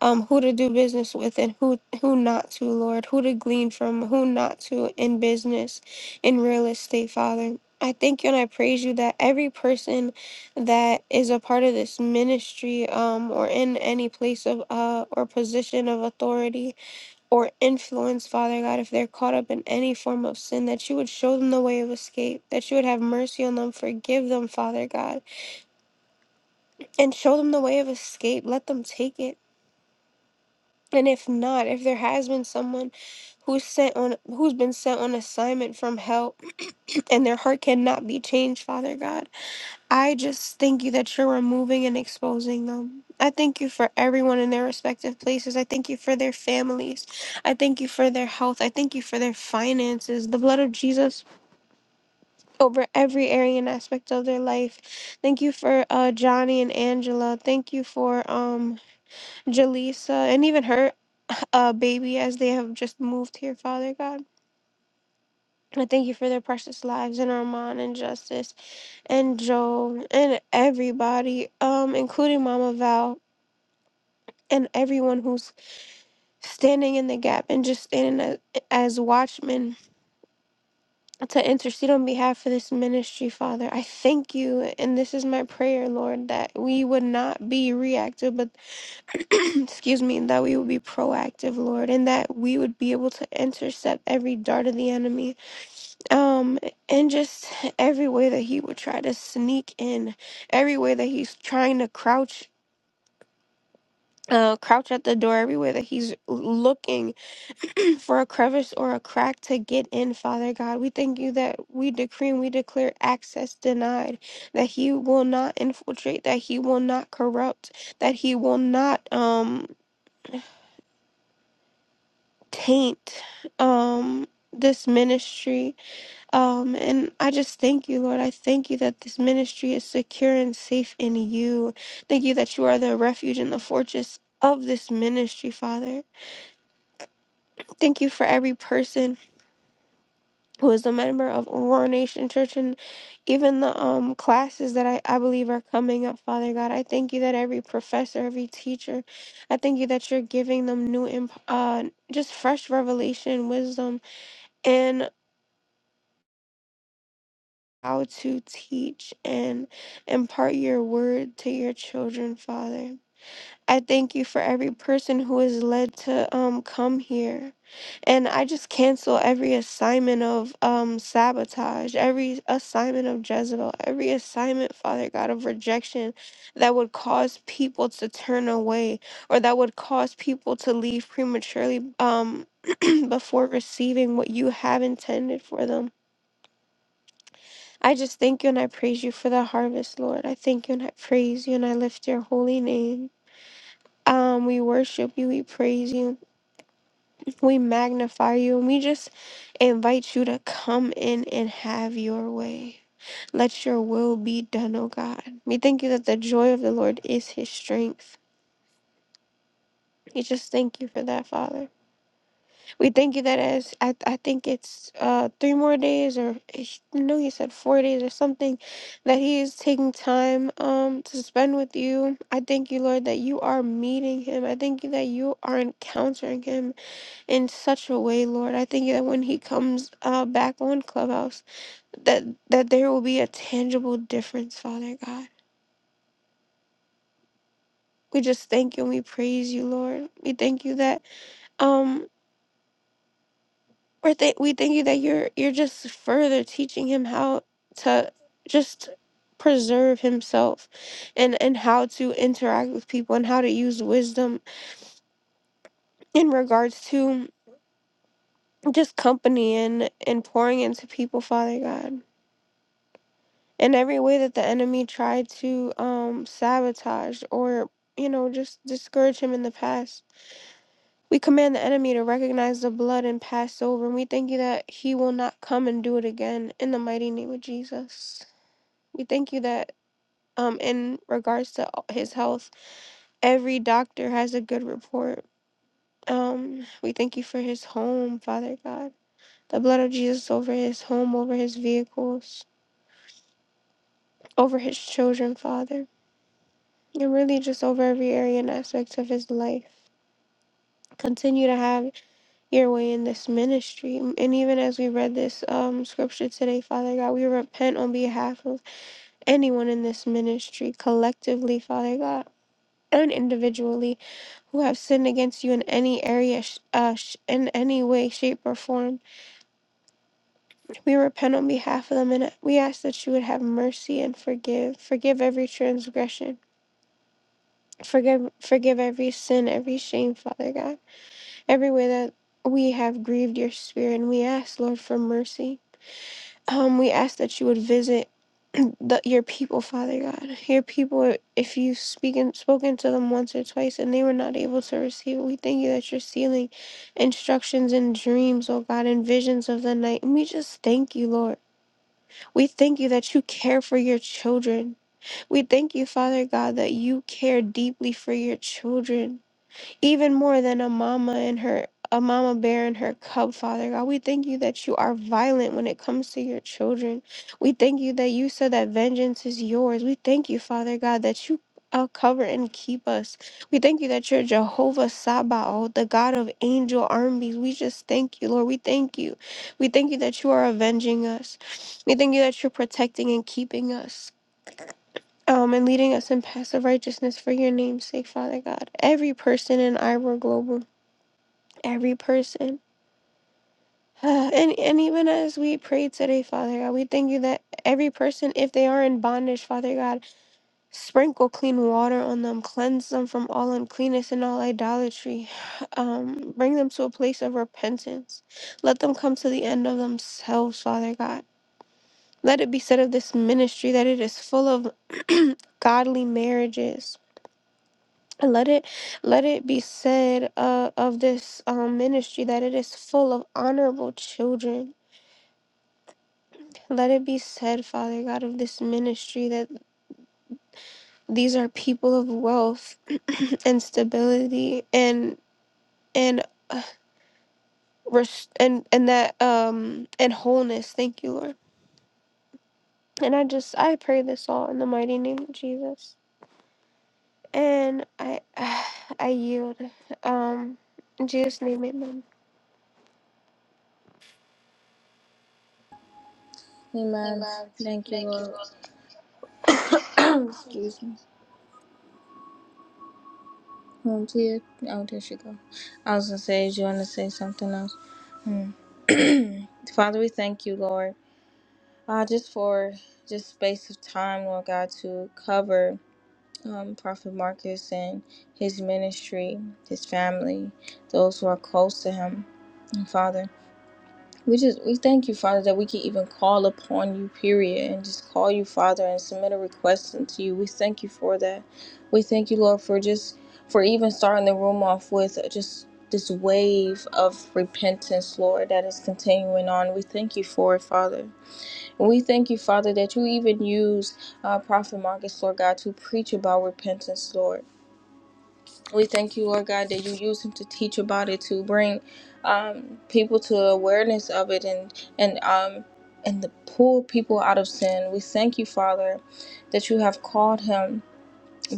S1: um, who to do business with and who who not to, Lord, who to glean from, who not to in business, in real estate, Father. I thank you and I praise you that every person that is a part of this ministry um, or in any place of uh, or position of authority or influence, Father God, if they're caught up in any form of sin, that you would show them the way of escape, that you would have mercy on them, forgive them, Father God, and show them the way of escape. Let them take it. And if not, if there has been someone who's sent on who's been sent on assignment from hell and their heart cannot be changed, Father God. I just thank you that you're removing and exposing them. I thank you for everyone in their respective places. I thank you for their families. I thank you for their health. I thank you for their finances. The blood of Jesus over every area and aspect of their life. Thank you for uh, Johnny and Angela. Thank you for um, Jaleesa and even her uh, baby as they have just moved here, Father God. I thank you for their precious lives and Armand and Justice and Joe and everybody, um, including Mama Val and everyone who's standing in the gap and just standing as, as watchmen to intercede on behalf of this ministry, Father. I thank you, and this is my prayer, Lord, that we would not be reactive, but excuse me, that we would be proactive, Lord, and that we would be able to intercept every dart of the enemy. um and just every way that he would try to sneak in every way that he's trying to crouch uh crouch at the door every way that he's looking for a crevice or a crack to get in father god we thank you that we decree and we declare access denied that he will not infiltrate that he will not corrupt that he will not um taint um this ministry Um, and I just thank you, Lord. I thank you that this ministry is secure and safe in you. Thank you that you are the refuge and the fortress of this ministry, Father. Thank you for every person who is a member of Aurora Nation Church and even the um classes that I, I believe are coming up, Father God. I thank you that every professor, every teacher, I thank you that you're giving them new imp- uh just fresh revelation, wisdom, how to teach and impart your word to your children, Father. I thank you for every person who is led to um, come here. And I just cancel every assignment of um, sabotage, every assignment of Jezebel, every assignment, Father God, of rejection that would cause people to turn away or that would cause people to leave prematurely um, before receiving what you have intended for them. I just thank you and I praise you for the harvest, Lord. I thank you and I praise you and I lift your holy name. Um, we worship you, we praise you, we magnify you, and we just invite you to come in and have your way. Let your will be done, O God. We thank you that the joy of the Lord is his strength. We just thank you for that, Father. We thank you that as I, I think it's uh three more days or ish- no he said four days or something that he is taking time um to spend with you. I thank you Lord that you are meeting him. I thank you that you are encountering him in such a way Lord. I thank you that when he comes uh back on Clubhouse that that there will be a tangible difference Father God. We just thank you and we praise you Lord. We thank you that um Or th- we thank you that you're you're just further teaching him how to just preserve himself and and how to interact with people and how to use wisdom in regards to just company and and pouring into people father god in every way that the enemy tried to um sabotage or you know just discourage him in the past we command the enemy to recognize the blood and pass over and we thank you that he will not come and do it again in the mighty name of jesus We thank you that um, in regards to his health, every doctor has a good report. Um, we thank you for his home, Father God. The blood of Jesus over his home, over his vehicles, over his children, Father. And really just over every area and aspect of his life. Continue to have your way in this ministry. And even as we read this um, scripture today, Father God, we repent on behalf of anyone in this ministry, collectively, Father God, and individually. who have sinned against you in any area, sh- uh, sh- in any way, shape, or form. We repent on behalf of them and we ask that you would have mercy and forgive. Forgive every transgression. Forgive, forgive every sin, every shame, Father God. Every way that we have grieved your spirit. And we ask, Lord, for mercy. Um, we ask that you would visit the, your people, Father God. Your people, if you've speaking, spoken to them once or twice and they were not able to receive it, we thank you that you're sealing instructions and dreams, oh God, and visions of the night. And we just thank you, Lord. We thank you that you care for your children. We thank you, Father God, that you care deeply for your children even more than a mama and her a mama bear and her cub father god we thank you that you are violent when it comes to your children we thank you that you said that vengeance is yours we thank you father god that you uh, cover and keep us. We thank you that you're Jehovah Sabaoth, the God of angel armies. We just thank you, Lord. We thank you. We thank you that you are avenging us. We thank you that you're protecting and keeping us um, and leading us in paths of righteousness for your name's sake, Father God. Every person in Ivor Global, every person. And, and even as we pray today, Father God, we thank you that every person, if they are in bondage, Father God, sprinkle clean water on them, cleanse them from all uncleanness and all idolatry. Um, bring them to a place of repentance. Let them come to the end of themselves, Father God. Let it be said of this ministry that it is full of godly marriages let it let it be said uh, of this um, ministry that it is full of honorable children let it be said father god of this ministry that these are people of wealth and stability and and uh, rest and and that um and wholeness thank you lord and i just i pray this all in the mighty name of jesus and i i yield um in jesus name amen
S3: Amen. Thank you, Lord. Excuse me. Um, Tia. Oh, there she go. I was going to say, did you want to say something else? Hmm. Father, we thank you, Lord, uh, just for just space of time, Lord God, to cover um, Prophet Marcus and his ministry, his family, those who are close to him. And Father, we just we thank you, Father, that we can even call upon you, period, and just call you, Father, and submit a request unto you. We thank you for that. We thank you, Lord, for just for even starting the room off with just this wave of repentance, Lord, that is continuing on. We thank you for it, Father. We thank you, Father, that you even use uh, Prophet Marcus, Lord God, to preach about repentance, Lord. We thank you, Lord God, that you use him to teach about it, to bring um, people to awareness of it, and and um, and to pull people out of sin. We thank you, Father, that you have called him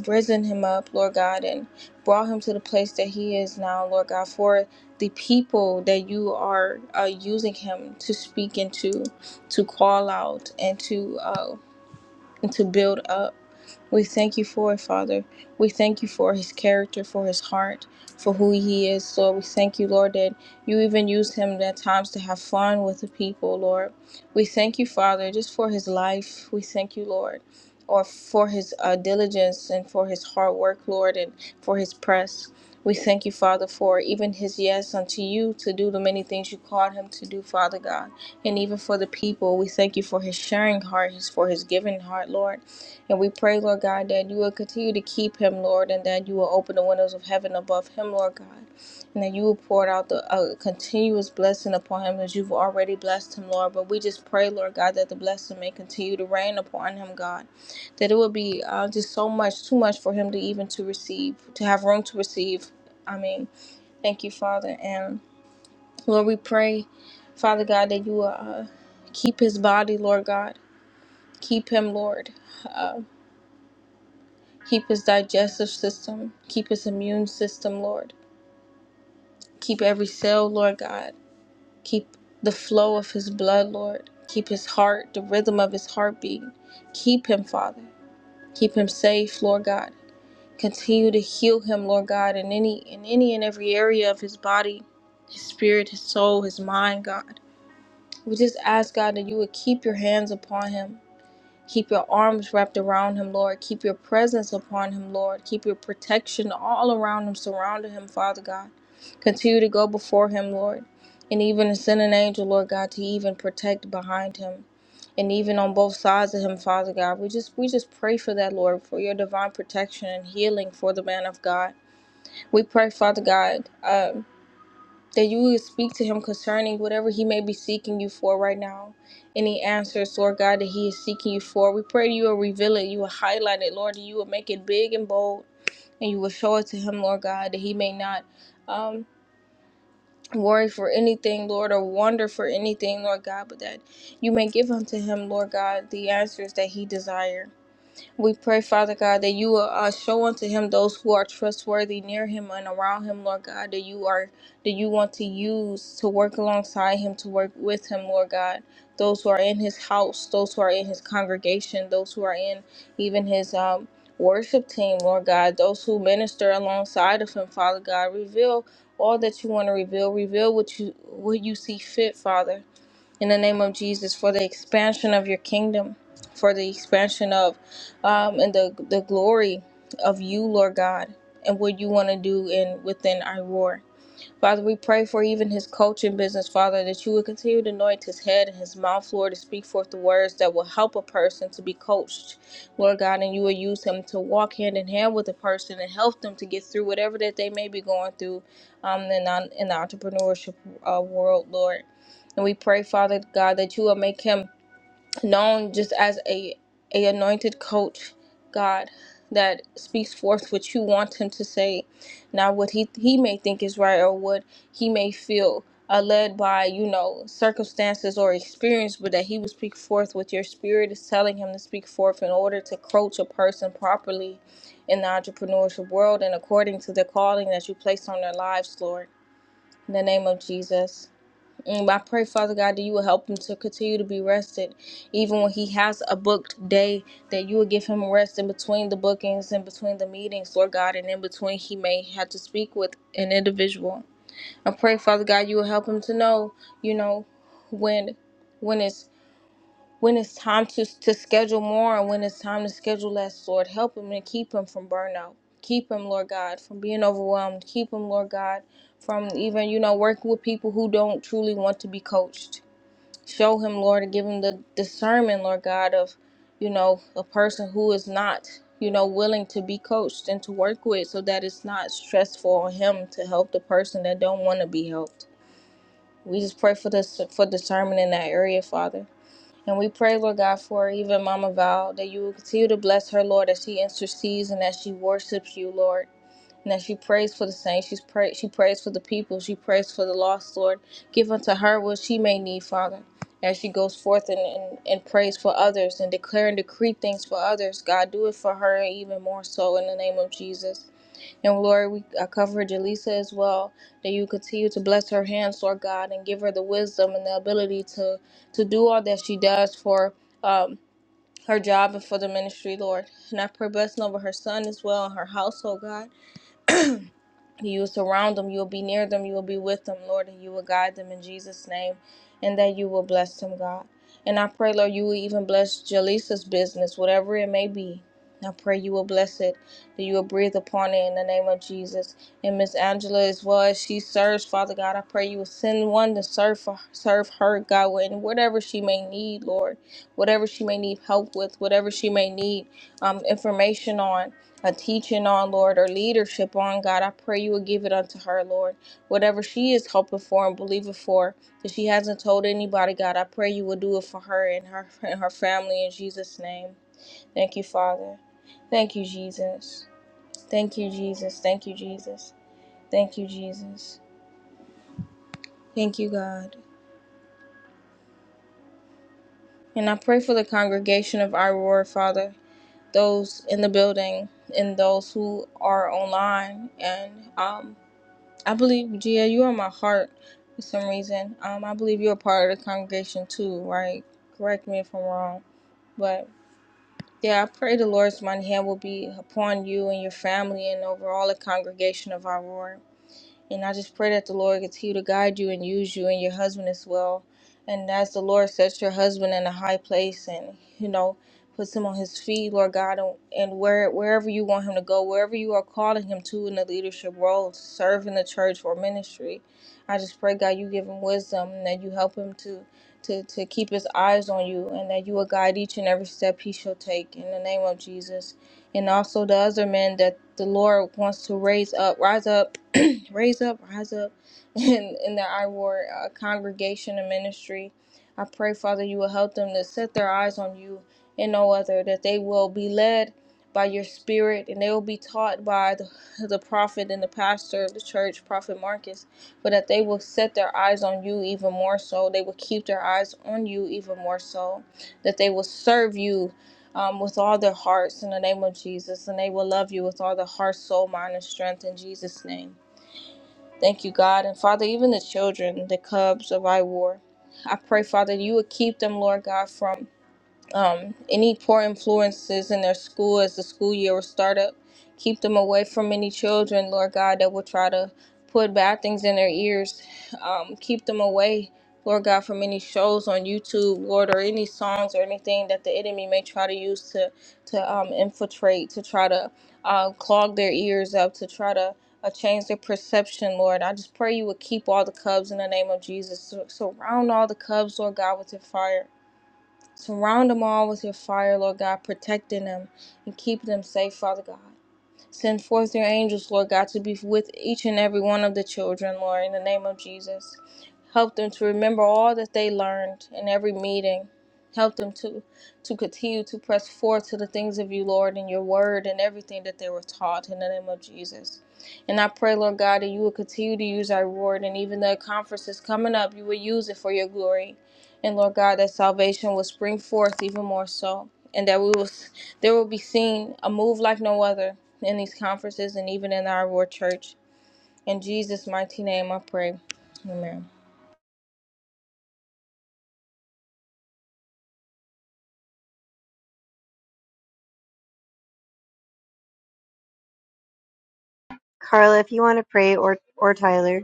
S3: risen him up, Lord God, and brought him to the place that he is now, Lord God, for the people that you are uh, using him to speak into, to call out, and to uh, and to build up. We thank you for it, Father. We thank you for his character, for his heart, for who he is, Lord. We thank you, Lord, that you even use him at times to have fun with the people, Lord. We thank you, Father, just for his life. We thank you, Lord, or for his uh, diligence and for his hard work, Lord, and for his press. We thank you, Father, for even his yes unto you to do the many things you called him to do, Father God. And even for the people, we thank you for his sharing heart, his for his giving heart, Lord. And we pray, Lord God, that you will continue to keep him, Lord, and that you will open the windows of heaven above him, Lord God, and that you will pour out the uh, continuous blessing upon him as you've already blessed him, Lord. But we just pray, Lord God, that the blessing may continue to rain upon him, God, that it will be uh, just so much, too much for him to even to receive, to have room to receive. I mean, thank you, Father, and Lord, we pray, Father God, that you will uh, keep his body, Lord God, keep him, Lord. Uh, Keep his digestive system. Keep his immune system, Lord. Keep every cell, Lord God. Keep the flow of his blood, Lord. Keep his heart, the rhythm of his heartbeat. Keep him, Father. Keep him safe, Lord God. Continue to heal him, Lord God, in any in any and every area of his body, his spirit, his soul, his mind, God. We just ask God that you would keep your hands upon him. Keep your arms wrapped around him, Lord. Keep your presence upon him, Lord. Keep your protection all around him, surrounding him, Father God. Continue to go before him, Lord. And even send an angel, Lord God, to even protect behind him. And even on both sides of him, Father God. We just we just pray for that, Lord, for your divine protection and healing for the man of God. We pray, Father God. uh, that you would speak to him concerning whatever he may be seeking you for right now. Any answers, Lord God, that he is seeking you for. We pray that you will reveal it, you will highlight it, Lord, and you will make it big and bold, and you will show it to him, Lord God, that he may not um, worry for anything, Lord, or wonder for anything, Lord God, but that you may give unto him, Lord God, the answers that he desires. We pray, Father God, that you will uh, show unto him those who are trustworthy near him and around him, Lord God, that you are that you want to use to work alongside him, to work with him, Lord God. Those who are in his house, those who are in his congregation, those who are in even his um, worship team, Lord God, those who minister alongside of him, Father God, reveal all that you want to reveal. Reveal what you what you see fit, Father in the name of Jesus for the expansion of your kingdom, for the expansion of um, and the the glory of you, Lord God, and what you want to do in within Iroar. Father, we pray for even his coaching business, Father, that you would continue to anoint his head and his mouth, Lord, to speak forth the words that will help a person to be coached, Lord God, and you will use him to walk hand in hand with a person and help them to get through whatever that they may be going through um, in, the- in the entrepreneurship uh, world, Lord. And we pray, Father God, that you will make him known just as a a anointed coach, God, that speaks forth what you want him to say, not what he he may think is right or what he may feel uh, led by you know circumstances or experience, but that he will speak forth what your spirit is telling him to speak forth in order to coach a person properly in the entrepreneurship world and according to the calling that you placed on their lives, Lord. In the name of Jesus. And I pray, Father God, that you will help him to continue to be rested, even when he has a booked day, that you will give him rest in between the bookings and between the meetings, Lord God, and in between he may have to speak with an individual. I pray, Father God, you will help him to know, you know, when when it's when it's time to, to schedule more and when it's time to schedule less, Lord. Help him and keep him from burnout. Keep him, Lord God, from being overwhelmed. Keep him, Lord God, from even, you know, working with people who don't truly want to be coached. Show him, Lord, and give him the discernment, Lord God, of, you know, a person who is not, you know, willing to be coached and to work with so that it's not stressful on him to help the person that don't want to be helped. We just pray for this for discernment in that area, Father. And we pray, Lord God, for even Mama Val, that you will continue to bless her, Lord, as she intercedes and as she worships you, Lord. And as she prays for the saints, she's pray- she prays for the people, she prays for the lost, Lord. Give unto her what she may need, Father. As she goes forth and, and, and prays for others and declare and decree things for others, God, do it for her even more so in the name of Jesus. And Lord, we I cover Jaleesa as well, that you continue to bless her hands, Lord God, and give her the wisdom and the ability to to do all that she does for um her job and for the ministry, Lord. And I pray blessing over her son as well and her household, God. You will surround them, you will be near them, you will be with them, Lord, and you will guide them in Jesus' name, and that you will bless them, God. And I pray, Lord, you will even bless Jaleesa's business, whatever it may be. I pray you will bless it, that you will breathe upon it in the name of Jesus. And Miss Angela, as well as she serves, Father God, I pray you will send one to serve for, serve her, God, in whatever she may need, Lord, whatever she may need help with, whatever she may need um, information on a teaching on, Lord, or leadership on, God. I pray you would give it unto her, Lord. Whatever she is hoping for and believing for, that she hasn't told anybody, God, I pray you would do it for her and her and her family in Jesus' name. Thank you, Father. Thank you, Jesus. Thank you, Jesus. Thank you, Jesus. Thank you, Jesus. Thank you, God. And I pray for the congregation of our Lord, Father, those in the building and those who are online and um, I believe, Gia, you are my heart for some reason. Um, I believe you're a part of the congregation too, right? Correct me if I'm wrong. But yeah, I pray the Lord's mighty hand will be upon you and your family and over all the congregation of our Lord. And I just pray that the Lord continue to guide you and use you and your husband as well. And as the Lord sets your husband in a high place and, you know, puts him on his feet, Lord God, and, and where wherever you want him to go, wherever you are calling him to in the leadership role, to serve in the church or ministry. I just pray, God, you give him wisdom and that you help him to to, to keep his eyes on you and that you will guide each and every step he shall take in the name of Jesus. And also the other men that the Lord wants to raise up, rise up raise up, rise up in, in the IWAR uh, congregation and ministry. I pray, Father, you will help them to set their eyes on you and no other, that they will be led by your spirit and they will be taught by the, the prophet and the pastor of the church, Prophet Marcus, but that they will set their eyes on you even more so. They will keep their eyes on you even more so, that they will serve you um, with all their hearts in the name of Jesus, and they will love you with all their heart, soul, mind, and strength in Jesus' name. Thank you, God. And Father, even the children, the cubs of I War, I pray, Father, you would keep them, Lord God, from um, any poor influences in their school as the school year will start up. Keep them away from any children, Lord God, that will try to put bad things in their ears. Um, keep them away, Lord God, from any shows on YouTube, Lord, or any songs or anything that the enemy may try to use to to um, infiltrate, to try to uh, clog their ears up, to try to uh, change their perception, Lord. I just pray you would keep all the Cubs in the name of Jesus. Sur- Surround all the Cubs, Lord God, with your fire. Surround them all with your fire, Lord God, protecting them and keeping them safe, Father God. Send forth your angels, Lord God, to be with each and every one of the children, Lord, in the name of Jesus. Help them to remember all that they learned in every meeting. Help them to, to continue to press forward to the things of you, Lord, and your word and everything that they were taught in the name of Jesus. And I pray, Lord God, that you will continue to use our word and even the conferences coming up, you will use it for your glory. And Lord God, that salvation will spring forth even more so, and that we will, there will be seen a move like no other in these conferences and even in our Lord Church. In Jesus' mighty name, I pray. Amen.
S4: Carla, if you want to pray, or or Tyler,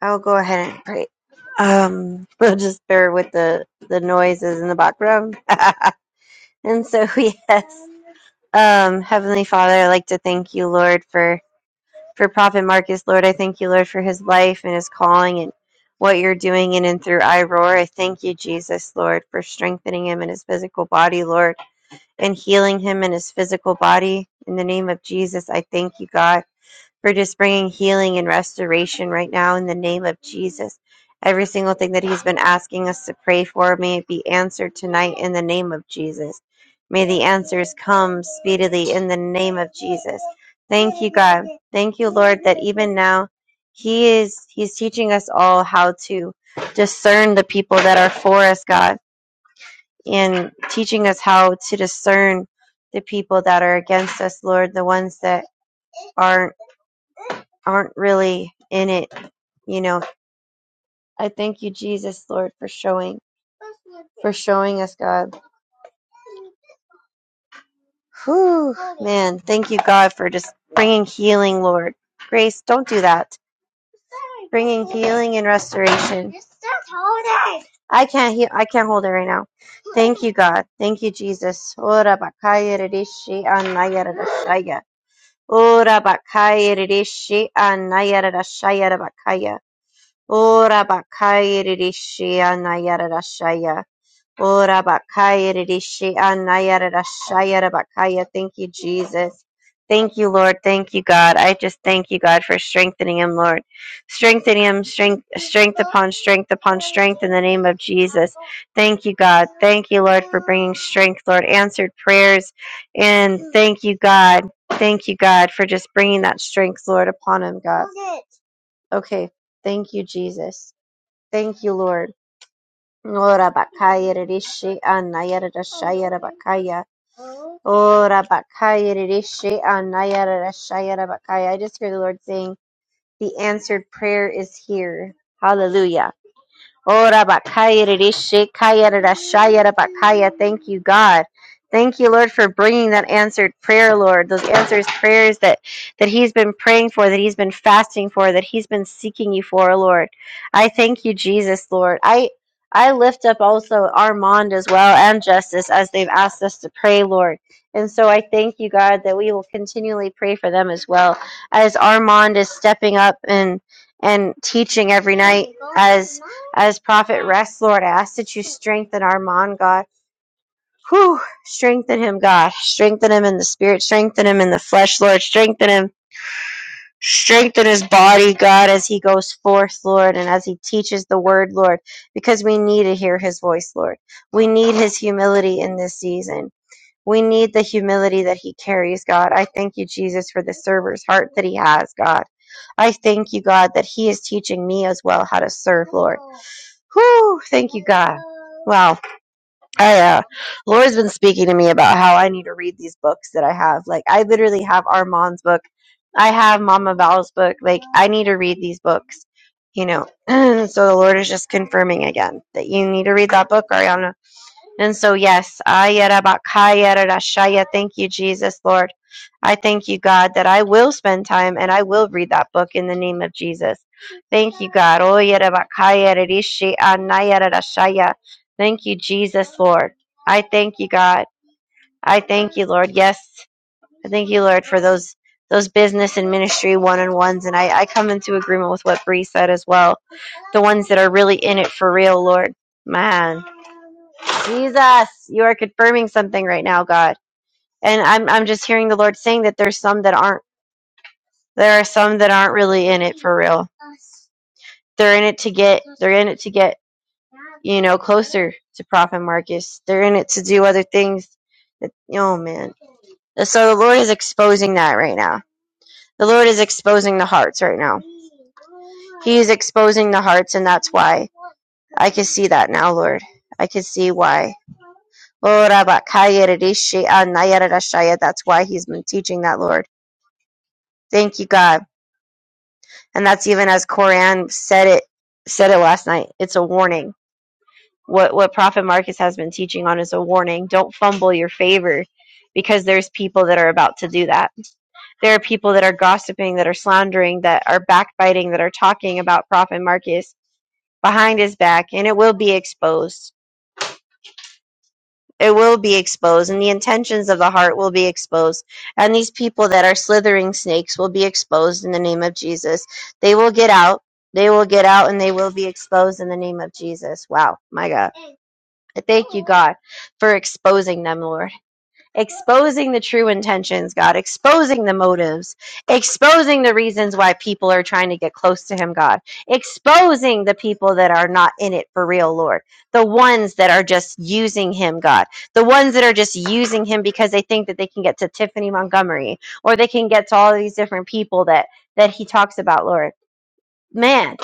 S4: I'll go ahead and pray. Um, we'll just bear with the the noises in the background. and so yes, um, Heavenly Father, I'd like to thank you, Lord, for for Prophet Marcus. Lord, I thank you, Lord, for his life and his calling and what you're doing in and through iRoar. I thank you, Jesus, Lord, for strengthening him in his physical body, Lord, and healing him in his physical body. In the name of Jesus, I thank you, God. For just bringing healing and restoration right now in the name of Jesus. Every single thing that he's been asking us to pray for, may it be answered tonight in the name of Jesus. May the answers come speedily in the name of Jesus. Thank you, God. Thank you, Lord, that even now he is he's teaching us all how to discern the people that are for us, God, and teaching us how to discern the people that are against us, Lord, the ones that aren't aren't really in it. You know, I thank you, Jesus, Lord, for showing, for showing us, God. Whew, man, thank you, God, for just bringing healing, Lord. Grace, don't do that. Bringing healing and restoration. I can't heal. I can't hold it right now. Thank you, God. Thank you, Jesus. Ora bakaya ridishi anaya radashaya. Ora bakaya ridishi anaya radashaya rabakaya. Ora bakaya rishi anayara rashaya. Ora bakaya rishi anayara rashaya rabakaya. Thank you, Jesus. Thank you, Lord. Thank you, God. I just thank you, God, for strengthening him, Lord. Strengthening him, strength, strength upon strength upon strength in the name of Jesus. Thank you, God. Thank you, Lord, for bringing strength, Lord. Answered prayers. And thank you, God. Thank you, God, for just bringing that strength, Lord, upon him, God. Okay. Thank you, Jesus. Thank you, Lord. Ora bakaya rishi anayara rashayara bakaya. Ora bakaya rishi anayara rashayara bakaya. I just hear the Lord saying, the answered prayer is here. Hallelujah. Ora bakaya rishi kaya rashaya rabakaya. Thank you, God. Thank you, Lord, for bringing that answered prayer, Lord. Those answers prayers that that He's been praying for, that He's been fasting for, that He's been seeking You for, Lord. I thank You, Jesus, Lord. I I lift up also Armand as well and Justice as they've asked us to pray, Lord. And so I thank You, God, that we will continually pray for them as well as Armand is stepping up and and teaching every night as as prophet rests lord i ask that you strengthen armand god whew strengthen him god strengthen him in the spirit strengthen him in the flesh lord strengthen him strengthen his body god as he goes forth lord and as he teaches the word lord because we need to hear his voice lord we need his humility in this season we need the humility that he carries, God. I thank you, Jesus, for the server's heart that he has, God. I thank you, God, that he is teaching me as well how to serve, Lord. Whew, thank you, God. Wow. I, uh, Laura's been speaking to me about how I need to read these books that I have. Like, I literally have Armand's book. I have Mama Val's book. Like, I need to read these books, you know. so the Lord is just confirming again that you need to read that book, Ariana and so, yes, ayarabakayarashaya. thank you, Jesus, Lord. I thank you, God, that I will spend time and I will read that book in the name of Jesus. Thank you, God. Oyarabakayararishi anayararashaya. Thank you, Jesus, Lord. I thank you, God. I thank you, Lord. Yes. I thank you, Lord, for those those business and ministry one on ones. And I, I come into agreement with what Bree said as well. The ones that are really in it for real, Lord. Man. Jesus, you are confirming something right now, God. And I'm I'm just hearing the Lord saying that there's some that aren't there are some that aren't really in it for real. They're in it to get they're in it to get you know, closer to Prophet Marcus. They're in it to do other things. That, oh man. So the Lord is exposing that right now. The Lord is exposing the hearts right now. He is exposing the hearts, and that's why I can see that now, Lord. I can see why. That's why He's been teaching that, Lord. Thank you, God. And that's even as Koran said it said it last night. It's a warning what what prophet marcus has been teaching on is a warning don't fumble your favor because there's people that are about to do that there are people that are gossiping that are slandering that are backbiting that are talking about prophet marcus behind his back and it will be exposed it will be exposed and the intentions of the heart will be exposed and these people that are slithering snakes will be exposed in the name of jesus they will get out they will get out and they will be exposed in the name of jesus wow my god Thank you, God, for exposing them, Lord. Exposing the true intentions, God. Exposing the motives. Exposing the reasons why people are trying to get close to Him, God. Exposing the people that are not in it for real, Lord. The ones that are just using Him, God. The ones that are just using Him because they think that they can get to Tiffany Montgomery or they can get to all these different people that, that He talks about, Lord man.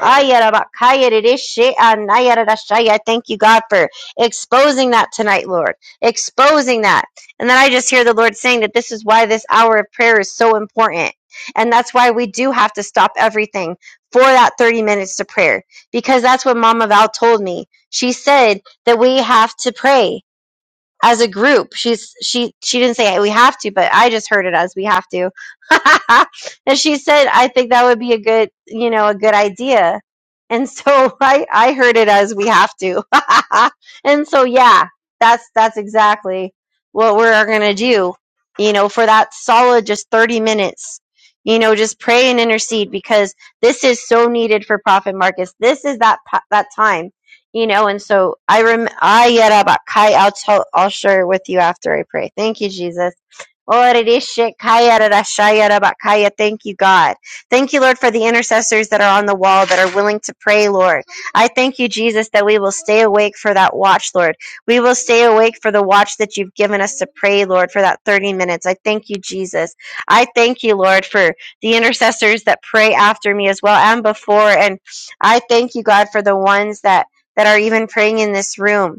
S4: Ayarabakayaridishi anayaradashaya. Thank you, God, for exposing that tonight, Lord. Exposing that. And then I just hear the Lord saying that this is why this hour of prayer is so important. And that's why we do have to stop everything for that 30 minutes to prayer. Because that's what Mama Val told me. She said that we have to pray as a group. She's she she didn't say we have to, but I just heard it as we have to. and she said, I think that would be a good you know a good idea. And so I I heard it as we have to. and so yeah, that's that's exactly what we're gonna do. You know, for that solid just thirty minutes. You know, just pray and intercede because this is so needed for profit markets. This is that po- that time you know and so i rem i yet about kai i'll tell i'll share it with you after i pray thank you jesus Orereshekayarashayarabakaya. Thank you, God. Thank you, Lord, for the intercessors that are on the wall that are willing to pray, Lord. I thank you, Jesus, that we will stay awake for that watch, Lord. We will stay awake for the watch that you've given us to pray, Lord, for that 30 minutes. I thank you, Jesus. I thank you, Lord, for the intercessors that pray after me as well and before. And I thank you, God, for the ones that, that are even praying in this room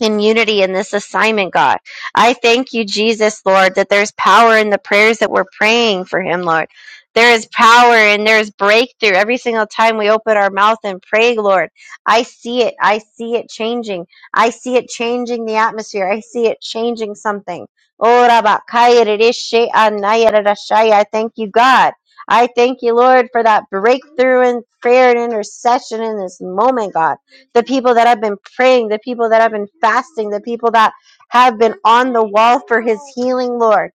S4: in unity in this assignment, God. I thank you, Jesus, Lord, that there's power in the prayers that we're praying for him, Lord. There is power and there's breakthrough every single time we open our mouth and pray, Lord. I see it. I see it changing. I see it changing the atmosphere. I see it changing something. Oh, Rabakaya Rishi Anaya Rarashaya. I thank you, God. I thank you, Lord, for that breakthrough in prayer and intercession in this moment, God the people that have been praying, the people that have been fasting, the people that have been on the wall for his healing, Lord.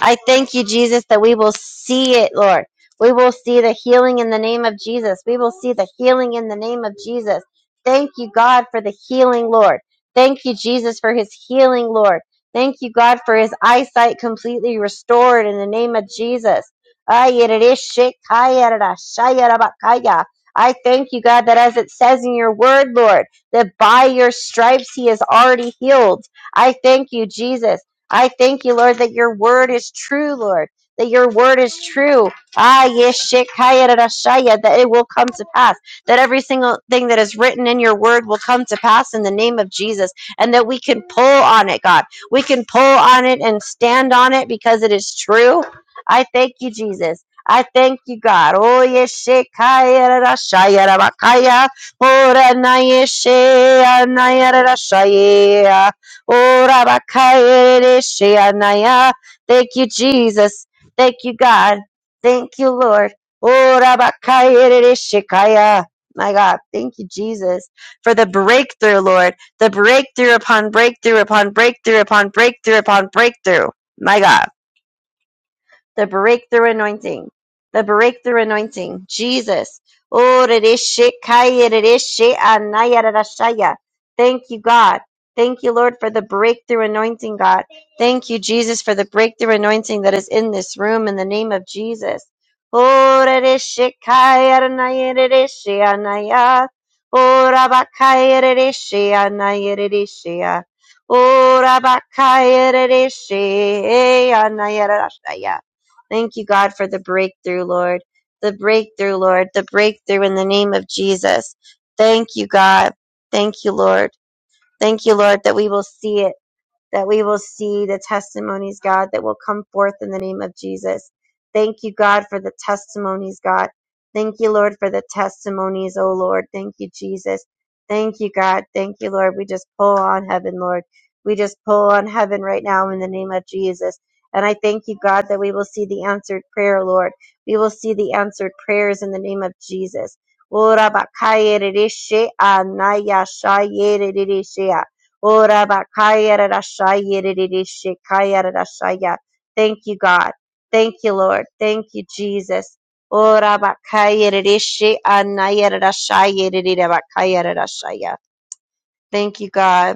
S4: I thank you, Jesus, that we will see it, Lord. We will see the healing in the name of Jesus. We will see the healing in the name of Jesus. Thank you, God, for the healing, Lord. Thank you, Jesus, for his healing, Lord. Thank you, God, for his eyesight completely restored in the name of Jesus. Ayerereshekayererashayerabakaya. I thank you, God, that as it says in your word, Lord, that by your stripes he is already healed. I thank you, Jesus. I thank you, Lord, that your word is true, Lord, that your word is true. Ah, yeshikaya rarashaya, that it will come to pass, that every single thing that is written in your word will come to pass in the name of Jesus, and that we can pull on it, God. We can pull on it and stand on it because it is true. I thank you, Jesus. I thank you, God. Oh, yeshikaya rarashaya rabakaya, oh, na anayarashaya. Oh, Rabakaya. Sheanaya. Thank you, Jesus. Thank you, God. Thank you, Lord. Oh, Rabakaya. Shikaya. My God, thank you, Jesus, for the breakthrough, Lord. The breakthrough upon breakthrough upon breakthrough upon breakthrough upon breakthrough. My God the breakthrough anointing. The breakthrough anointing. Jesus. Oh, redeshe kaya, redeshe anaya, Thank you, God. Thank you, Lord, for the breakthrough anointing, God. Thank you, Jesus, for the breakthrough anointing that is in this room in the name of Jesus. Oh, redeshe kaya, anaya, redeshe Oh, rabakaya, redeshe anaya, redeshe. Oh, rabakaya, redeshe anaya, redashaya. Thank you, God, for the breakthrough, Lord. The breakthrough, Lord. The breakthrough in the name of Jesus. Thank you, God. Thank you, Lord. Thank you, Lord, that we will see it that we will see the testimonies, God, that will come forth in the name of Jesus. Thank you, God, for the testimonies, God. Thank you, Lord, for the testimonies, oh Lord. Thank you, Jesus. Thank you, God. Thank you, Lord. We just pull on heaven, Lord. We just pull on heaven right now in the name of Jesus. And I thank you, God, that we will see the answered prayer, Lord. We will see the answered prayers in the name of Jesus. Ora bakaya rereshe anaya shaya rereshe. Ora bakaya rarashaya riririshikaya rarashaya. Thank you, God. Thank you, Lord. Thank you, Jesus. Ora bakaya ririshi anaya rarashaya ririrabakaya rarashaya. Thank you, God.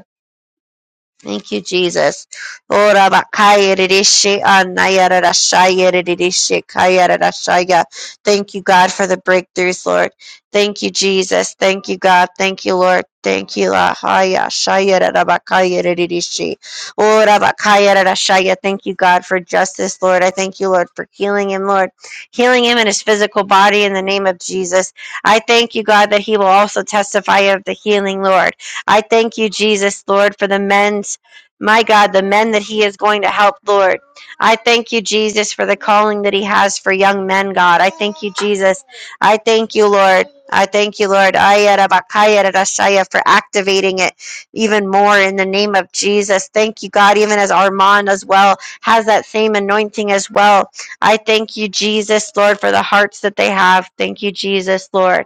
S4: Thank you, Jesus. Ora bakaya ririshe anaya rarashaya ririshe kaya rarashaya. Thank you, God, for the breakthroughs, Lord. Thank you, Jesus. Thank you, God. Thank you, Lord. Thank you, Lahaya Shaya Rabakaya Ridishi. Ora Bakaya Rarashaya. Thank you, God, for justice, Lord. I thank you, Lord, for healing him, Lord. Healing him in his physical body in the name of Jesus. I thank you, God, that he will also testify of the healing, Lord. I thank you, Jesus, Lord, for the men's, my God, the men that He is going to help, Lord. I thank you, Jesus, for the calling that He has for young men, God. I thank you, Jesus. I thank you, Lord. I thank you, Lord, Ayarabakayarashaya, for activating it even more in the name of Jesus. Thank you, God, even as Armand as well has that same anointing as well. I thank you, Jesus, Lord, for the hearts that they have. Thank you, Jesus, Lord.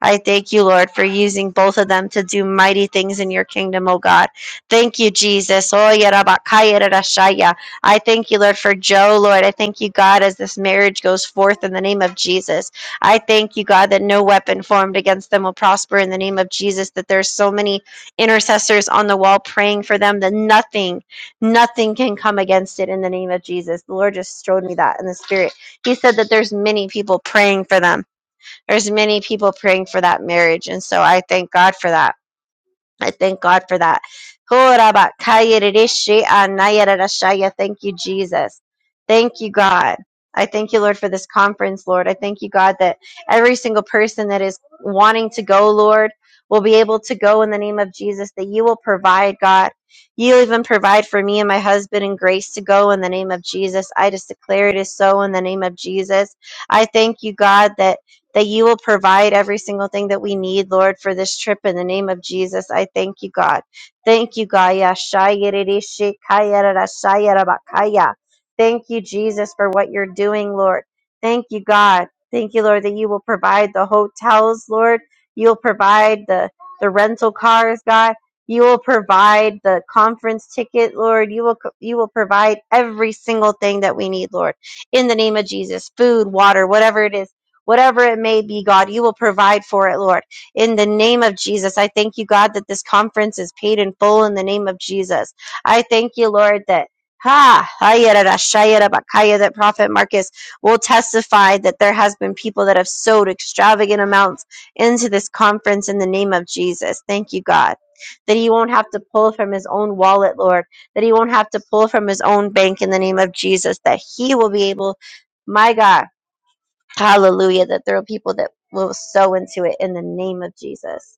S4: I thank you, Lord, for using both of them to do mighty things in your kingdom, oh God. Thank you, Jesus. Oh, yeah, I thank you, Lord, for Joe, Lord. I thank you, God, as this marriage goes forth in the name of Jesus. I thank you, God, that no weapon formed against them will prosper in the name of Jesus, that there's so many intercessors on the wall praying for them that nothing, nothing can come against it in the name of Jesus. The Lord just showed me that in the spirit. He said that there's many people praying for them there's many people praying for that marriage and so i thank god for that i thank god for that thank you jesus thank you god i thank you lord for this conference lord i thank you god that every single person that is wanting to go lord will be able to go in the name of jesus that you will provide god you even provide for me and my husband and grace to go in the name of jesus i just declare it is so in the name of jesus i thank you god that that you will provide every single thing that we need, Lord, for this trip in the name of Jesus. I thank you, God. Thank you, God. Yashayirishikayarashayarabakaya. Thank you, Jesus, for what you're doing, Lord. Thank you, God. Thank you, Lord, that you will provide the hotels, Lord. You'll provide the, the rental cars, God. You will provide the conference ticket, Lord. You will you will provide every single thing that we need, Lord. In the name of Jesus, food, water, whatever it is Whatever it may be, God, you will provide for it, Lord. In the name of Jesus, I thank you, God, that this conference is paid in full in the name of Jesus. I thank you, Lord, that Ha, ayararashayarabakaya, that Prophet Marcus will testify that there has been people that have sowed extravagant amounts into this conference in the name of Jesus. Thank you, God, that he won't have to pull from his own wallet, Lord, that he won't have to pull from his own bank in the name of Jesus, that he will be able, my God Hallelujah. That there are people that will sow into it in the name of Jesus.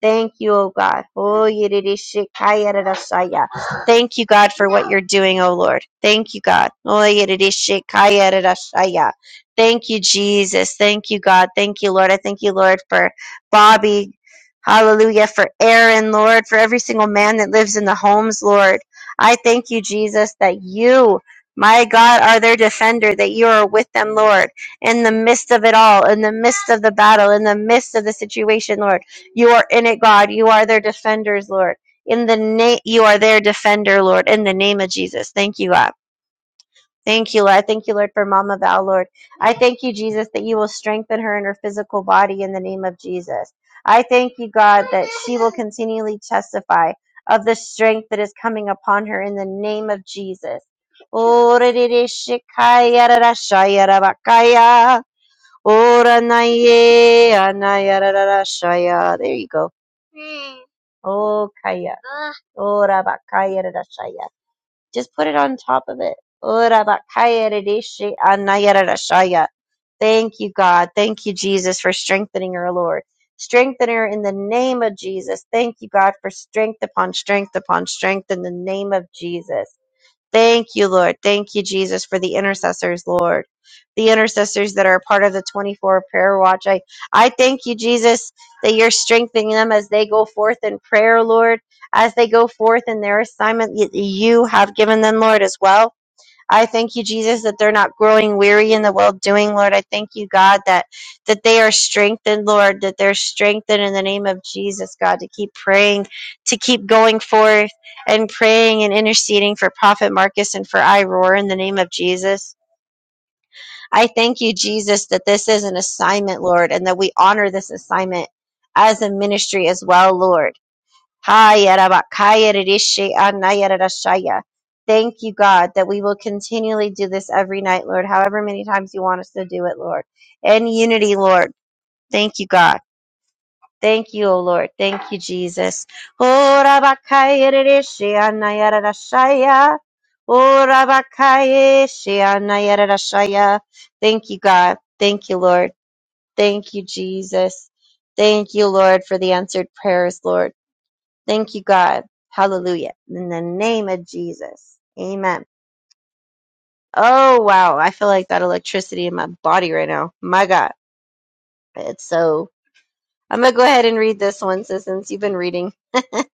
S4: Thank you, oh God. Oh, yididishikayadadasaya. Thank you, God, for what you're doing, oh Lord. Thank you, God. Oh, yididishikayadadasaya. Thank you, Jesus. Thank you, God. Thank you, Lord. I thank you, Lord, for Bobby. Hallelujah. For Aaron, Lord, for every single man that lives in the homes, Lord. I thank you, Jesus, that you, my God, are their defender, that you are with them, Lord, in the midst of it all, in the midst of the battle, in the midst of the situation, Lord. You are in it, God. You are their defenders, Lord. In the name, you are their defender, Lord. In the name of Jesus, thank you, God. Thank you, Lord. I thank you, Lord, for Mama Val, Lord. I thank you, Jesus, that you will strengthen her in her physical body in the name of Jesus. I thank you, God, that she will continually testify of the strength that is coming upon her in the name of Jesus. Ora de shikaya ra shaya ra Ora na anaya ra shaya. There you go. Oh, kaya. Oh, rabakaya rarashaya. Just put it on top of it. Oh, rabakaya rishi anaya rarashaya. Thank you, God. Thank you, Jesus, for strengthening her, Lord. Strengthen her in the name of Jesus. Thank you, God, for strength upon strength upon strength in the name of Jesus. Thank you, Lord. Thank you, Jesus, for the intercessors, Lord. The intercessors that are a part of the 24 prayer watch. I, I thank you, Jesus, that you're strengthening them as they go forth in prayer, Lord, as they go forth in their assignment that you have given them, Lord, as well. I thank you, Jesus, that they're not growing weary in the well doing, Lord. I thank you, God, that that they are strengthened, Lord, that they're strengthened in the name of Jesus, God, to keep praying, to keep going forth and praying and interceding for Prophet Marcus and for I in the name of Jesus. I thank you, Jesus, that this is an assignment, Lord, and that we honor this assignment as a ministry as well, Lord ha yada ba ka yada Thank you, God, that we will continually do this every night, Lord, however many times you want us to do it, Lord. In unity, Lord. Thank you, God. Thank you, O Lord. Thank you, Jesus. Ho-ra-ba-ka-yada-dishi-ana-yada-da-shaya. Thank you, God. Thank you, Lord. Thank you, Jesus. Thank you, Lord, for the answered prayers, Lord. Thank you, God. Hallelujah. In the name of Jesus. Amen. Oh, wow. I feel like that electricity in my body right now. My God. It's so. I'm going to go ahead and read this one sis, since you've been reading.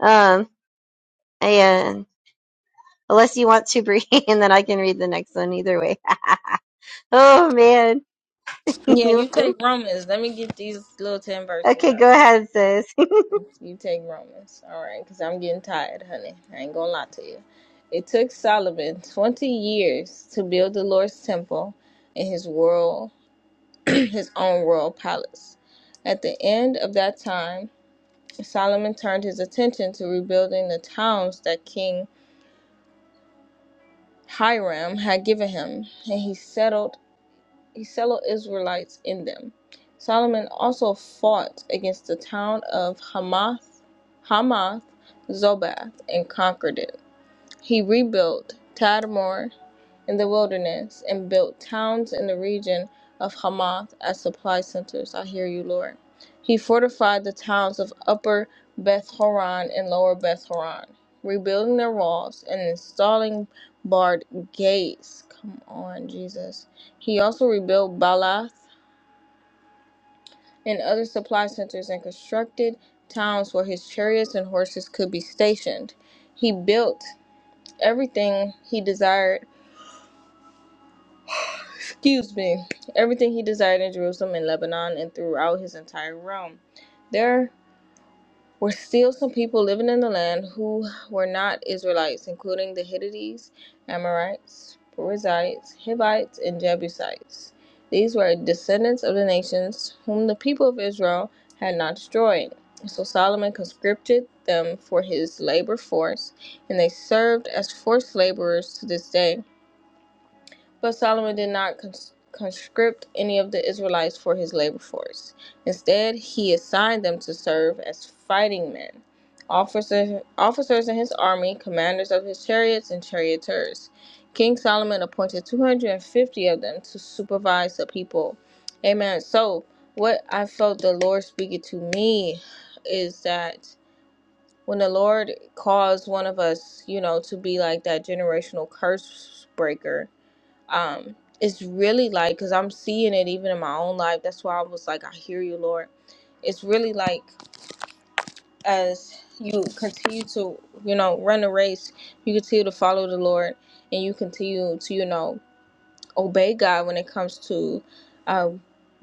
S4: um, and unless you want to, Bree, and then I can read the next one either way. oh, man.
S3: Yeah, you
S4: You-
S3: take Romans. Let me get these little ten verses
S4: okay,
S3: out.
S4: go
S3: You,
S4: ahead, sis.
S3: you take Romans, all right? Because I'm getting tired, honey. I ain't gonna lie to you. It took Solomon twenty years to build the Lord's temple in his world, his own royal palace. At the end of that time. Solomon turned his attention to rebuilding the towns that King Hiram had given him, and he settled he settled Israelites in them. Solomon also fought against the town of Hamath, Hamath Zobath, and conquered it. He rebuilt Tadmor in the wilderness and built towns in the region of Hamath as supply centers. I hear you, Lord. He fortified the towns of Upper Beth Horon and Lower Beth Horon, rebuilding their walls and installing barred gates. Come on, Jesus. He also rebuilt Baalath and other supply centers and constructed towns where his chariots and horses could be stationed. He built everything he desired excuse me, everything he desired in Jerusalem and Lebanon and throughout his entire realm. There were still some people living in the land who were not Israelites, including the Hittites, Amorites, Perizzites, Hivites, and Jebusites. These were descendants of the nations whom the people of Israel had not destroyed. So Solomon conscripted them for his labor force, and they served as forced laborers to this day. But Solomon did not cons- conscript any of the Israelites for his labor force. Instead, he assigned them to serve as fighting men, officers, officers in his army, commanders of his chariots, and charioteers. King Solomon appointed 250 of them to supervise the people. Amen. So, what I felt the Lord speaking to me is that when the Lord calls one of us, you know, to be like that generational curse breaker, um it's really like because i'm seeing it even in my own life that's why i was like i hear you lord it's really like as you continue to you know run the race you continue to follow the lord and you continue to you know obey god when it comes to uh,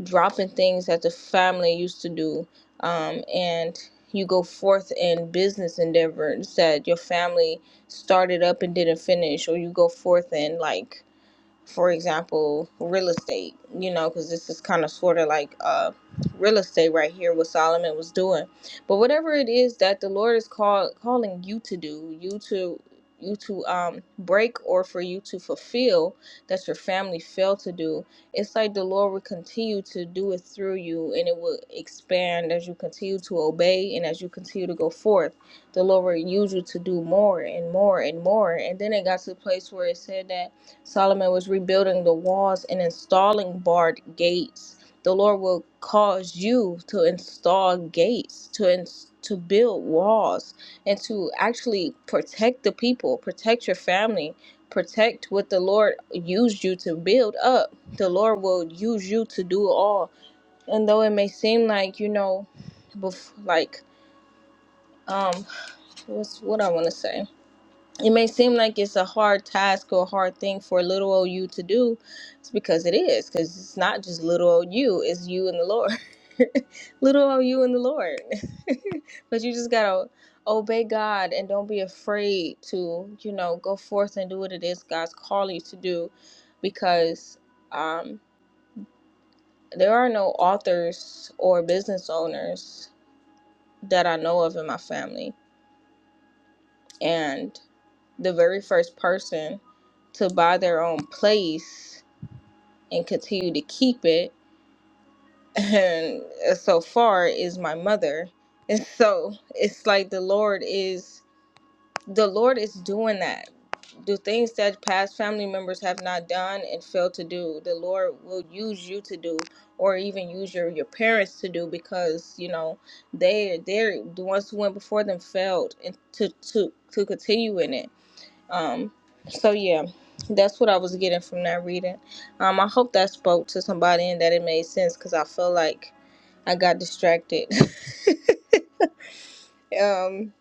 S3: dropping things that the family used to do um, and you go forth in business endeavors that your family started up and didn't finish or you go forth in like for example, real estate, you know, because this is kind of sort of like uh, real estate right here, what Solomon was doing. But whatever it is that the Lord is call, calling you to do, you to you to um break or for you to fulfill that your family failed to do it's like the lord will continue to do it through you and it will expand as you continue to obey and as you continue to go forth the lord will use you to do more and more and more and then it got to the place where it said that Solomon was rebuilding the walls and installing barred gates. The Lord will cause you to install gates, to ins- to build walls, and to actually protect the people, protect your family, protect what the Lord used you to build up. The Lord will use you to do it all. And though it may seem like you know, bef- like um, what's what I want to say? it may seem like it's a hard task or a hard thing for little old you to do. It's because it is, because it's not just little old you, it's you and the Lord. little old you and the Lord. but you just gotta obey God and don't be afraid to, you know, go forth and do what it is God's calling you to do because um, there are no authors or business owners that I know of in my family and the very first person to buy their own place and continue to keep it and so far is my mother and so it's like the lord is the lord is doing that the things that past family members have not done and failed to do the lord will use you to do or even use your your parents to do because you know they they're the ones who went before them failed and to to to continue in it um, so yeah, that's what I was getting from that reading. Um, I hope that spoke to somebody and that it made sense because I feel like I got distracted. um,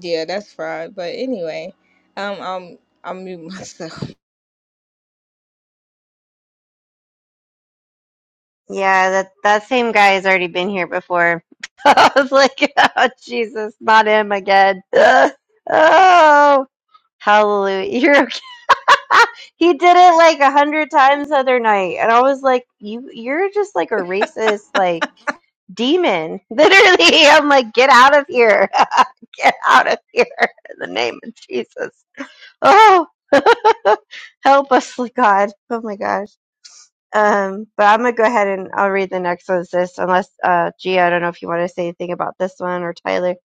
S3: yeah, that's fried. But anyway, um, I'm I'm mute myself.
S4: Yeah, that, that same guy has already been here before. I was like, oh, Jesus, not him again. oh, Hallelujah. You're, okay. he did it like a hundred times the other night. And I was like, you, you're just like a racist, like demon. Literally. I'm like, get out of here. get out of here in the name of Jesus. Oh, help us, Lord God. Oh my gosh. Um, but I'm going to go ahead and I'll read the next one, sis, unless, uh, Gia, I don't know if you want to say anything about this one or Tyler,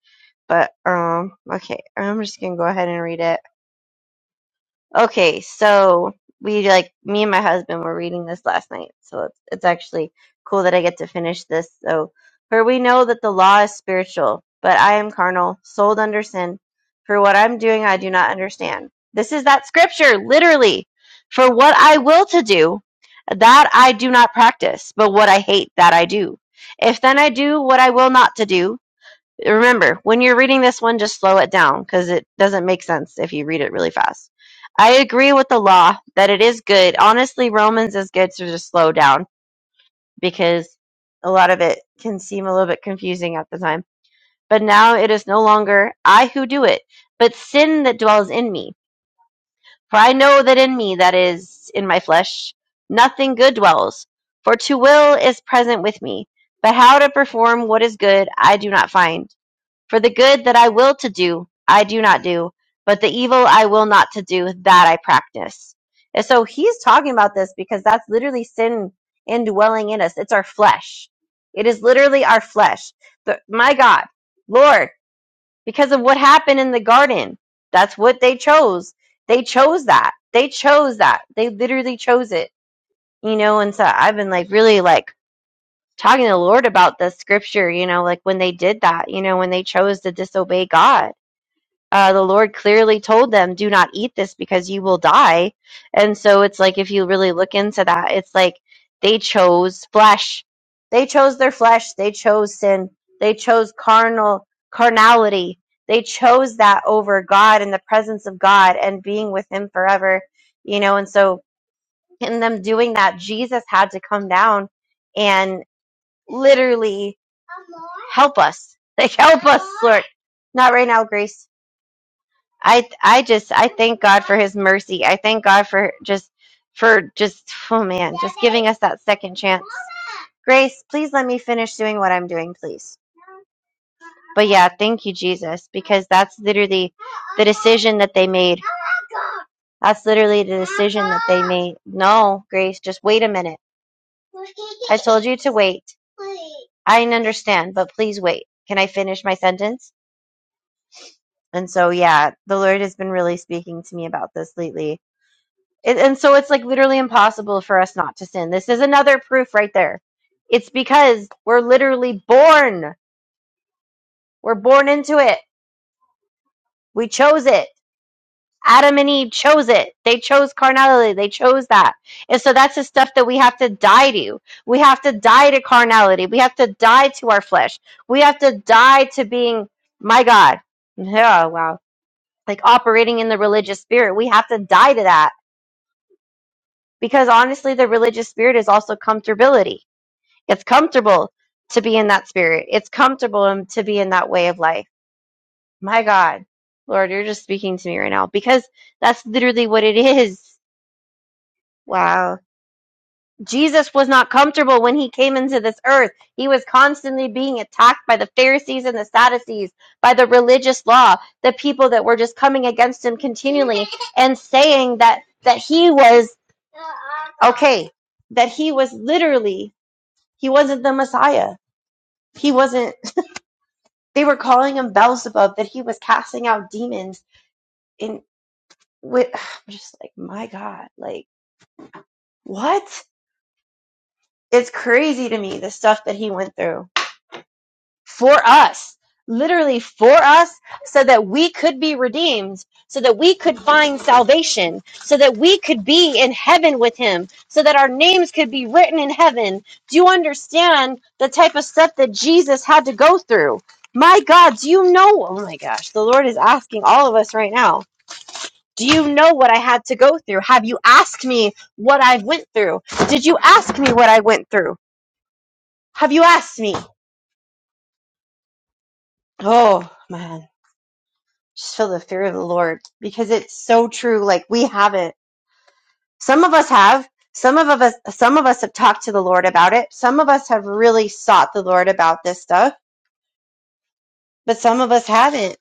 S4: but, um, okay, I'm just going to go ahead and read it. Okay, so we like me and my husband were reading this last night, so it's, it's actually cool that I get to finish this. So, for we know that the law is spiritual, but I am carnal, sold under sin. For what I'm doing, I do not understand. This is that scripture, literally. For what I will to do, that I do not practice, but what I hate, that I do. If then I do what I will not to do, remember when you're reading this one just slow it down because it doesn't make sense if you read it really fast i agree with the law that it is good honestly romans is good to just slow down because a lot of it can seem a little bit confusing at the time but now it is no longer i who do it but sin that dwells in me for i know that in me that is in my flesh nothing good dwells for to will is present with me but how to perform what is good i do not find for the good that I will to do, I do not do, but the evil I will not to do, that I practice. And so he's talking about this because that's literally sin indwelling in us. It's our flesh. It is literally our flesh. The, my God, Lord, because of what happened in the garden, that's what they chose. They chose that. They chose that. They literally chose it, you know. And so I've been like really like talking to the Lord about the scripture, you know, like when they did that, you know, when they chose to disobey God uh, the Lord clearly told them, "Do not eat this because you will die." And so it's like if you really look into that, it's like they chose flesh. They chose their flesh. They chose sin. They chose carnal carnality. They chose that over God and the presence of God and being with Him forever. You know, and so in them doing that, Jesus had to come down and literally help us. Like help us, Lord. Not right now, Grace I I just I thank God for his mercy. I thank God for just for just oh man, just giving us that second chance. Grace, please let me finish doing what I'm doing, please. But yeah, thank you Jesus because that's literally the decision that they made. That's literally the decision that they made. No, Grace, just wait a minute. I told you to wait. I understand, but please wait. Can I finish my sentence? And so yeah, the Lord has been really speaking to me about this lately And, and so it's like literally impossible for us not to sin. This is another proof right there. It's because we're literally born. We're born into it. We chose it. Adam and Eve chose it. They chose carnality. They chose that. And so that's the stuff that we have to die to. We have to die to carnality. We have to die to our flesh. We have to die to being, my God. Yeah, wow. Like operating in the religious spirit. We have to die to that because honestly, the religious spirit is also comfortability It's comfortable to be in that spirit. It's comfortable um, to be in that way of life. My God, Lord, you're just speaking to me right now because that's literally what it is. Wow. Jesus was not comfortable when he came into this earth. He was constantly being attacked by the Pharisees and the Sadducees, by the religious law, the people that were just coming against him continually and saying that that he was okay, that he was literally he wasn't the Messiah. He wasn't They were calling him Beelzebub, that he was casting out demons. And with, I'm just like, my God, like, what? It's crazy to me, the stuff that he went through for us, literally for us, so that we could be redeemed, so that we could find salvation, so that we could be in heaven with him, so that our names could be written in heaven. Do you understand the type of stuff that Jesus had to go through? My God, do you know? Oh my gosh, the Lord is asking all of us right now Do you know what I had to go through? Have you asked me what I went through? Did you ask me what I went through? Have you asked me? Oh man, just feel the fear of the Lord because it's so true. Like we haven't. Some of us have. Some of us. Some of us have talked to the Lord about it. Some of us have really sought the Lord about this stuff, but some of us haven't.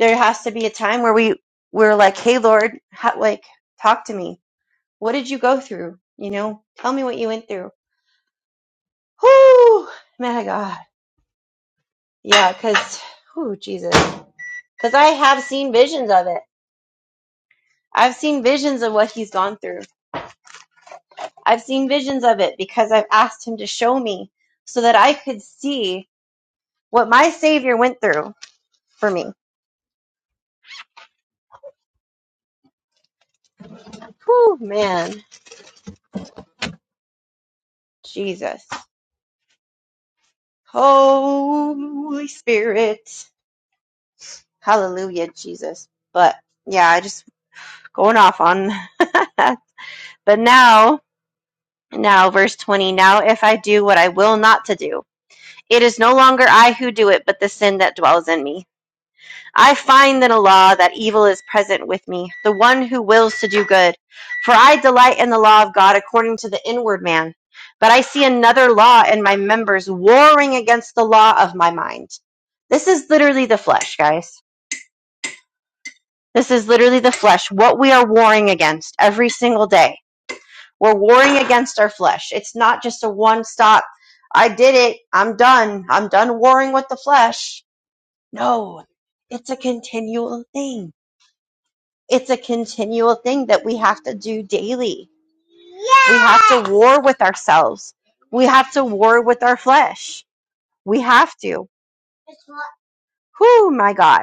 S4: There has to be a time where we we're like, hey Lord, ha- like talk to me. What did you go through? You know, tell me what you went through Whoo, my God. Yeah, because, whoo, Jesus. Because I have seen visions of it. I've seen visions of what he's gone through. I've seen visions of it because I've asked him to show me so that I could see what my Savior went through for me. Whoo, man. Jesus. Holy Spirit. Hallelujah, Jesus. But yeah, I just going off on. but now, now, verse 20. Now, if I do what I will not to do, It is no longer I who do it, but the sin that dwells in me. I find in a law that evil is present with me, the one who wills to do good. For I delight in the law of God according to the inward man. But I see another law in my members warring against the law of my mind. This is literally the flesh, guys. This is literally the flesh, what we are warring against every single day. We're warring against our flesh. It's not just a one stop, I did it, I'm done, I'm done warring with the flesh No, it's a continual thing. It's a continual thing that we have to do daily. We have to war with ourselves. We have to war with our flesh. We have to. Whoo, my God.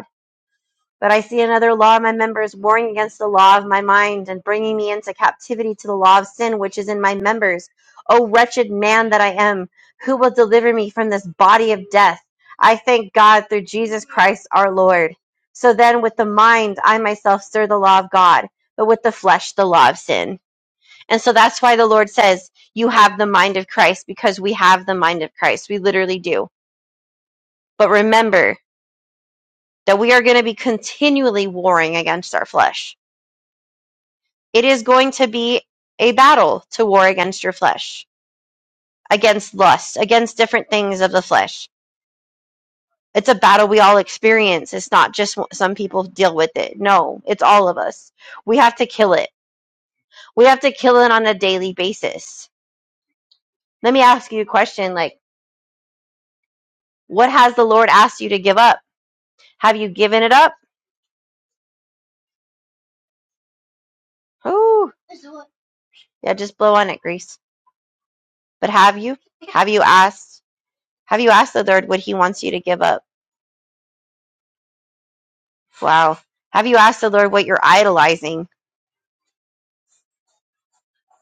S4: But I see another law of my members warring against the law of my mind and bringing me into captivity to the law of sin which is in my members. O wretched man that I am, who will deliver me from this body of death? I thank God through Jesus Christ our Lord. So then, with the mind, I myself serve the law of God, but with the flesh, the law of sin. And so that's why the Lord says, You have the mind of Christ, because we have the mind of Christ. We literally do. But remember that we are going to be continually warring against our flesh It is going to be a battle to war against your flesh, against lust, against different things of the flesh. It's a battle we all experience. It's not just some people deal with it. No, it's all of us. We have to kill it. We have to kill it on a daily basis. Let me ask you a question like, what has the Lord asked you to give up? Have you given it up? Ooh, yeah, just blow on it, Grease. But have you? Have you asked? Have you asked the Lord what He wants you to give up? Wow. Have you asked the Lord what you're idolizing?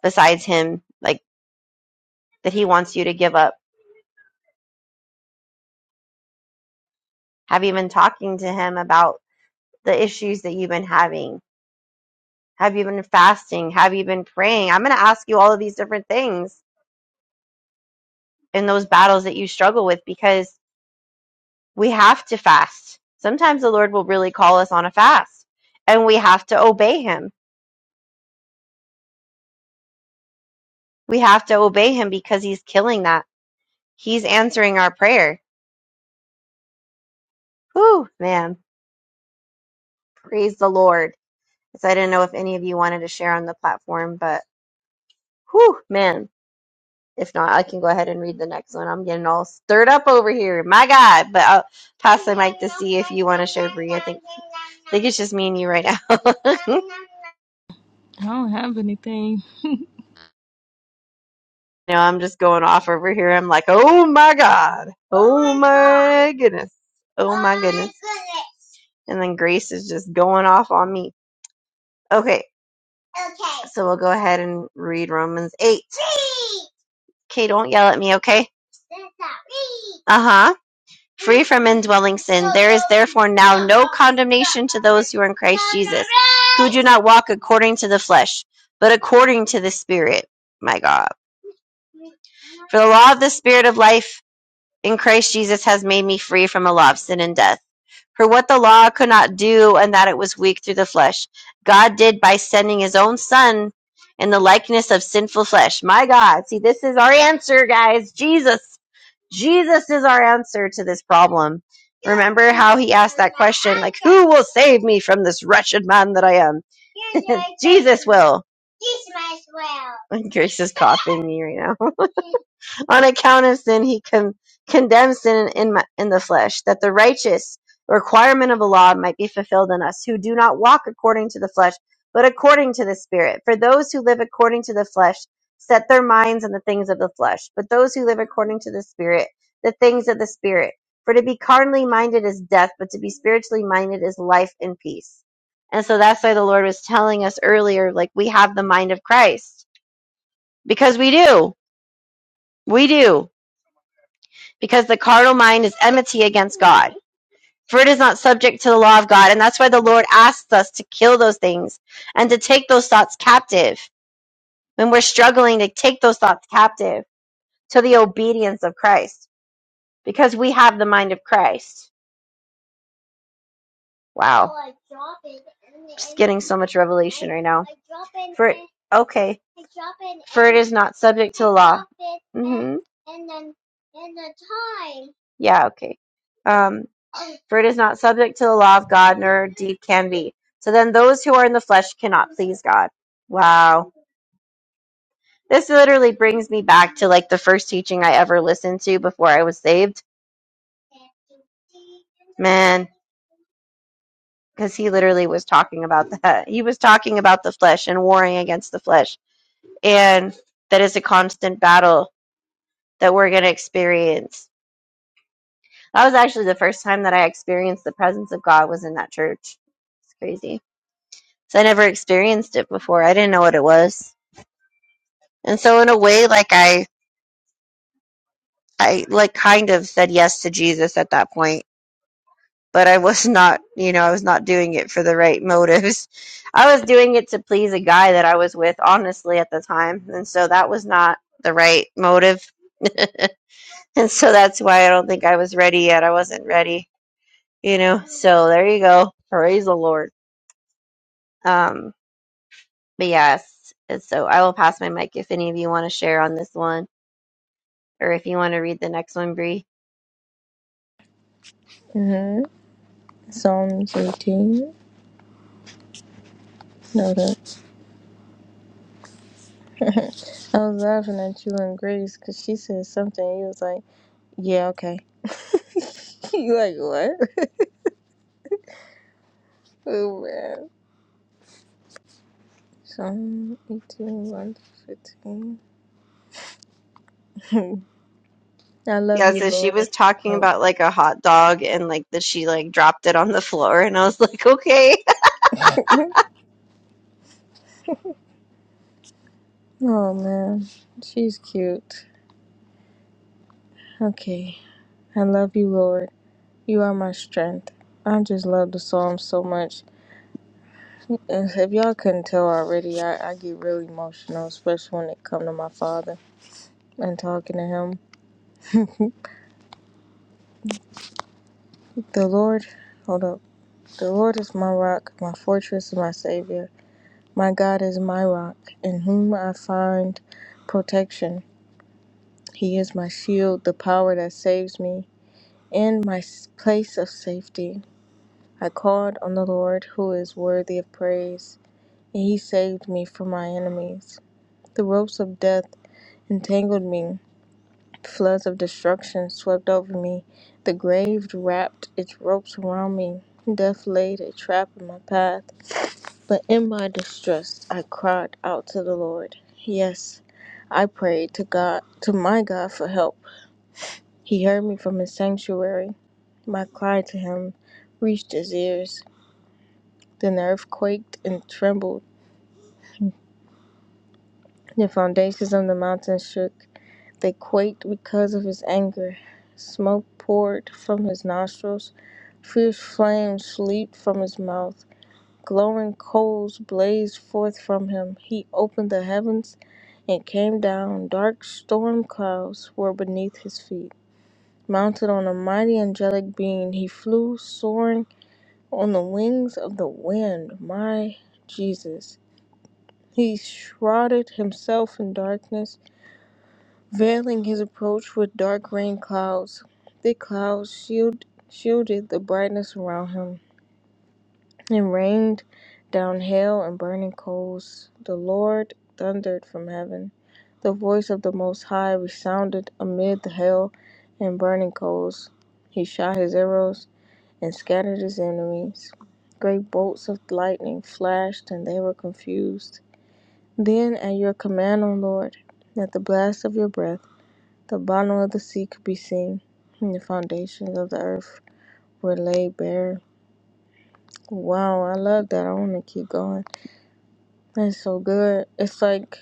S4: besides him, like that he wants you to give up? Have you been talking to him about the issues that you've been having? Have you been fasting? Have you been praying? I'm going to ask you all of these different things in those battles that you struggle with because we have to fast. Sometimes the Lord will really call us on a fast and we have to obey him. We have to obey him because he's killing that. He's answering our prayer. Whew, man. Praise the Lord. So I didn't know if any of you wanted to share on the platform, but whew, man If not, I can go ahead and read the next one. I'm getting all stirred up over here. My God. But I'll pass the mic to see if you want to share, Bree. I think, I think it's just me and you right now.
S3: I don't have anything.
S4: now I'm just going off over here. I'm like, oh my God. Oh my goodness. Oh my goodness. And then Grace is just going off on me. Okay. So we'll go ahead and read Romans 8. Okay, don't yell at me, okay? Uh huh. Free from indwelling sin, there is therefore now no condemnation to those who are in Christ Jesus, who do not walk according to the flesh, but according to the Spirit. My God. For the law of the Spirit of life in Christ Jesus has made me free from the law of sin and death. For what the law could not do, and that it was weak through the flesh, God did by sending his own Son in the likeness of sinful flesh. My God. See, this is our answer, guys. Jesus. Jesus is our answer to this problem. Remember how he asked that question, like, who will save me from this wretched man that I am? Jesus will. Grace is coughing me right now on account of sin he con- condemns sin in, my, in the flesh that the righteous requirement of the law might be fulfilled in us who do not walk according to the flesh but according to the spirit for those who live according to the flesh set their minds on the things of the flesh but those who live according to the spirit the things of the spirit for to be carnally minded is death but to be spiritually minded is life and peace and so that's why the lord was telling us earlier like we have the mind of christ because we do we do because the carnal mind is enmity against God, for it is not subject to the law of God. And that's why the Lord asks us to kill those things and to take those thoughts captive. When we're struggling to take those thoughts captive to the obedience of Christ, because we have the mind of Christ. Wow. Just getting so much revelation right now. For okay. For it is not subject to the law. hmm Yeah, okay. Um, for it is not subject to the law of God, nor deed can be. So then those who are in the flesh cannot please God. Wow. This literally brings me back to like the first teaching I ever listened to before I was saved. Man, because he literally was talking about that. He was talking about the flesh and warring against the flesh. And that is a constant battle that we're going to experience. That was actually the first time that I experienced the presence of God was in that church. It's crazy. So I never experienced it before. I didn't know what it was And so in a way like I I like kind of said yes to Jesus at that point, but I was not, you know, I was not doing it for the right motives. I was doing it to please a guy that I was with honestly at the time. And so that was not the right motive. and so that's why I don't think I was ready yet. I wasn't ready, you know. So there you go. Praise the Lord. Um but yes, and so I will pass my mic if any of you want to share on this one or if you want to read the next one, Bree.
S3: Mm-hmm. Psalms 18. No, that. I was laughing at you and Grace because she said something. You was like, yeah, okay. you like, what? Oh, man. Psalm 18, one to 15. I love
S4: Yeah,
S3: you,
S4: so she was
S3: Lord.
S4: talking
S3: Oh,
S4: about like a hot dog and like that she like dropped it on the floor and I was like, "Okay."
S3: oh man, she's cute. Okay, I love you, Lord. You are my strength. I just love the psalm so much. And If y'all couldn't tell already, I, I get really emotional, especially when it come to my father and talking to him. the Lord, hold up. The Lord is my rock, my fortress, and my savior. My God is my rock, in whom I find protection. He is my shield, the power that saves me. In my s- place of safety, I called on the Lord who is worthy of praise, and he saved me from my enemies. The ropes of death entangled me, floods of destruction swept over me, the grave wrapped its ropes around me, death laid a trap in my path. But in my distress, I cried out to the Lord. Yes, I prayed to God, to my God for help. He heard me from his sanctuary. My cry to him reached his ears. Then the earth quaked and trembled. The foundations of the mountains shook. They quaked because of his anger. Smoke poured from his nostrils. Fierce flames leaped from his mouth. Glowing coals blazed forth from him. He opened the heavens and came down. Dark storm clouds were beneath his feet. Mounted on a mighty angelic being, he flew soaring on the wings of the wind, my Jesus. He shrouded himself in darkness, veiling his approach with dark rain clouds. Thick clouds shield, shielded the brightness around him and rained down hail and burning coals. The Lord thundered from heaven. The voice of the Most High resounded amid the hail and burning coals. He shot his arrows and scattered his enemies. Great bolts of lightning flashed, and they were confused. Then, at your command, O Lord, at the blast of your breath, the bottom of the sea could be seen, and the foundations of the earth were laid bare. Wow, I love that. I want to keep going. That's so good. It's like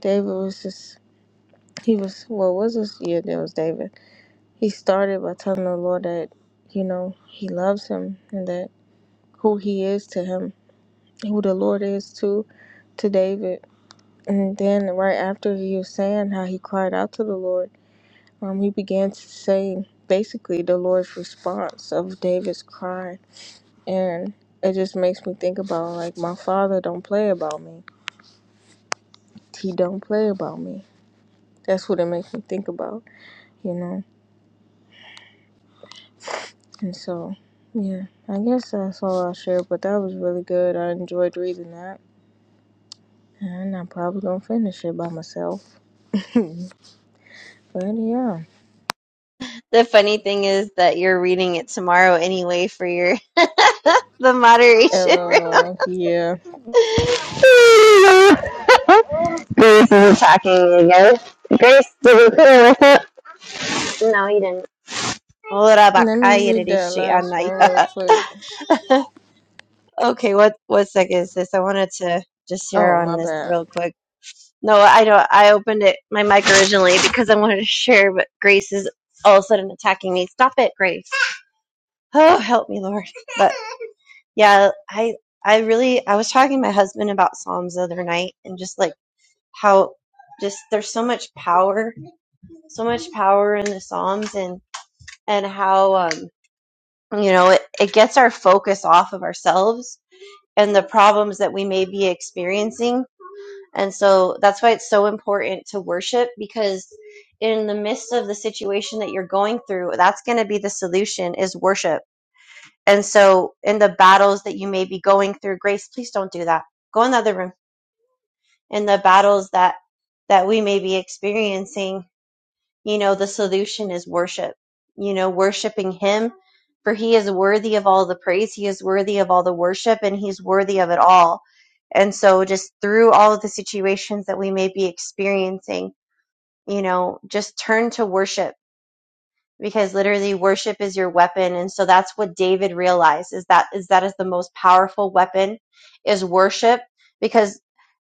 S3: David was just, he was, what was this? Yeah, that was David. He started by telling the Lord that, you know, he loves him and that who he is to him who the Lord is to to David. And then right after he was saying how he cried out to the Lord, um, he began to say basically the Lord's response of David's cry. And it just makes me think about like my father don't play about me. He don't play about me. That's what it makes me think about, you know. And so, yeah, I guess that's all I'll share. But that was really good. I enjoyed reading that, and I'm probably gonna finish it by myself. But yeah.
S4: The funny thing is that you're reading it tomorrow anyway for your the moderation.
S3: LOL, yeah.
S4: Grace is attacking me again. Grace, did you put her with it? No, you didn't. Ora
S3: Let me
S4: bakaya
S3: read that
S4: rishi
S3: last
S4: anaya.
S3: one real quick.
S4: Okay, what what sec is this? I wanted to just share
S3: Oh,
S4: on
S3: my
S4: this
S3: bad.
S4: real quick. No, I don't. I opened it my mic originally because I wanted to share, but Grace is all of a sudden attacking me. Stop it, Grace! Oh, help me, Lord! But yeah, I I really I was talking to my husband about Psalms the other night and just like how just there's so much power, so much power in the Psalms and and how um you know it, it gets our focus off of ourselves and the problems that we may be experiencing And so that's why it's so important to worship because in the midst of the situation that you're going through, that's going to be the solution is worship. And so in the battles that you may be going through, grace, please don't do that. Go in the other room. In the battles that that we may be experiencing, you know the solution is worship you know worshiping him for he is worthy of all the praise he is worthy of all the worship and he's worthy of it all and so just through all of the situations that we may be experiencing you know just turn to worship because literally worship is your weapon and so that's what david realized is that is that is the most powerful weapon is worship because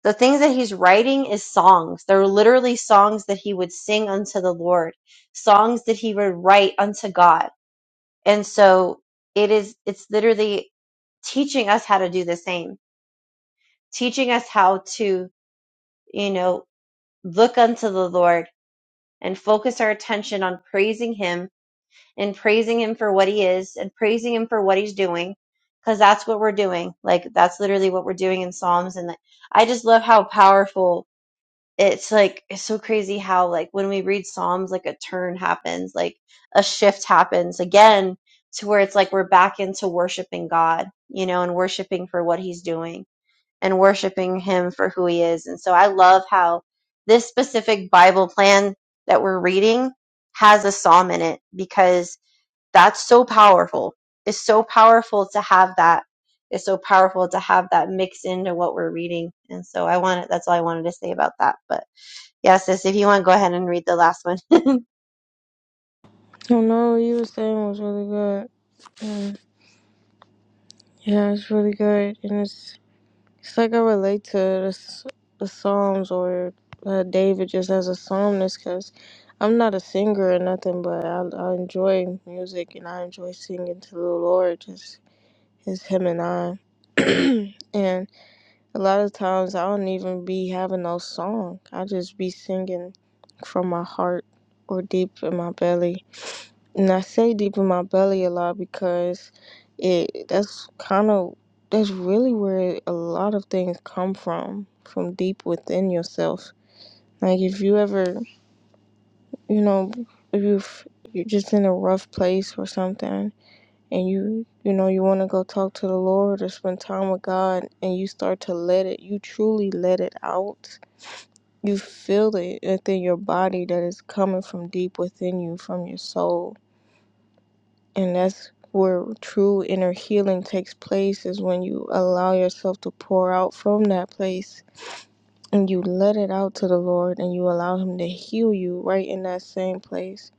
S4: the things that he's writing is songs. They're literally songs that he would sing unto the Lord, songs that he would write unto God. And so it is, it's literally teaching us how to do the same, teaching us how to, you know, look unto the Lord and focus our attention on praising him and praising him for what he is and praising him for what he's doing. Cause that's what we're doing. Like that's literally what we're doing in Psalms. And I just love how powerful it's like it's so crazy how like when we read psalms like a turn happens like a shift happens again to where it's like we're back into worshiping god you know and worshiping for what he's doing and worshiping him for who he is and so i love how this specific bible plan that we're reading has a psalm in it because that's so powerful it's so powerful to have that it's so powerful to have that mixed into what we're reading and so i wanted that's all i wanted to say about that but yeah, sis, if you want, go ahead and read the last one.
S3: Oh, no, what you were saying was really good. And yeah, it's really good. And it's, it's like I relate to the, s- the Psalms or uh, David just as a psalmist because I'm not a singer or nothing, but I, I enjoy music and I enjoy singing to the Lord. Just it's Him and I. and A lot of times I don't even be having no song. I just be singing from my heart or deep in my belly. And I say deep in my belly a lot because it that's kind of that's really where a lot of things come from, from deep within yourself. Like if you ever, you know, if you you're just in a rough place or something and you you know you want to go talk to the lord or spend time with god and you start to let it you truly let it out you feel it within your body that is coming from deep within you, from your soul. And that's where true inner healing takes place is when you allow yourself to pour out from that place and you let it out to the Lord and you allow Him to heal you right in that same place.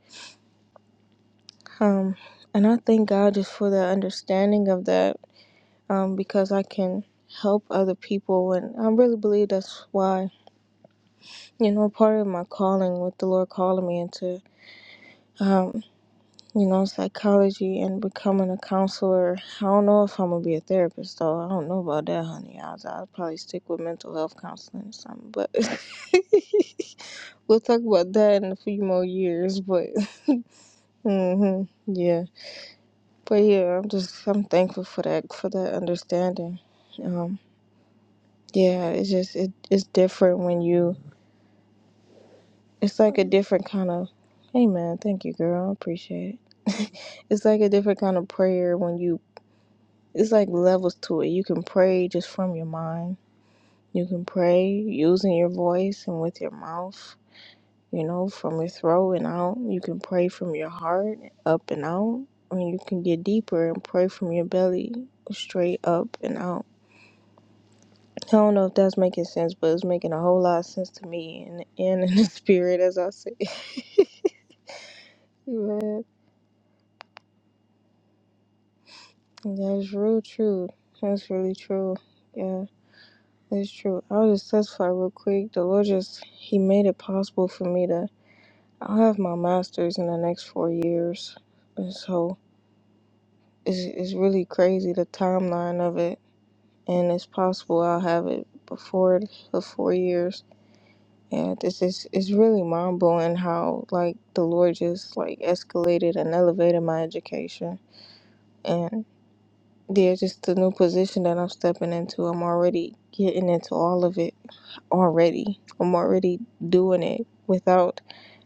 S3: Um, and I thank God just for the understanding of that um, because I can help other people. And I really believe that's why, you know, part of my calling, with the Lord calling me into. Um, you know, psychology and becoming a counselor. I don't know if I'm gonna be a therapist though. I don't know about that, honey. I'll, I'll probably stick with mental health counseling or something. But we'll talk about that in a few more years. But hmm yeah, but yeah, I'm just I'm thankful for that for that understanding. Um, yeah, it's just it, it's different when you. It's like a different kind of. Hey man, thank you, girl. I appreciate it. It's like a different kind of prayer when you It's like levels to it. You can pray just from your mind. You can pray using your voice and with your mouth, you know, from your throat and out. You can pray from your heart up and out. Or you can get deeper and pray from your belly straight up and out. I don't know if that's making sense, but it's making a whole lot of sense to me in the end and in the spirit, as I say. Man, that's real true. That's really true. Yeah. It's true. I'll just testify real quick. The Lord just He made it possible for me to. I'll have my master's in the next four years, and so it's it's really crazy the timeline of it. And it's possible I'll have it before the four years. And it's just it's really mind blowing how like the Lord just like escalated and elevated my education. And yeah, just the new position that I'm stepping into. I'm already getting into all of it already. I'm already doing it without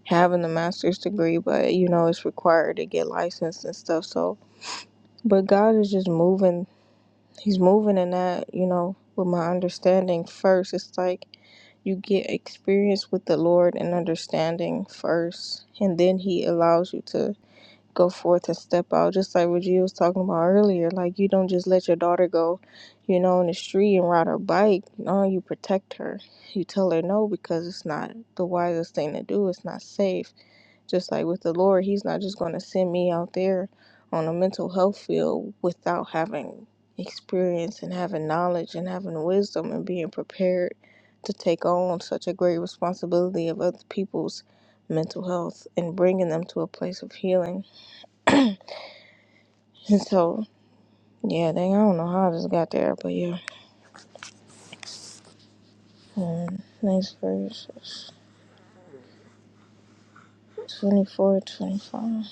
S3: having a master's degree, but you know, it's required to get licensed and stuff. So, but God is just moving. He's moving in that, you know, with my understanding first. It's like you get experience with the Lord and understanding first, and then He allows you to go forth and step out just like what you was talking about earlier like you don't just let your daughter go you know in the street and ride her bike no you protect her you tell her no because it's not the wisest thing to do it's not safe just like with the lord he's not just going to send me out there on a mental health field without having experience and having knowledge and having wisdom and being prepared to take on such a great responsibility of other people's mental health and bringing them to a place of healing and so, yeah, dang, I don't know how I just got there, but yeah. Next verse is 24, twenty-five.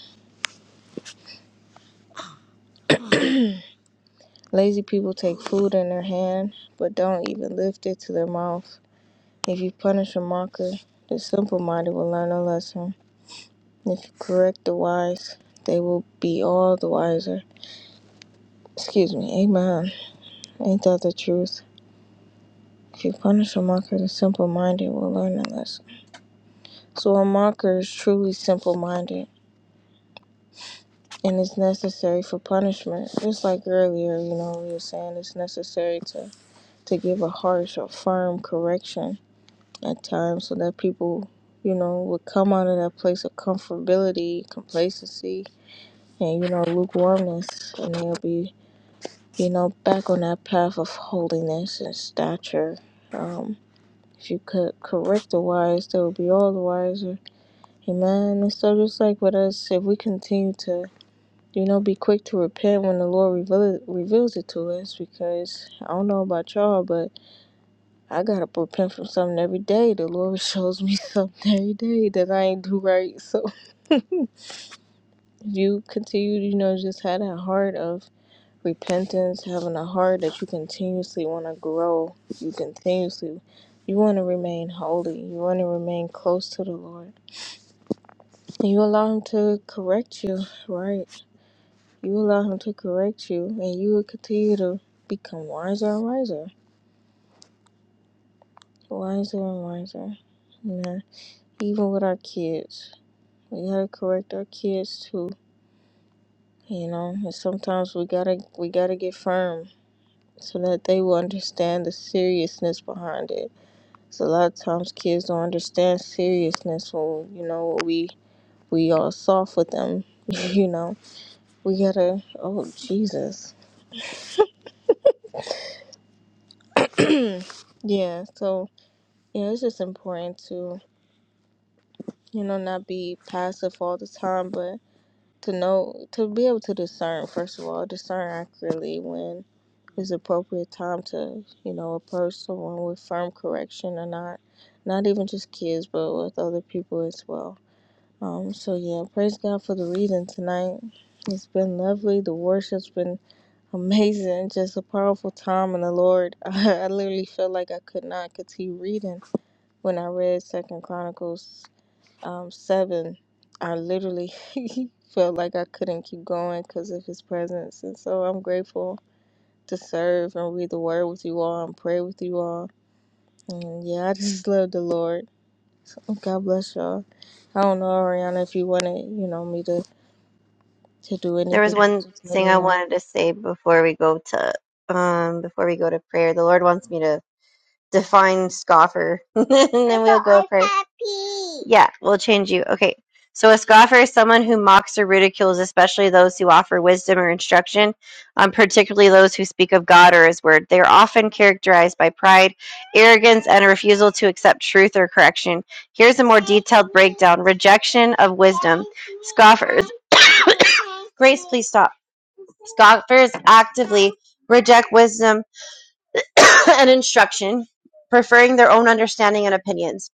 S3: Lazy people take food in their hand, but don't even lift it to their mouth. If you punish a mocker, the simple minded will learn a lesson. If you correct the wise, they will be all the wiser. Excuse me, amen. Ain't that the truth? If you punish a mocker, the simple minded will learn a lesson. So a mocker is truly simple minded. and it's necessary for punishment. Just like earlier, you know, we were saying it's necessary to, to give a harsh or firm correction at times so that people, you know, would come out of that place of comfortability, complacency, and, you know, lukewarmness, and they'll be, you know, back on that path of holiness and stature. Um, if you could correct the wise, they will be all the wiser. Amen. And so, just like with us, if we continue to you know, be quick to repent when the Lord reveal, reveals it to us because I don't know about y'all, but I gotta repent from something every day. The Lord shows me something every day that I ain't do right. So if you continue, you know, just have that heart of repentance, having a heart that you continuously want to grow, you continuously. You want to remain holy. You want to remain close to the Lord. And you allow Him to correct you, right? You allow him to correct you, and you will continue to become wiser and wiser, wiser and wiser. You know, even with our kids, we gotta correct our kids too. You know, and sometimes we gotta we gotta get firm so that they will understand the seriousness behind it. So a lot of times kids don't understand seriousness when you know we we are soft with them. you know, we gotta. Oh Jesus. Yeah. So yeah, it's just important to you know, not be passive all the time, but to know, to be able to discern, first of all, discern accurately when it's appropriate time to, you know, approach someone with firm correction or not. Not even just kids, but with other people as well. Um, so yeah, praise God for the reading tonight. It's been lovely. The worship's been amazing. Just a powerful time in the Lord. I, I literally felt like I could not continue reading when I read Second Chronicles um, seven, I literally felt like I couldn't keep going because of his presence. And so I'm grateful to serve and read the word with you all and pray with you all. And yeah, I just love the Lord. So God bless y'all. I don't know, Ariana, if you wanted, you know, me to, to do
S4: There was
S3: anything, you
S4: one
S3: just let
S4: thing
S3: me
S4: I
S3: know.
S4: wanted to say before we go to um before we go to prayer. The Lord wants me to define scoffer, and then we'll go for it. yeah, we'll change you. Okay. So a scoffer is someone who mocks or ridicules, especially those who offer wisdom or instruction, um, particularly those who speak of God or His Word. They are often characterized by pride, arrogance, and a refusal to accept truth or correction. Here's a more detailed breakdown: rejection of wisdom. Scoffers. Grace, please stop. Scoffers actively reject wisdom and instruction, preferring their own understanding and opinions.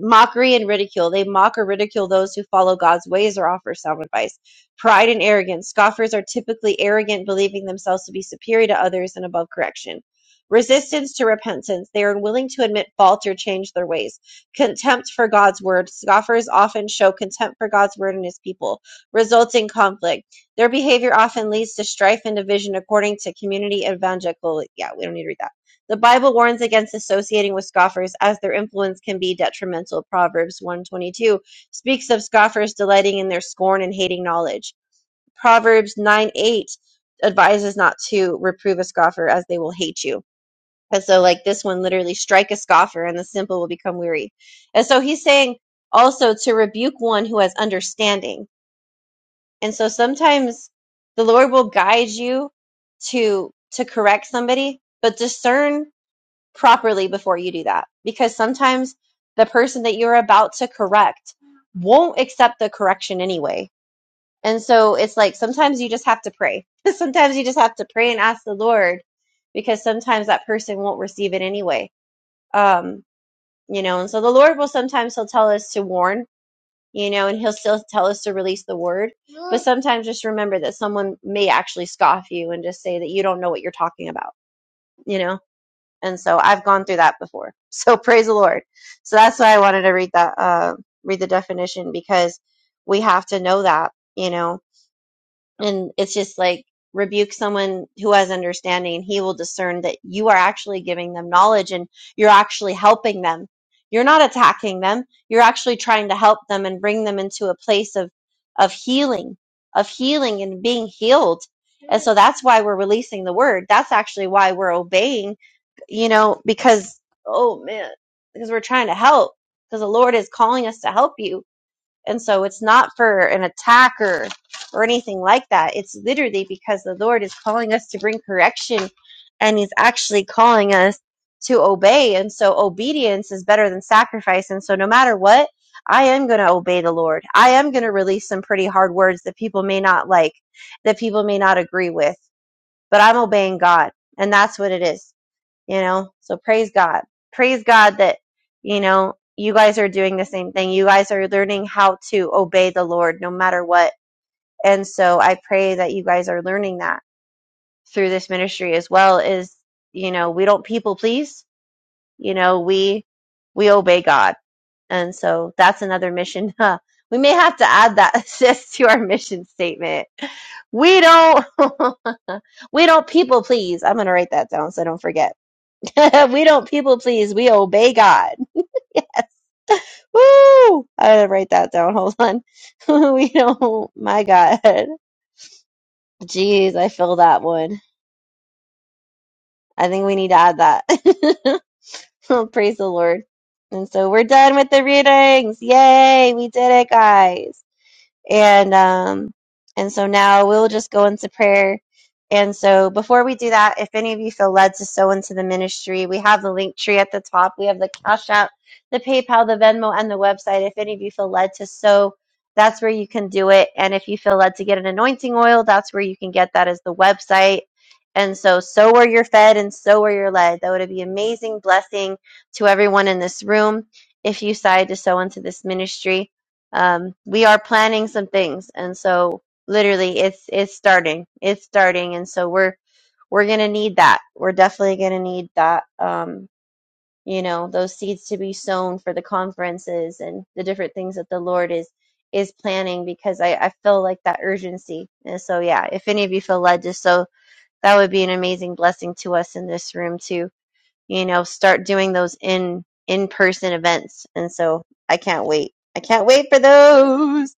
S4: Mockery and ridicule. They mock or ridicule those who follow God's ways or offer sound advice. Pride and arrogance. Scoffers are typically arrogant, believing themselves to be superior to others and above correction. Resistance to repentance. They are unwilling to admit fault or change their ways. Contempt for God's word. Scoffers often show contempt for God's word and his people, resulting in conflict. Their behavior often leads to strife and division according to community evangelical. Yeah, we don't need to read that the Bible warns against associating with scoffers, as their influence can be detrimental. Proverbs 122 speaks of scoffers delighting in their scorn and hating knowledge. Proverbs 9 8 advises not to reprove a scoffer, as they will hate you. And so, like this one, literally strike a scoffer, and the simple will become weary. And so, he's saying also to rebuke one who has understanding. And so, sometimes the Lord will guide you to to correct somebody, but discern properly before you do that because sometimes the person that you're about to correct won't accept the correction anyway. And so it's like sometimes you just have to pray. sometimes you just have to pray and ask the Lord because sometimes that person won't receive it anyway. Um, you know, and so the Lord will sometimes he'll tell us to warn, you know, and he'll still tell us to release the word. But sometimes just remember that someone may actually scoff you and just say that you don't know what you're talking about, you know and so I've gone through that before. So praise the Lord. So that's why I wanted to read that, uh, read the definition because we have to know that, you know and it's just like rebuke someone who has understanding, and he will discern that you are actually giving them knowledge and you're actually helping them. You're not attacking them. You're actually trying to help them and bring them into a place of of healing, of healing and being healed. And so that's why we're releasing the word. That's actually why we're obeying, you know, because oh man, because we're trying to help because the Lord is calling us to help you and so it's not for an attacker or or anything like that. It's literally because the Lord is calling us to bring correction and He's actually calling us to obey. And so obedience is better than sacrifice. And so no matter what, I am going to obey the Lord. I am going to release some pretty hard words that people may not like, that people may not agree with, but I'm obeying God. And that's what it is you know so praise god praise god that you know you guys are doing the same thing you guys are learning how to obey the lord no matter what and so i pray that you guys are learning that through this ministry as well is you know we don't people please you know we we obey god and so that's another mission Huh? we may have to add that sis to our mission statement we don't we don't people please i'm going to write that down so i don't forget we don't people please. We obey God. Yes. Woo! I gotta write that down. Hold on. we don't. My God. Jeez, I feel that one. I think we need to add that. Oh, Praise the Lord. And so we're done with the readings. Yay! We did it, guys. and um and so now we'll just go into prayer and so before we do that if any of you feel led to sow into the ministry we have the link tree at the top we have the cash app the paypal the venmo and the website if any of you feel led to sow that's where you can do it and if you feel led to get an anointing oil that's where you can get that as the website and so sow where you're fed and sow where you're led that would be amazing blessing to everyone in this room if you decide to sow into this ministry um, we are planning some things and so literally it's it's starting it's starting and so we're we're gonna need that we're definitely gonna need that um you know those seeds to be sown for the conferences and the different things that the lord is is planning because i i feel like that urgency and so yeah if any of you feel led just so that would be an amazing blessing to us in this room to you know start doing those in in person events and so i can't wait i can't wait for those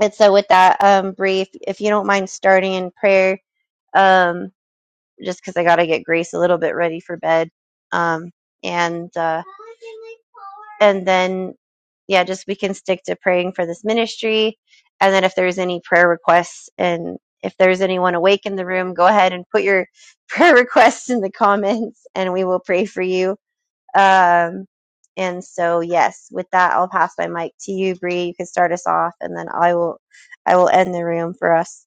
S4: and so, with that um, brief, if you don't mind starting in prayer, um, just because I got to get Grace a little bit ready for bed, um, and uh, and then yeah, just we can stick to praying for this ministry, and then if there's any prayer requests, and if there's anyone awake in the room, go ahead and put your prayer requests in the comments, and we will pray for you. Um, and so, yes, with that, I'll pass my mic to you, Bree. You can start us off, and then I will I will end the room for us.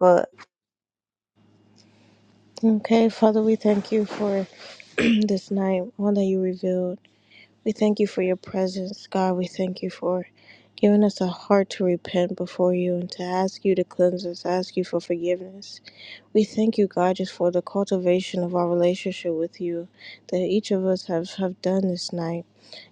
S4: Good.
S3: Okay, Father, we thank you for this night, all that you revealed. We thank you for your presence, God. We thank you for giving us a heart to repent before you and to ask you to cleanse us, ask you for forgiveness. We thank you, God, just for the cultivation of our relationship with you that each of us have, have done this night.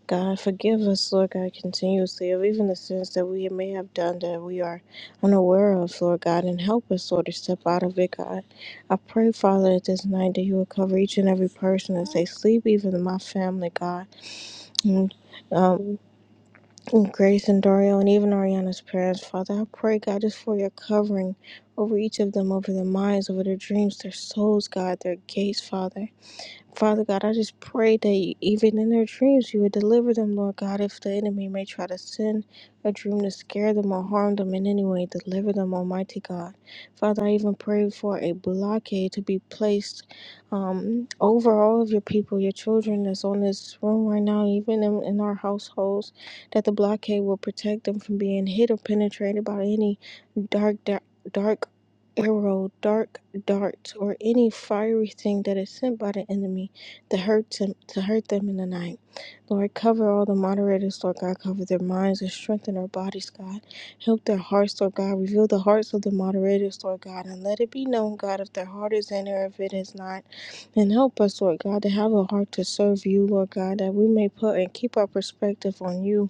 S3: God, forgive us, Lord God, continuously of even the sins that we may have done that we are unaware of, Lord God, and help us, Lord, to step out of it, God. I pray, Father, that this night that you will cover each and every person as they sleep, even my family, God and um, Grace and Dario, and even Ariana's parents. Father, I pray, God, just for your covering over each of them, over their minds, over their dreams, their souls, God, their gates, Father. Father God, I just pray that even in their dreams, you would deliver them, Lord God. If the enemy may try to send a dream to scare them or harm them in any way, deliver them, Almighty God. Father, I even pray for a blockade to be placed um, over all of your people, your children that's on this room right now, even in, in our households, that the blockade will protect them from being hit or penetrated by any dark, dark. dark arrow, dark dart, or any fiery thing that is sent by the enemy to hurt them to hurt them in the night. Lord, cover all the moderators, Lord God, cover their minds and strengthen their bodies, God. Help their hearts, Lord God. Reveal the hearts of the moderators, Lord God, and let it be known, God, if their heart is in or if it is not. And help us, Lord God, to have a heart to serve you, Lord God, that we may put and keep our perspective on you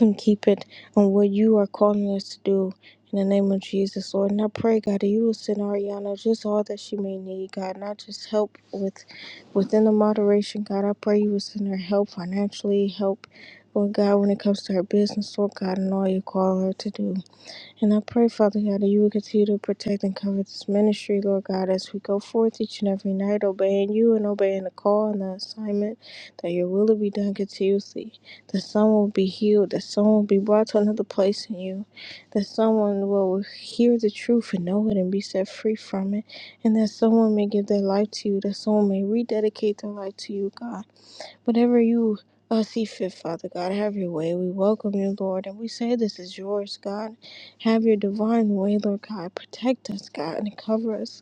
S3: and keep it on what you are calling us to do in the name of Jesus, Lord. And I pray, God, that you will send Ariana just all that she may need, God, not just help with within the moderation, God. I pray you will send her help financially, help, Lord God, when it comes to her business, Lord God, and all you call her to do. And I pray, Father God, that you will continue to protect and cover this ministry, Lord God, as we go forth each and every night, obeying you and obeying the call and the assignment, that your will will be done continuously, that someone will be healed, that someone will be brought to another place in you, that someone will hear the truth and know it and be set free from it, and that someone may give their life to you, that someone may rededicate their life to you, God. Whatever you uh, see fit, Father God, have your way. We welcome you, Lord, and we say this is yours, God. Have your divine way, Lord God. Protect us, God, and cover us.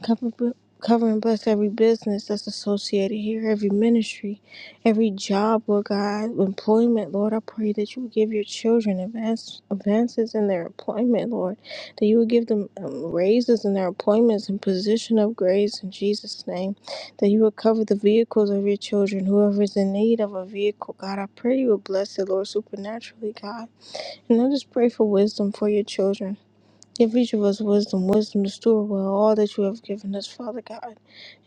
S3: Cover, cover and bless every business that's associated here, every ministry, every job, Lord God, employment, Lord. I pray that you would give your children advance, advances in their employment, Lord. That you would give them um, raises in their appointments and position upgrades in Jesus' name. That you would cover the vehicles of your children, whoever is in need of a vehicle, God. I pray you would bless it, Lord, supernaturally, God. And I just pray for wisdom for your children. Give each of us wisdom, wisdom to steward well all that you have given us, Father God.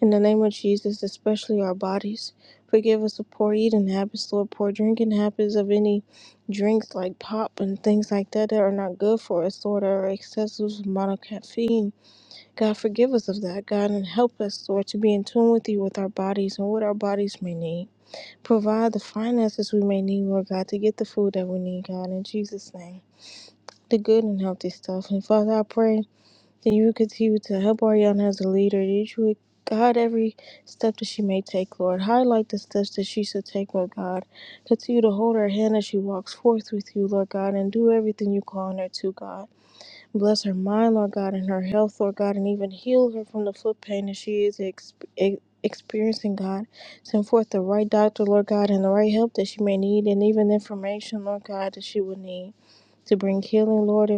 S3: In the name of Jesus, especially our bodies. Forgive us of poor eating habits, Lord, poor drinking habits of any drinks like pop and things like that that are not good for us, Lord, or excessive amount of caffeine. God, forgive us of that, God, and help us, Lord, to be in tune with you with our bodies and what our bodies may need. Provide the finances we may need, Lord God, to get the food that we need, God, in Jesus' name. The good and healthy stuff. And Father, I pray. That you will continue to help Ariana as a leader. That you would guide every step that she may take, Lord. Highlight the steps that she should take, Lord God. Continue to hold her hand as she walks forth with you, Lord God, and do everything you call on her to, God. Bless her mind, Lord God, and her health, Lord God, and even heal her from the foot pain that she is ex- ex- experiencing, God. Send forth the right doctor, Lord God, and the right help that she may need, and even information, Lord God, that she will need to bring healing, Lord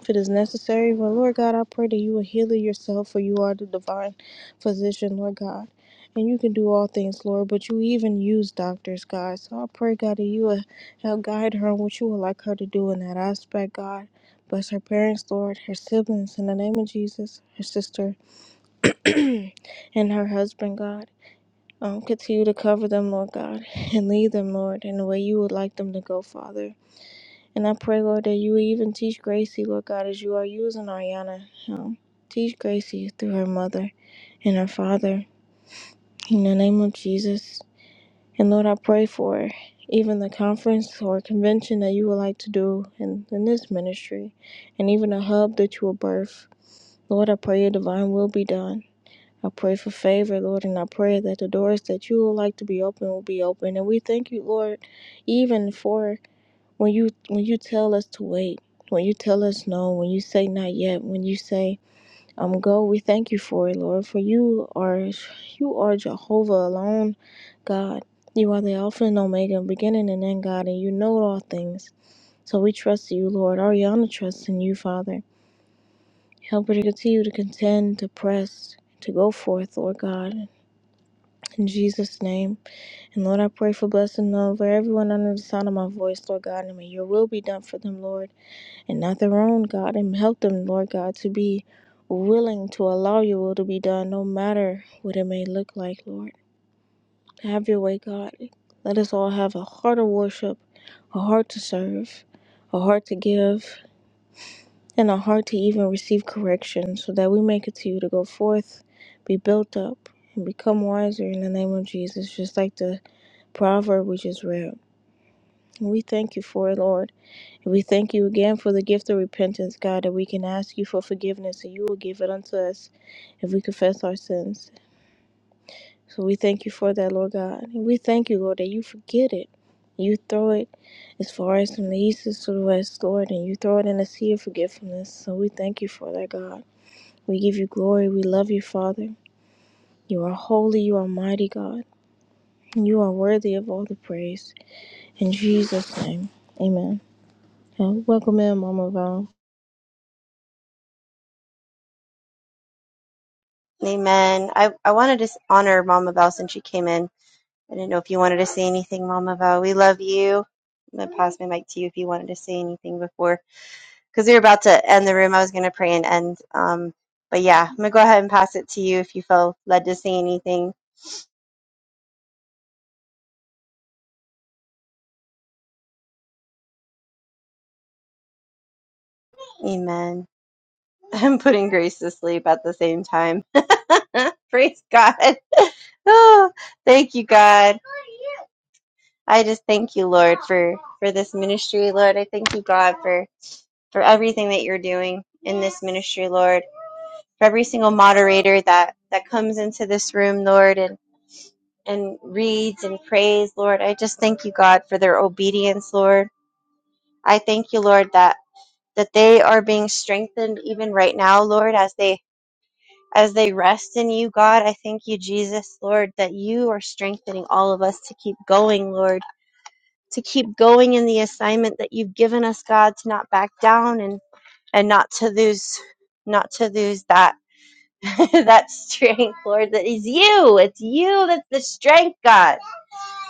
S3: if it is necessary. But Lord God, I pray that you will heal it yourself, for you are the divine physician, Lord God. And you can do all things, Lord, but you even use doctors, God. So I pray, God, that you will help guide her on what you would like her to do in that aspect, God. Bless her parents, Lord, her siblings, in the name of Jesus, her sister, and her husband, God. Um, continue to cover them, Lord God, and lead them, Lord, in the way you would like them to go, Father. And I pray, Lord, that you would even teach Gracie, Lord God, as you are using Ariana. Um, teach Gracie through her mother and her father in the name of Jesus. And Lord, I pray for even the conference or convention that you would like to do in, in this ministry and even a hub that you will birth. Lord, I pray your divine will be done. I pray for favor, Lord, and I pray that the doors that you would like to be open will be open. And we thank you, Lord, even for when you when you tell us to wait when you tell us no when you say not yet when you say um go we thank you for it lord for you are you are jehovah alone god you are the alpha and omega beginning and end god and you know all things so we trust you lord ariana trusts in you father help her to continue to contend to press to go forth, Lord God, in Jesus' name. And Lord, I pray for blessing over everyone under the sound of my voice, Lord God, and may your will be done for them, Lord. and not their own God, and help them, Lord God, to be willing to allow your will to be done, no matter what it may look like, Lord. Have your way, God. Let us all have a heart of worship, a heart to serve, a heart to give, and a heart to even receive correction so that we may continue to go forth, be built up, and become wiser in the name of Jesus, just like the proverb we just read. And we thank you for it, Lord. We thank you again for the gift of repentance, God, that we can ask you for forgiveness and you will give it unto us if we confess our sins. So we thank you for that, Lord God. And we thank you, Lord, that you forget it. You throw it as far as from the east is to the west, Lord, and you throw it in the sea of forgetfulness. So we thank you for that, God. We give you glory. We love you, Father. You are holy. You are mighty, God. And you are worthy of all the praise. In Jesus' name, amen. Uh, welcome in, Mama Val.
S4: Amen. I, I wanted to s- honor Mama Val since she came in. I didn't know if you wanted to say anything, Mama Val. We love you. I'm going to pass my mic to you if you wanted to say anything before, because we were about to end the room. I was going to pray and end. Um, but yeah, I'm going to go ahead and pass it to you if you feel led to say anything. Amen. I'm putting Grace to sleep at the same time. Praise God. Oh, thank you, God. I just thank you, Lord, for for this ministry, Lord. I thank you, God, for for everything that you're doing in this ministry, Lord. For every single moderator that that comes into this room, Lord, and and reads and prays, Lord. I just thank you, God, for their obedience, Lord. I thank you, Lord, that that they are being strengthened even right now, Lord, as they as they rest in you, God. I thank you, Jesus, Lord, that you are strengthening all of us to keep going, Lord. To keep going in the assignment that you've given us, God, to not back down and and not to lose not to lose that that strength, Lord, that is you. It's you that's the strength, God.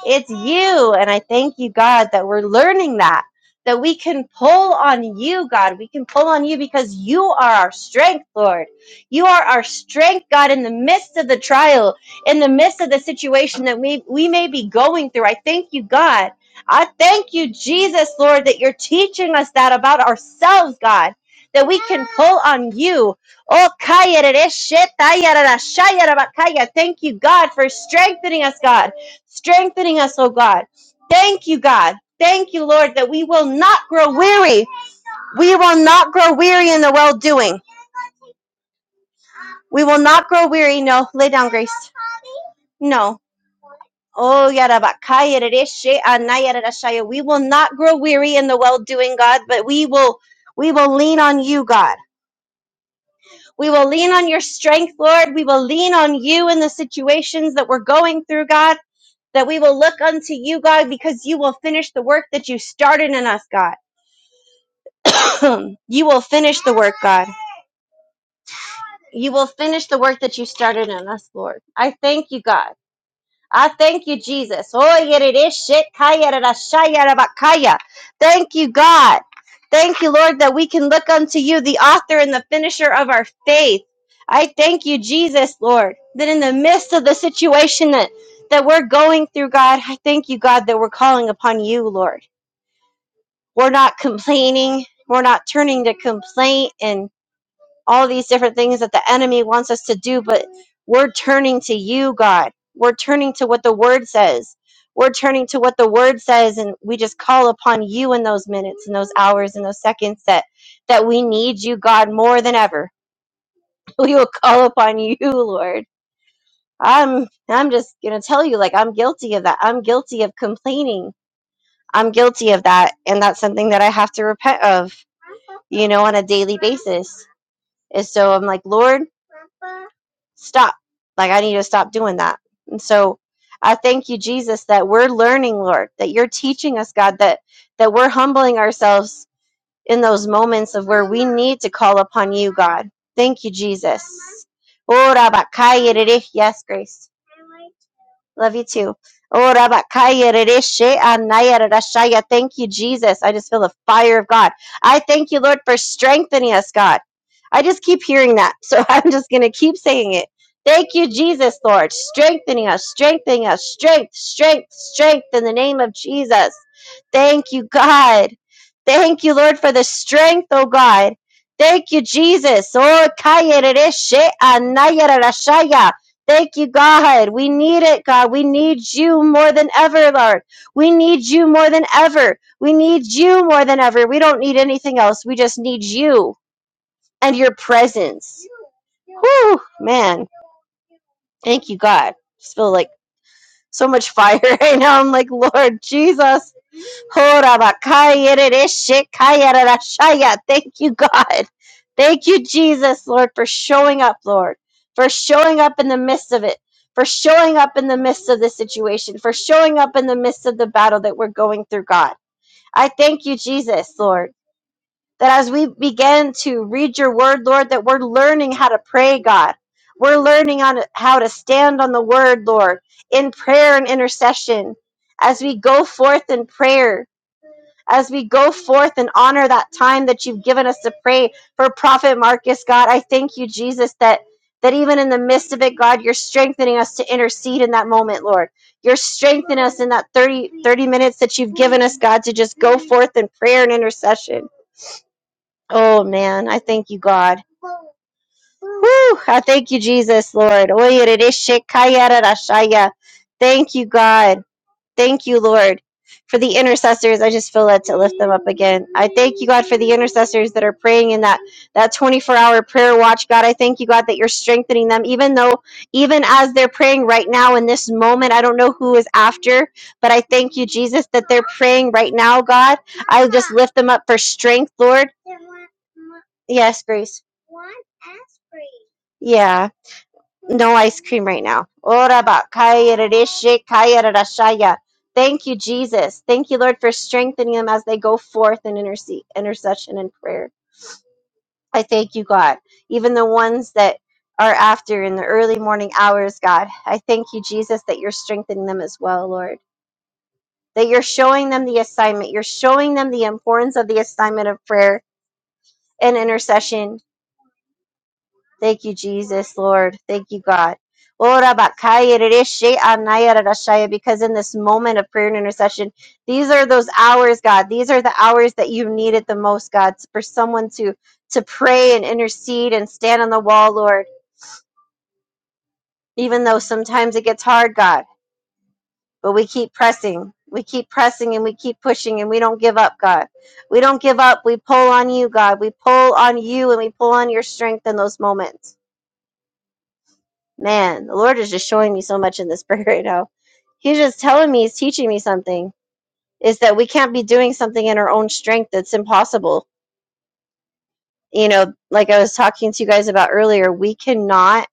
S4: It's you. And I thank you, God, that we're learning that, that we can pull on you, God. We can pull on you because you are our strength, Lord. You are our strength, God, in the midst of the trial, in the midst of the situation that we, we may be going through. I thank you, God. I thank you, Jesus, Lord, that you're teaching us that about ourselves, God, that we can pull on you. Oh, kaya, re, re, she, ta, ya, ra, ra, sha, ya, ra, ba, kaya. thank you, God, for strengthening us, God strengthening us, oh God. Thank you, God. Thank you, Lord, that we will not grow weary. We will not grow weary in the well doing. We will not grow weary. No, lay down, Grace. No. Oh, yarabakaya rereshe anaya we will not grow weary in the well doing, God, but we will we will lean on you, God. We will lean on your strength, Lord. We will lean on you in the situations that we're going through, God. That we will look unto you, God, because you will finish the work that you started in us, God you will finish the work, God. You will finish the work that you started in us, Lord. I thank you, God. I thank you, Jesus. Oh, yet it is shit. Kaya da da sha da ba kaya. Thank you, God. Thank you, Lord, that we can look unto you, the author and the finisher of our faith. I thank you, Jesus, Lord, that in the midst of the situation that, that we're going through, God, I thank you, God, that we're calling upon you, Lord. We're not complaining. We're not turning to complaint and all these different things that the enemy wants us to do, but we're turning to you, God. We're turning to what the word says. We're turning to what the word says, and we just call upon you in those minutes, in those hours, in those seconds that that we need you, God, more than ever. We will call upon you, Lord. I'm I'm just gonna tell you, like I'm guilty of that. I'm guilty of complaining. I'm guilty of that, and that's something that I have to repent of, you know, on a daily basis. And so I'm like, Lord. stop. Like, I need to stop doing that. And so I thank you, Jesus, that we're learning, Lord, that you're teaching us, God, that, that we're humbling ourselves in those moments of where we need to call upon you, God. Thank you, Jesus. Ora bakaya Yes, Grace. Love you too. Oh, Rabakaya Rereshe Anaya Rarashaya. Thank you, Jesus. I just feel the fire of God. I thank you, Lord, for strengthening us, God. I just keep hearing that. So I'm just going to keep saying it. Thank you, Jesus, Lord, strengthening us, strengthening us, strength, strength, strength in the name of Jesus. Thank you, God. Thank you, Lord, for the strength, oh God. Thank you, Jesus. Oh, Kaya Rereshe Anaya Rarashaya. Thank you, God. We need it, God. We need you more than ever, Lord. We need you more than ever. We need you more than ever. We don't need anything else. We just need you and your presence. Whew, man. Thank you, God. Just feel like so much fire right now. I'm like, Lord Jesus. Horabakayerereshekayararashaya. Thank you, God. Thank you, Jesus, Lord, for showing up, Lord, for showing up in the midst of it, for showing up in the midst of the situation, for showing up in the midst of the battle that we're going through, God. I thank you, Jesus, Lord, that as we begin to read your word, Lord, that we're learning how to pray, God. We're learning on how to stand on the word, Lord, in prayer and intercession as we go forth in prayer as we go forth and honor that time that you've given us to pray for Prophet Marcus, God. I thank you, Jesus, that that even in the midst of it, God, you're strengthening us to intercede in that moment, Lord. You're strengthening us in that 30 30 minutes that you've given us, God, to just go forth in prayer and intercession. Oh, man, I thank you, God. Whew, I thank you, Jesus, Lord. Thank you, God. Thank you, Lord, for the intercessors. I just feel led to lift them up again. I thank you, God, for the intercessors that are praying in that that 24-hour prayer watch. God, I thank you, God, that you're strengthening them, even though, even as they're praying right now in this moment, I don't know who is after, but I thank you, Jesus, that they're praying right now, God. I just lift them up for strength, Lord. Yes, Grace. Yeah. no ice cream right now. Ora ba kaya rereshe kaya rerashaya. Thank you, Jesus. Thank you, Lord, for strengthening them as they go forth in interce- intercession and prayer. I thank you, God. Even the ones that are after in the early morning hours, God, I thank you, Jesus, that you're strengthening them as well, Lord. That you're showing them the assignment. You're showing them the importance of the assignment of prayer and intercession Thank you, Jesus, Lord. Thank you, God. Ora bakaya rereshe anaya rarashaya, Because in this moment of prayer and intercession, these are those hours, God. These are the hours that you need it the most, God, for someone to to pray and intercede and stand on the wall, Lord. Even though sometimes it gets hard, God, but we keep pressing. We keep pressing and we keep pushing and we don't give up, God. We don't give up. We pull on you, God. We pull on you and we pull on your strength in those moments. Man, the Lord is just showing me so much in the spirit right now. He's just telling me, he's teaching me something. Is that we can't be doing something in our own strength that's impossible. You know, like I was talking to you guys about earlier, we cannot,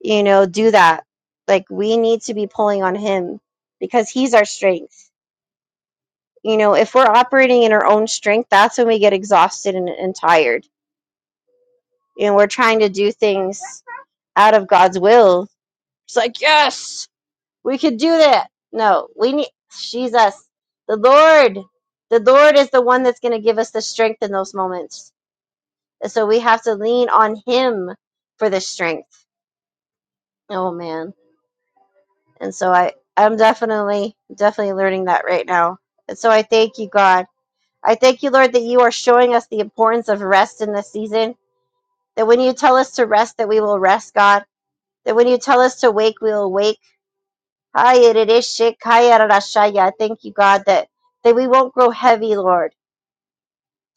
S4: you know, do that. Like we need to be pulling on him because he's our strength. You know, if we're operating in our own strength, that's when we get exhausted and, and tired. You know, we're trying to do things out of God's will. It's like, yes. We could do that. No, we need Jesus. The Lord. The Lord is the one that's going to give us the strength in those moments. And so we have to lean on him for the strength. Oh man. And so I I'm definitely definitely learning that right now. And so I thank you, God. I thank you, Lord, that you are showing us the importance of rest in this season. That when you tell us to rest, that we will rest, God. That when you tell us to wake, we will wake Hi, Yerereshe Kaya Rarashaya. Thank you, God, that, that we won't grow heavy, Lord.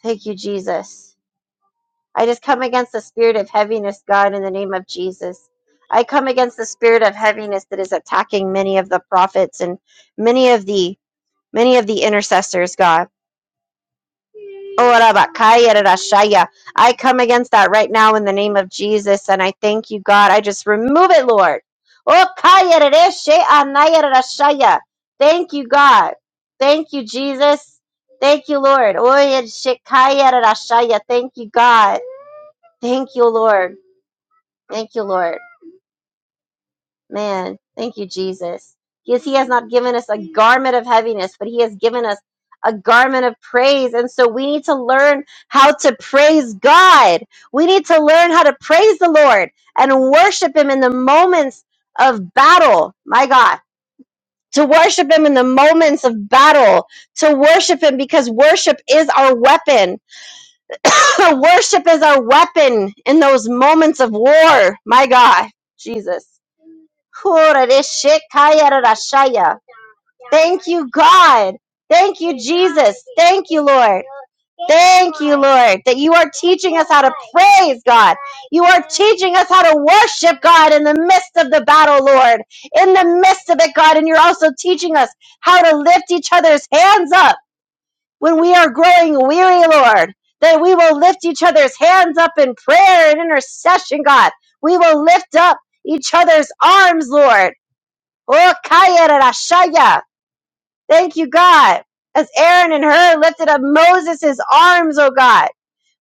S4: Thank you, Jesus. I just come against the spirit of heaviness, God, in the name of Jesus. I come against the spirit of heaviness that is attacking many of the prophets and many of the many of the intercessors, God. Ora bakaya I come against that right now in the name of Jesus, and I thank you, God. I just remove it, Lord. O kaya rareshe anaya rarashaya. Thank you, God. Thank you, Jesus. Thank you, Lord. Oya shikaya rarashaya. Thank you, God. Thank you, Lord. Thank you, Lord. Man, thank you, Jesus. Yes, He has not given us a garment of heaviness, but He has given us a garment of praise. And so we need to learn how to praise God. We need to learn how to praise the Lord and worship Him in the moments of battle. My God. To worship him in the moments of battle, to worship him because worship is our weapon. worship is our weapon in those moments of war. My God, Jesus. Kurareshikayarashaya. Thank you, God. Thank you, Jesus. Thank you, Lord. Thank you, Lord, that you are teaching us how to praise God. You are teaching us how to worship God in the midst of the battle, Lord. In the midst of it, God. And you're also teaching us how to lift each other's hands up when we are growing weary, Lord. That we will lift each other's hands up in prayer and intercession, God. We will lift up each other's arms, Lord Oh, Kaya Rashaya. Thank you, God. As Aaron and Hur lifted up Moses' arms, oh God.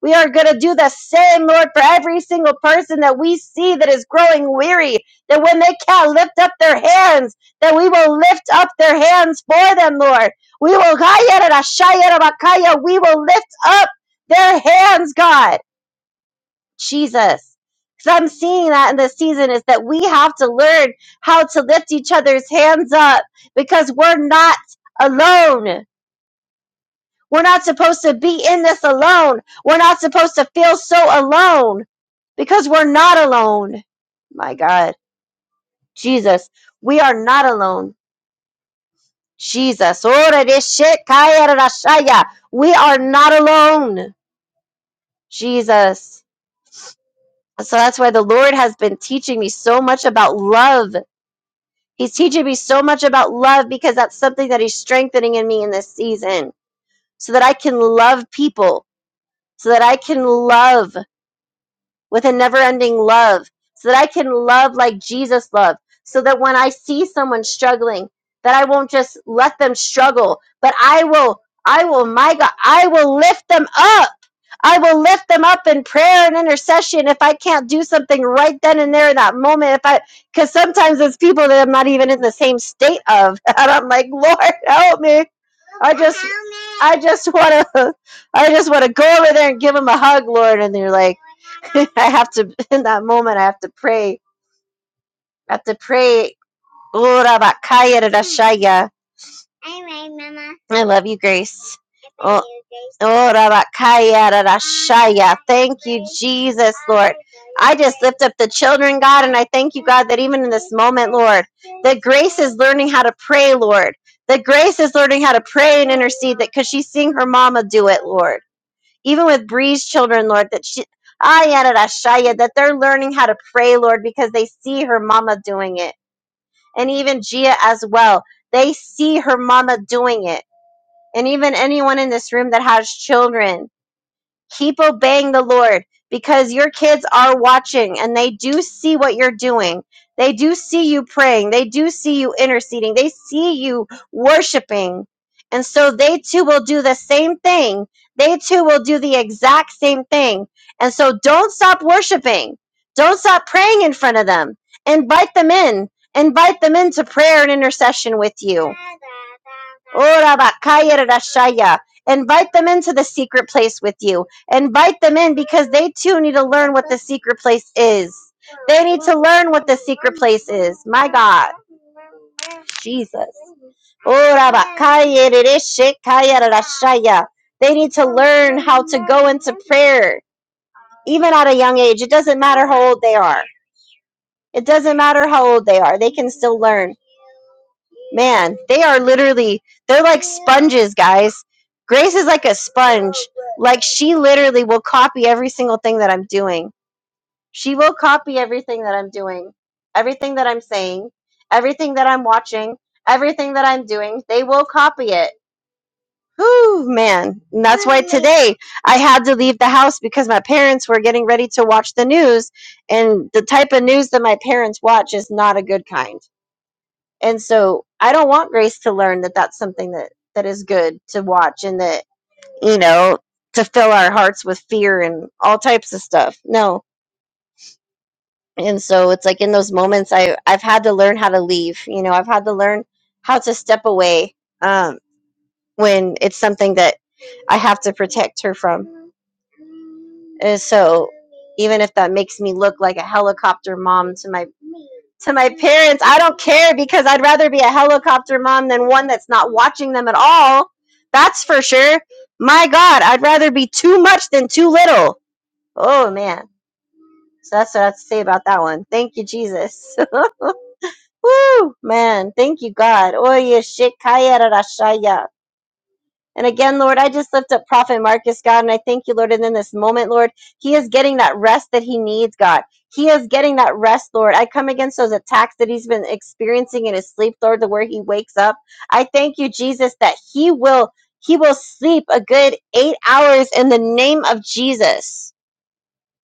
S4: We are going to do the same, Lord, for every single person that we see that is growing weary, that when they can't lift up their hands, that we will lift up their hands for them, Lord. We will, Kaya Rashaya Rabakaya. we will lift up their hands, God. Jesus. Because I'm seeing that in this season is that we have to learn how to lift each other's hands up because we're not alone. We're not supposed to be in this alone. We're not supposed to feel so alone because we're not alone. My God, Jesus, we are not alone. Jesus, Ora de shekaya ra we are not alone. Jesus. So that's why the Lord has been teaching me so much about love He's teaching me so much about love because that's something that he's strengthening in me in this season so that I can love people, so that I can love with a never ending love, so that I can love like Jesus loved, so that when I see someone struggling, that I won't just let them struggle, but I will, I will, my God, I will lift them up. I will lift them up in prayer and intercession if I can't do something right then and there in that moment. If I, because sometimes it's people that I'm not even in the same state of, and I'm like, Lord, help me. I just, I just want to, I just want to go over there and give them a hug, Lord. And they are like, I have to, in that moment, I have to pray. I have to pray. Ora bakaya rarashaya. I love you, Grace. Oh, oh, Rabakaya, Rarashaya. Thank you, Jesus, Lord. I just lift up the children, God, and I thank you, God, that even in this moment, Lord, that Grace is learning how to pray, Lord. That Grace is learning how to pray and intercede, that because she's seeing her mama do it, Lord. Even with Bree's children, Lord, that she, Aya, Rarashaya, that they're learning how to pray, Lord, because they see her mama doing it. And even Gia as well. They see her mama doing it and even anyone in this room that has children, keep obeying the Lord because your kids are watching and they do see what you're doing. They do see you praying. They do see you interceding. They see you worshiping. And so they too will do the same thing. They too will do the exact same thing. And so don't stop worshiping. Don't stop praying in front of them. Invite them in. Invite them into prayer and intercession with you. Ora bakaya rashaya. Invite them into the secret place with you. Invite them in because they too need to learn what the secret place is. They need to learn what the secret place is. My God. Jesus. Ora bakaya rereshekaya rashaya. They need to learn how to go into prayer, even at a young age. It doesn't matter how old they are. It doesn't matter how old they are, they can still learn. Man, they are literally, they're like sponges, guys. Grace is like a sponge. Like, she literally will copy every single thing that I'm doing. She will copy everything that I'm doing, everything that I'm saying, everything that I'm watching, everything that I'm doing. They will copy it. Whew, man. And that's why today I had to leave the house because my parents were getting ready to watch the news. And the type of news that my parents watch is not a good kind. And so I don't want Grace to learn that that's something that, that is good to watch and that, you know, to fill our hearts with fear and all types of stuff. No. And so it's like in those moments, I, I've had to learn how to leave. You know, I've had to learn how to step away um, when it's something that I have to protect her from And so even if that makes me look like a helicopter mom to my to my parents, I don't care because I'd rather be a helicopter mom than one that's not watching them at all. That's for sure. My God, I'd rather be too much than too little. Oh man. So that's what I have to say about that one. Thank you, Jesus. Woo man, thank you, God. Oye shikaya rarashaya. And again, Lord, I just lift up Prophet Marcus, God, and I thank you, Lord. And in this moment, Lord, he is getting that rest that he needs, God. He is getting that rest, Lord. I come against those attacks that he's been experiencing in his sleep, Lord, to where he wakes up. I thank you, Jesus, that he will he will sleep a good eight hours in the name of Jesus.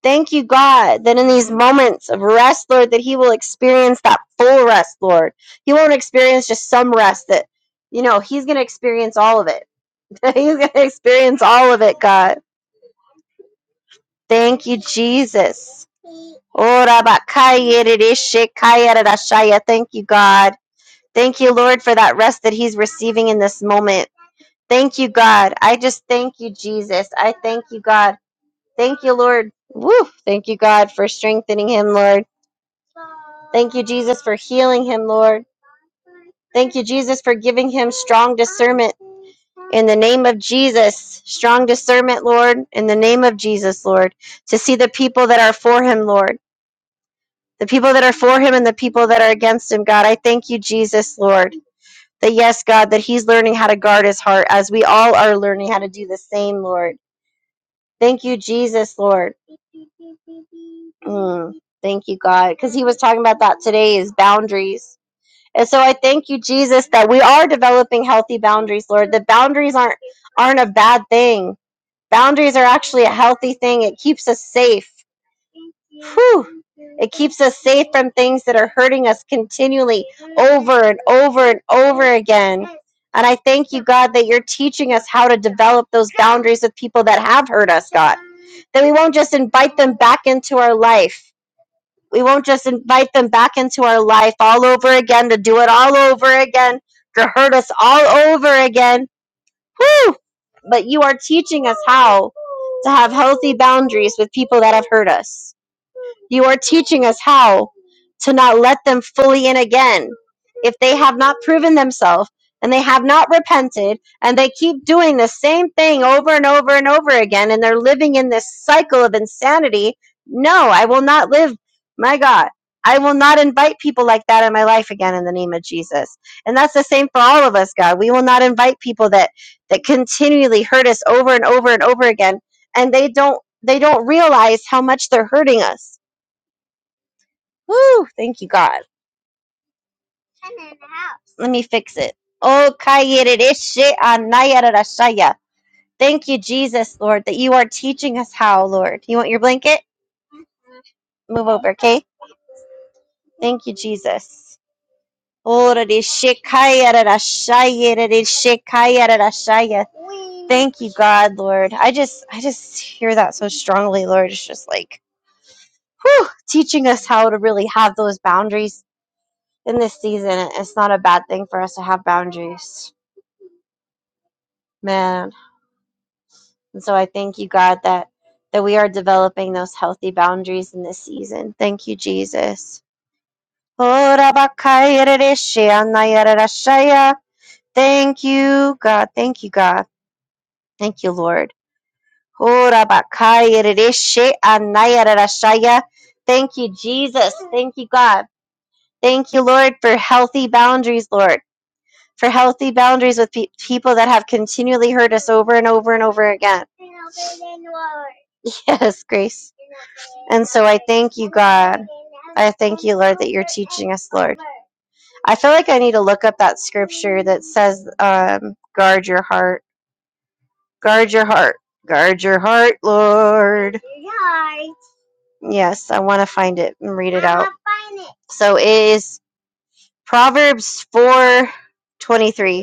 S4: Thank you, God, that in these moments of rest, Lord, that he will experience that full rest, Lord. He won't experience just some rest that, you know, he's going to experience all of it. He's going to experience all of it, God. Thank you, Jesus. Ora bakaya ririshe kaya Thank you, God. Thank you, Lord, for that rest that he's receiving in this moment. Thank you, God. I just thank you, Jesus. I thank you, God. Thank you, Lord. Woo! Thank you, God, for strengthening him, Lord. Thank you, Jesus, for healing him, Lord. Thank you, Jesus, for giving him strong discernment in the name of Jesus. Strong discernment, Lord, in the name of Jesus, Lord, to see the people that are for him, Lord, the people that are for him and the people that are against him, God. I thank you, Jesus, Lord, that yes, God, that he's learning how to guard his heart as we all are learning how to do the same, Lord. Thank you, Jesus, Lord. Mm, thank you, God, because he was talking about that today is boundaries And so I thank you, Jesus, that we are developing healthy boundaries, Lord. The boundaries aren't aren't a bad thing. Boundaries are actually a healthy thing. It keeps us safe. Whew. It keeps us safe from things that are hurting us continually over and over and over again. And I thank you, God, that you're teaching us how to develop those boundaries with people that have hurt us, God. That we won't just invite them back into our life, we won't just invite them back into our life all over again to do it all over again, to hurt us all over again. Whew! But you are teaching us how to have healthy boundaries with people that have hurt us. You are teaching us how to not let them fully in again. If they have not proven themselves and they have not repented and they keep doing the same thing over and over and over again and they're living in this cycle of insanity, no, I will not live. My God, I will not invite people like that in my life again in the name of Jesus. And that's the same for all of us, God. We will not invite people that that continually hurt us over and over and over again and they don't they don't realize how much they're hurting us Woo! Thank you, God. Let me fix it. Oh, kayeredeshe anayarashaya. Thank you, Jesus, Lord, that you are teaching us how, Lord. You want your blanket? Move over, okay? Thank you, Jesus. Oredeshe kayarashayeredereshe kayarashaya. Thank you, God, Lord. I just I just hear that so strongly, Lord. It's just like whew, teaching us how to really have those boundaries in this season. It's not a bad thing for us to have boundaries. Man. And so I thank you, God, that that we are developing those healthy boundaries in this season. Thank you, Jesus. Thank you, God. Thank you, God. Thank you, Lord. Thank you, Jesus. Thank you, God. Thank you, Lord, for healthy boundaries, Lord, for healthy boundaries with pe- people that have continually hurt us over and over and over again. Yes, grace. And so I thank you, God. I thank you, Lord, that you're teaching us, Lord. I feel like I need to look up that scripture that says, um, guard your heart. Guard your heart. Guard your heart, Lord. Yes, I want to find it and read it out. So it is Proverbs 4 23.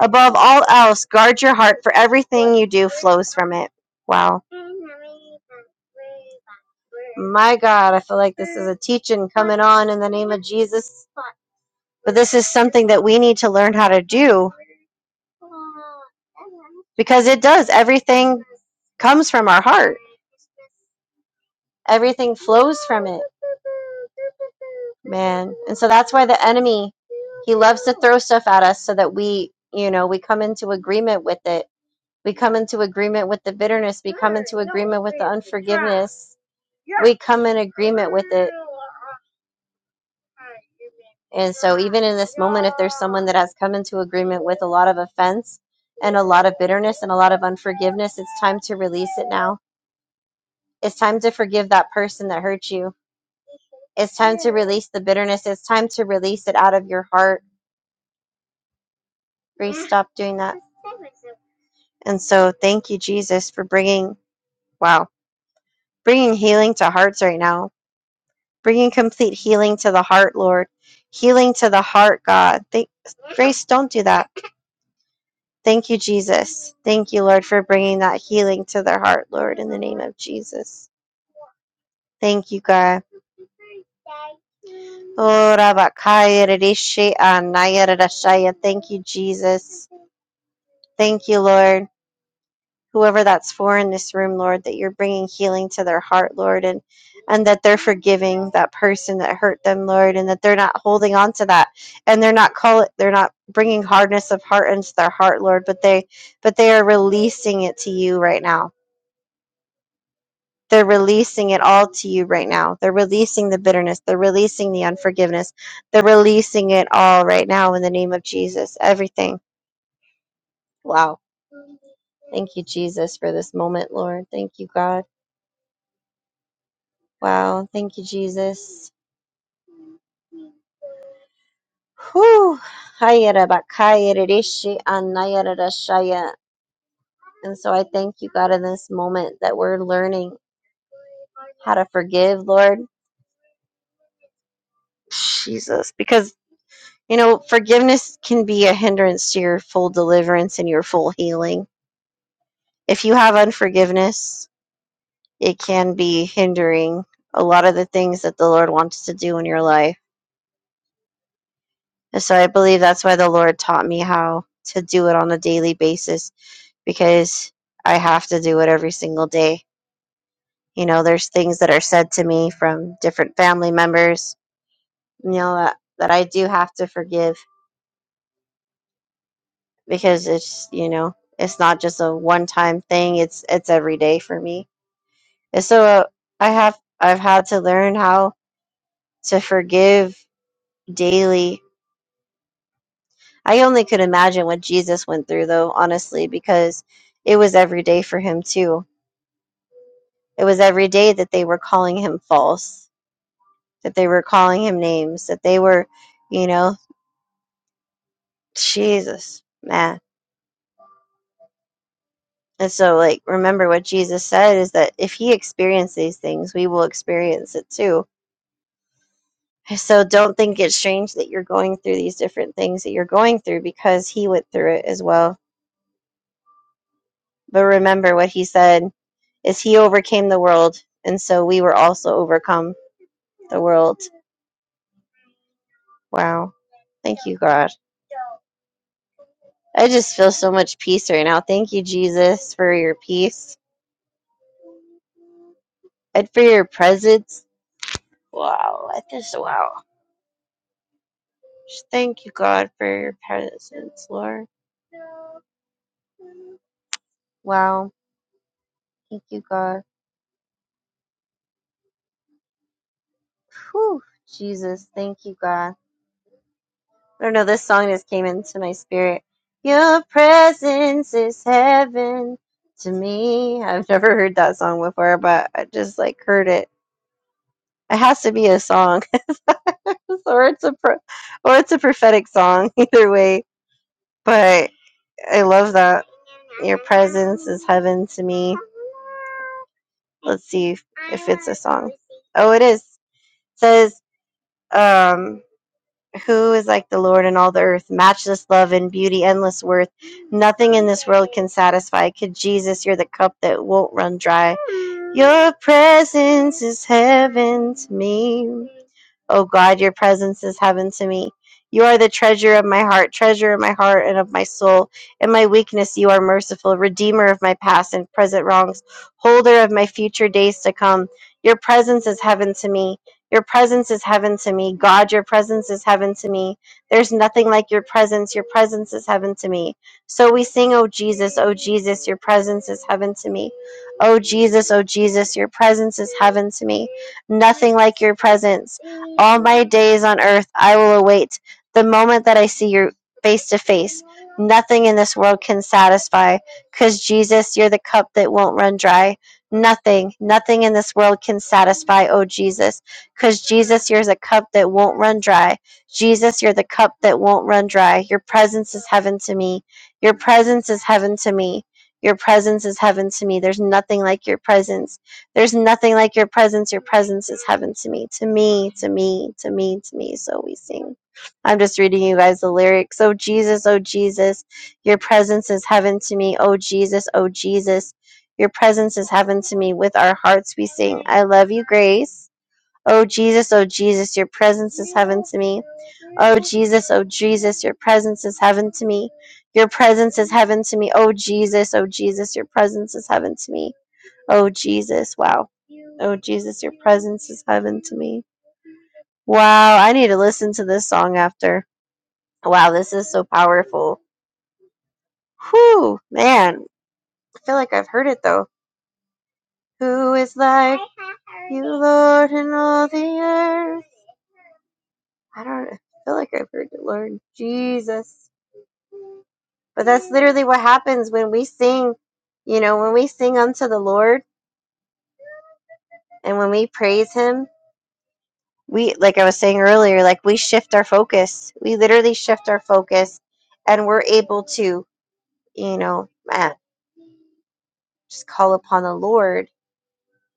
S4: Above all else, guard your heart, for everything you do flows from it. Wow. My God, I feel like this is a teaching coming on in the name of Jesus. But this is something that we need to learn how to do because it does. Everything comes from our heart, everything flows from it, man. And so that's why the enemy, he loves to throw stuff at us so that we, you know, we come into agreement with it. We come into agreement with the bitterness. We come into agreement with the unforgiveness. We come in agreement with it. And so, even in this moment, if there's someone that has come into agreement with a lot of offense and a lot of bitterness and a lot of unforgiveness, it's time to release it now. It's time to forgive that person that hurt you. It's time to release the bitterness. It's time to release it out of your heart. Reese, stop doing that. And so, thank you, Jesus, for bringing, wow, bringing healing to hearts right now, bringing complete healing to the heart, Lord, healing to the heart, God. Thank, Grace, don't do that. Thank you, Jesus. Thank you, Lord, for bringing that healing to their heart, Lord, in the name of Jesus. Thank you, God. Oh, Rabakaya Rishi Anaya Rarashaya. Thank you, Jesus. Thank you, Lord. Whoever that's for in this room, Lord, that you're bringing healing to their heart, Lord, and and that they're forgiving that person that hurt them, Lord, and that they're not holding on to that, and they're not call it, they're not bringing hardness of heart into their heart, Lord, but they, but they are releasing it to you right now. They're releasing it all to you right now. They're releasing the bitterness. They're releasing the unforgiveness. They're releasing it all right now in the name of Jesus. Everything. Wow. Thank you, Jesus, for this moment, Lord. Thank you, God. Wow. Thank you, Jesus. Whew. And so I thank you, God, in this moment that we're learning how to forgive, Lord. Jesus, because You know, forgiveness can be a hindrance to your full deliverance and your full healing. If you have unforgiveness, it can be hindering a lot of the things that the Lord wants to do in your life. And so I believe that's why the Lord taught me how to do it on a daily basis because I have to do it every single day. You know, there's things that are said to me from different family members, you know, that, that I do have to forgive because it's you know it's not just a one time thing it's it's every day for me and so uh, i have i've had to learn how to forgive daily i only could imagine what jesus went through though honestly because it was every day for him too it was every day that they were calling him false that they were calling him names that they were you know jesus man and so like remember what jesus said is that if he experienced these things we will experience it too So don't think it's strange that you're going through these different things that you're going through because he went through it as well. But remember what he said is he overcame the world and so we were also overcome the world. Wow. Thank you, God. I just feel so much peace right now. Thank you, Jesus, for your peace and for your presence. Wow. I just wow. Just thank you, God, for your presence, Lord. Wow. Thank you, God. Whew. Jesus, thank you, God. I don't know, this song just came into my spirit. Your presence is heaven to me. I've never heard that song before, but I just like heard it. It has to be a song, or it's a pro- or it's a prophetic song. Either way, but I love that. Your presence is heaven to me. Let's see if, if it's a song. Oh, it is. It says, um, Who is like the Lord in all the earth? Matchless love and beauty, endless worth. Nothing in this world can satisfy. Could Jesus, you're the cup that won't run dry. Your presence is heaven to me. Oh God, your presence is heaven to me. You are the treasure of my heart, treasure of my heart and of my soul. In my weakness, you are merciful, redeemer of my past and present wrongs, holder of my future days to come. Your presence is heaven to me. Your presence is heaven to me. God, your presence is heaven to me. There's nothing like your presence. Your presence is heaven to me. So we sing, Oh Jesus, oh Jesus, your presence is heaven to me. Oh Jesus, oh Jesus, your presence is heaven to me. Nothing like your presence. All my days on earth I will await the moment that I see your face to face. Nothing in this world can satisfy because Jesus, you're the cup that won't run dry. Nothing, nothing in this world can satisfy, oh Jesus, because Jesus, you're the cup that won't run dry. Jesus, you're the cup that won't run dry. Your presence is heaven to me. Your presence is heaven to me. Your presence is heaven to me. There's nothing like your presence. There's nothing like your presence. Your presence is heaven to me. To me, to me, to me, to me. So we sing. I'm just reading you guys the lyrics. Oh Jesus, oh Jesus, your presence is heaven to me. Oh Jesus, oh Jesus, your presence is heaven to me. With our hearts we sing, I love you, grace. Oh Jesus, oh Jesus, your presence is heaven to me. Oh Jesus, oh Jesus, your presence is heaven to me. Your presence is heaven to me. Oh Jesus, oh Jesus, your presence is heaven to me. Oh Jesus, wow. Oh Jesus, your presence is heaven to me. Wow, I need to listen to this song after. Wow, this is so powerful. Whew, man. I feel like I've heard it though. Who is like you, Lord, in all the earth? I don't I feel like I've heard it, Lord Jesus. But that's literally what happens when we sing, you know, when we sing unto the Lord and when we praise Him, we, like I was saying earlier, like we shift our focus. We literally shift our focus and we're able to, you know, man, just call upon the Lord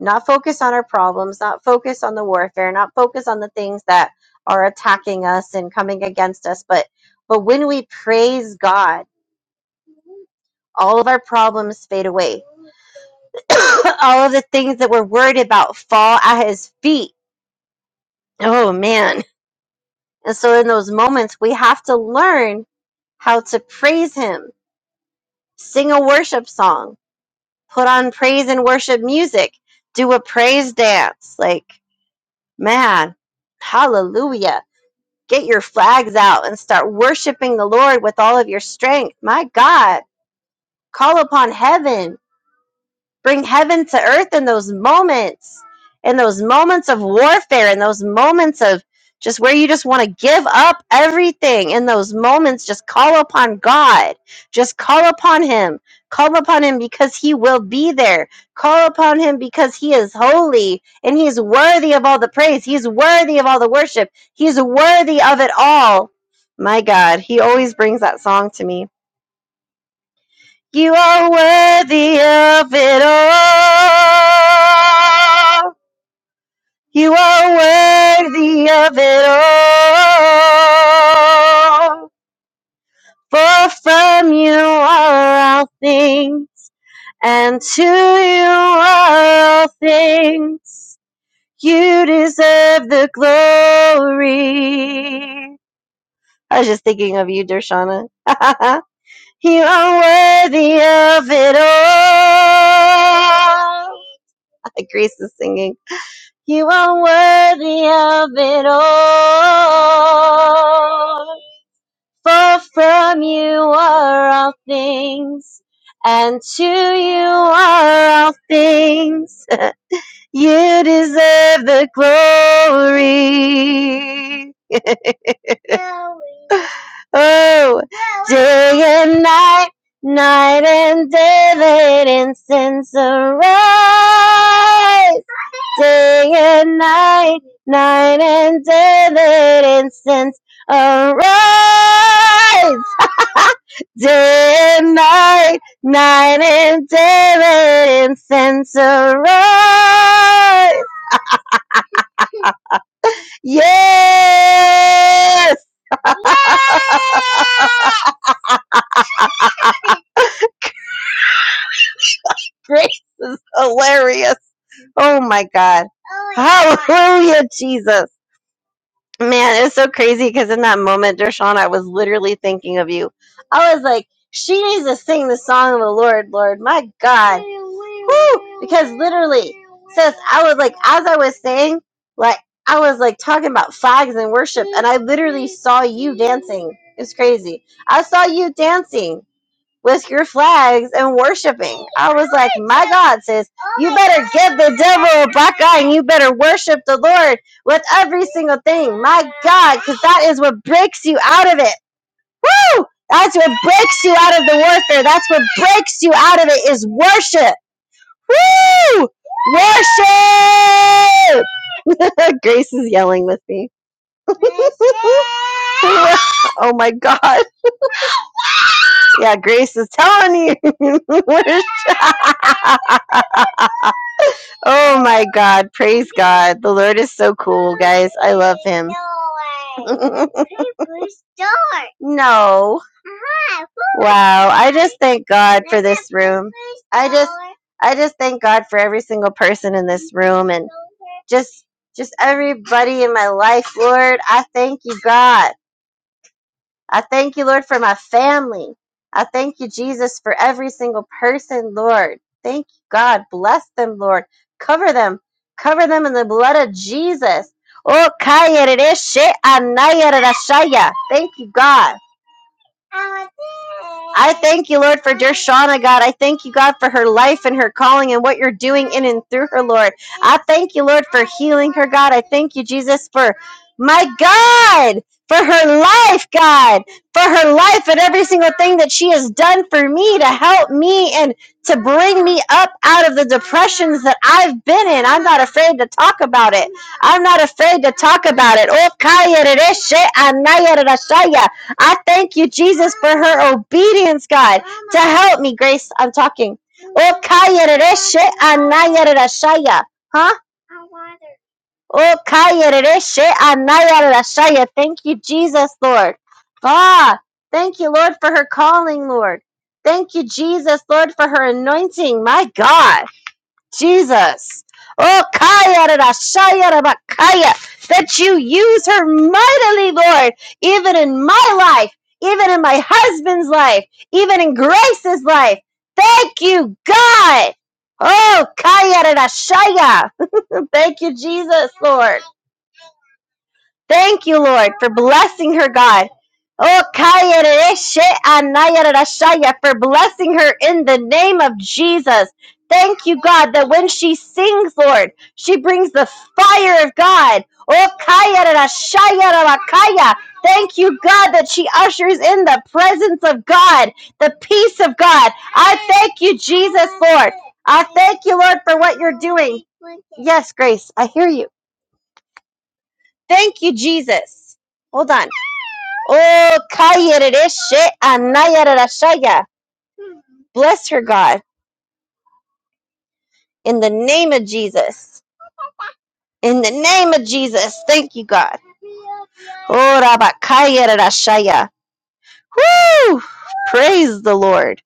S4: not focus on our problems, not focus on the warfare, not focus on the things that are attacking us and coming against us, but but when we praise God, all of our problems fade away. all of the things that we're worried about fall at his feet. Oh man. And so in those moments we have to learn how to praise him, sing a worship song, put on praise and worship music, do a praise dance. Like, man, hallelujah get your flags out and start worshiping the Lord with all of your strength. My God, call upon heaven Bring heaven to earth in those moments, in those moments of warfare, in those moments of just where you just want to give up everything. In those moments, just call upon God. Just call upon Him. Call upon Him because He will be there. Call upon Him because He is holy and He is worthy of all the praise. He's worthy of all the worship. He's worthy of it all. My God, He always brings that song to me you are worthy of it all. You are worthy of it all. For from you are all things, and to you are all things. You deserve the glory. I was just thinking of you, Dershana. you are worthy of it all. like Grace is singing. You are worthy of it all. For from you are all things, and to you are all things. You deserve the glory. Oh, day and night, night and day, let incense arise. day and night, night and day, let incense arise. Day and night, night and day, let incense arise. Yes! Grace is hilarious. Oh my God. Hallelujah, Jesus. Man, it's so crazy because in that moment, Dershawn, I was literally thinking of you. I was like, she needs to sing the song of the Lord, Lord. My God. Woo! Because literally, sis, I was like, as I was saying, like, I was like talking about flags and worship, and I literally saw you dancing. It's crazy. I saw you dancing with your flags and worshiping. I was like, my God, sis, you better give the devil a black eye and you better worship the Lord with every single thing. My God, because that is what breaks you out of it. Woo! That's what breaks you out of the warfare. That's what breaks you out of it is worship. Woo! Worship! Grace is yelling with me. oh my God. Yeah, Grace is telling you. We're- oh my God. Praise God. The Lord is so cool, guys. I love him. no. Wow. I just thank God for this room. I just I just thank God for every single person in this room and just just everybody in my life, Lord. I thank you, God. I thank you, Lord, for my family. I thank you, Jesus, for every single person, Lord. Thank you, God. Bless them, Lord. Cover them. Cover them in the blood of Jesus. Oh, kaya rere she anaya rere shaya. Thank you, God. I thank you, Lord, for dear Shauna, God. I thank you, God, for her life and her calling and what you're doing in and through her, Lord. I thank you, Lord, for healing her, God. I thank you, Jesus, for my God, for her life, God, for her life and every single thing that she has done for me to help me and to bring me up out of the depressions that I've been in. I'm not afraid to talk about it. I'm not afraid to talk about it. Oh, kaya rere she anaya rere shaya. I thank you, Jesus, for her obedience, God, to help me. Grace, I'm talking. Oh, kaya rereshe anaya Huh? Oh, kaya rereshe anaya Thank you, Jesus, Lord. Ah, thank you, Lord, for her calling, Lord. Thank you, Jesus, Lord, for her anointing. My God. Jesus. Oh, Kaya, da, Shaya, da, ba, Kaya, that you use her mightily, Lord, even in my life, even in my husband's life, even in Grace's life. Thank you, God. Oh, Kaya, da, Shaya. Thank you, Jesus, Lord. Thank you, Lord, for blessing her, God. Oh, kayerereshe anayererashaya, for blessing her in the name of Jesus. Thank you, God, that when she sings, Lord, she brings the fire of God. Oh, kayererashaya rabakaya. Thank you, God, that she ushers in the presence of God, the peace of God. I thank you, Jesus, Lord. I thank you, Lord, for what you're doing. Yes, Grace, I hear you. Thank you, Jesus. Hold on. Oh, kayeredeshe anayererashaya. Bless her, God, in the name of Jesus. In the name of Jesus. Thank you, God. Oh, rabakayererashaya. Woo! Praise the Lord.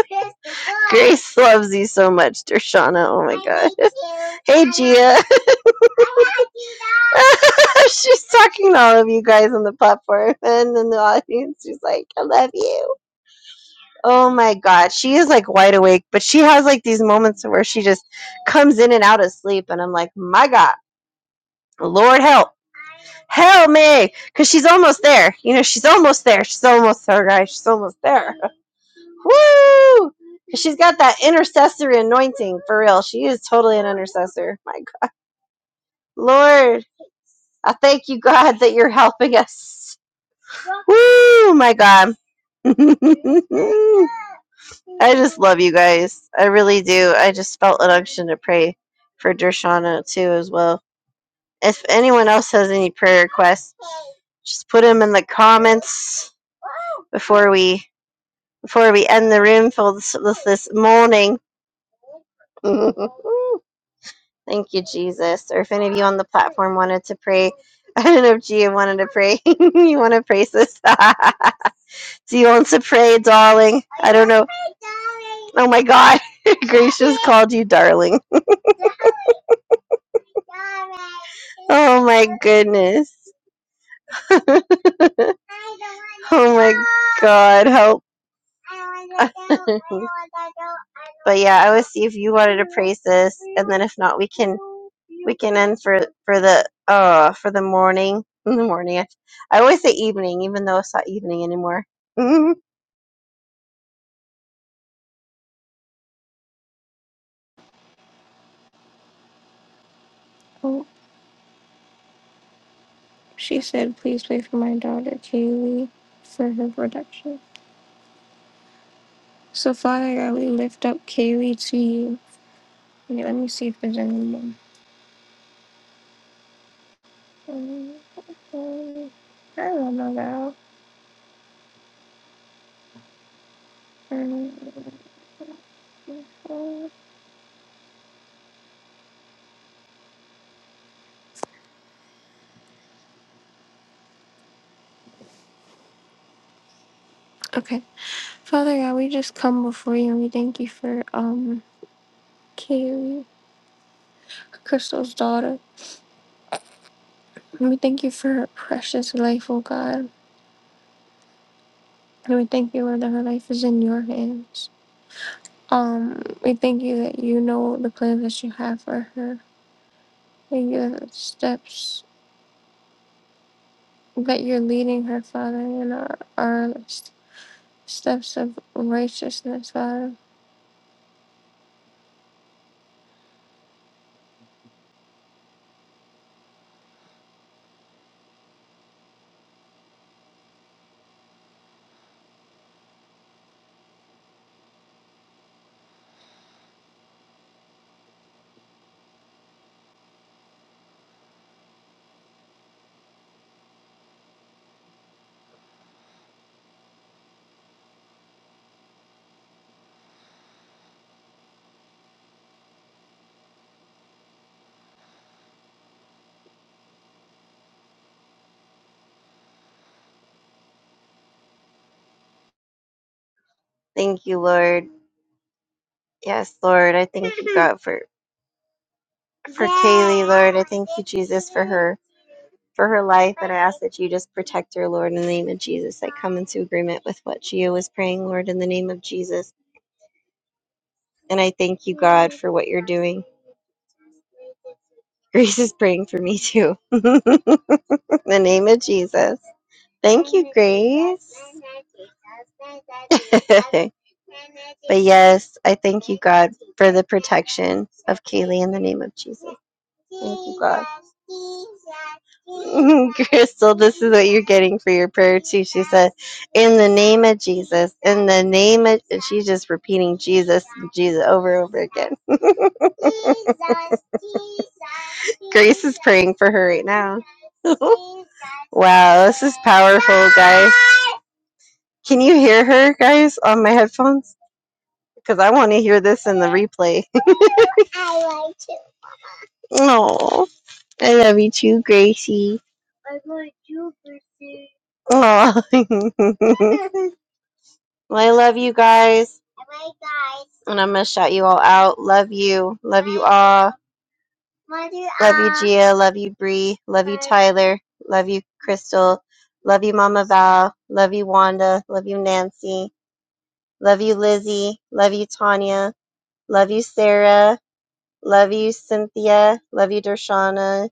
S4: Grace loves you so much, Dershana. Oh my God. Hey, Gia. She's talking to all of you guys on the platform and in the audience. She's like, I love you. Oh my God. She is like wide awake, but she has like these moments where she just comes in and out of sleep. And I'm like, my God, Lord help, help me. Because she's almost there. You know, she's almost there. She's almost there, guys. She's almost there. Woo! 'Cause She's got that intercessory anointing for real. She is totally an intercessor. My God. Lord, I thank you, God, that you're helping us. Woo! My God. I just love you guys. I really do. I just felt an unction to pray for Dershana too as well. If anyone else has any prayer requests, just put them in the comments before we before we end the room for this, this, this morning. Thank you, Jesus. Or if any of you on the platform wanted to pray, I don't know if Gia wanted to pray. you want to pray, sis? Do you want to pray, darling? I don't know. Oh my god. Grace just called you darling. Oh my goodness. Oh my god. Help. but yeah, I would see if you wanted to pray, sis, and then if not, we can we can end for for the uh for the morning. In the morning, I, I always say evening, even though it's not evening anymore. thank
S1: She said, Please pray for my daughter, Kaylee, for her protection. So, Father God, we lift up Kaylee to you. Okay, let me see if there's any more. Um, um, I don't know about. um, um. Okay, Father God, we just come before you and we thank you for um Kaylee, Crystal's daughter. And we thank you for her precious life, oh God. And we thank you, Lord, that her life is in your hands. Um, we thank you that you know the plans that you have for her May your steps that you're leading her, Father, in our, our steps of righteousness, Father.
S4: you, Lord. Yes, Lord, I thank you, God, for for Kaylee, Lord. I thank you, Jesus, for her for her life, and I ask that you just protect her, Lord, in the name of Jesus. I come into agreement with what Gio was praying, Lord, in the name of Jesus. And I thank you, God, for what you're doing. Grace is praying for me too. in the name of Jesus. Thank you, Grace. but yes, I thank you, God, for the protection of Kaylee in the name of Jesus. Thank you, God. Crystal, this is what you're getting for your prayer too. She said, "In the name of Jesus, in the name of," and she's just repeating Jesus, Jesus over and over again. Grace is praying for her right now. wow, this is powerful, guys. Can you hear her, guys, on my headphones? Because I want to hear this in the replay. Oh, I love you too, Gracie. Oh. well, I love you guys, and I'm gonna shout you all out. Love you, love you all. Love you, Gia. Love you, Bree. Love you, Tyler. Love you, Crystal. Love you, Mama Val. Love you, Wanda. Love you, Nancy. Love you, Lizzie. Love you, Tanya. Love you, Sarah. Love you, Cynthia. Love you, Dershana.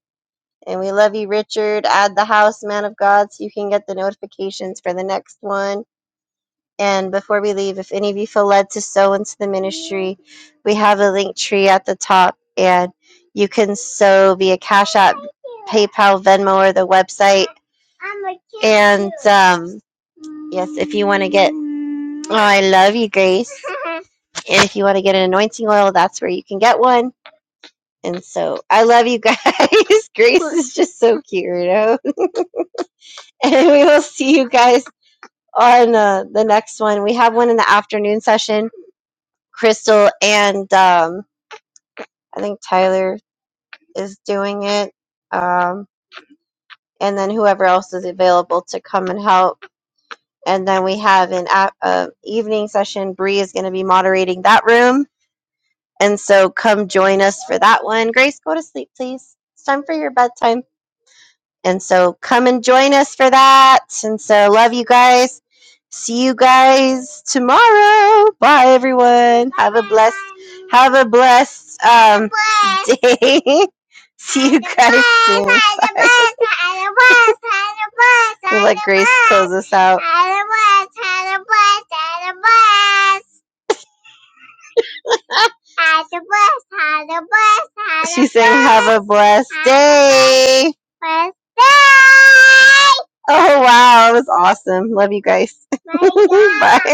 S4: And we love you, Richard. Add the house, man of God, so you can get the notifications for the next one. And before we leave, if any of you feel led to sow into the ministry, we have a link tree at the top, and you can sow via Cash App, PayPal, Venmo, or the website. And um, yes, if you want to get, oh, I love you, Grace. And if you want to get an anointing oil, that's where you can get one. And so I love you guys. Grace is just so cute, you know? And we will see you guys on uh, the next one. We have one in the afternoon session Crystal and um, I think Tyler is doing it. Um, and then whoever else is available to come and help. And then we have an a- uh, evening session. Bree is going to be moderating that room. And so come join us for that one. Grace, go to sleep, please. It's time for your bedtime. And so come and join us for that. And so love you guys. See you guys tomorrow. Bye everyone. Have a blessed have a blessed um day. See you guys soon. Bye. We'll let Grace close us out. She's saying have a blessed day. Oh wow, it was awesome. Love you guys. Bye.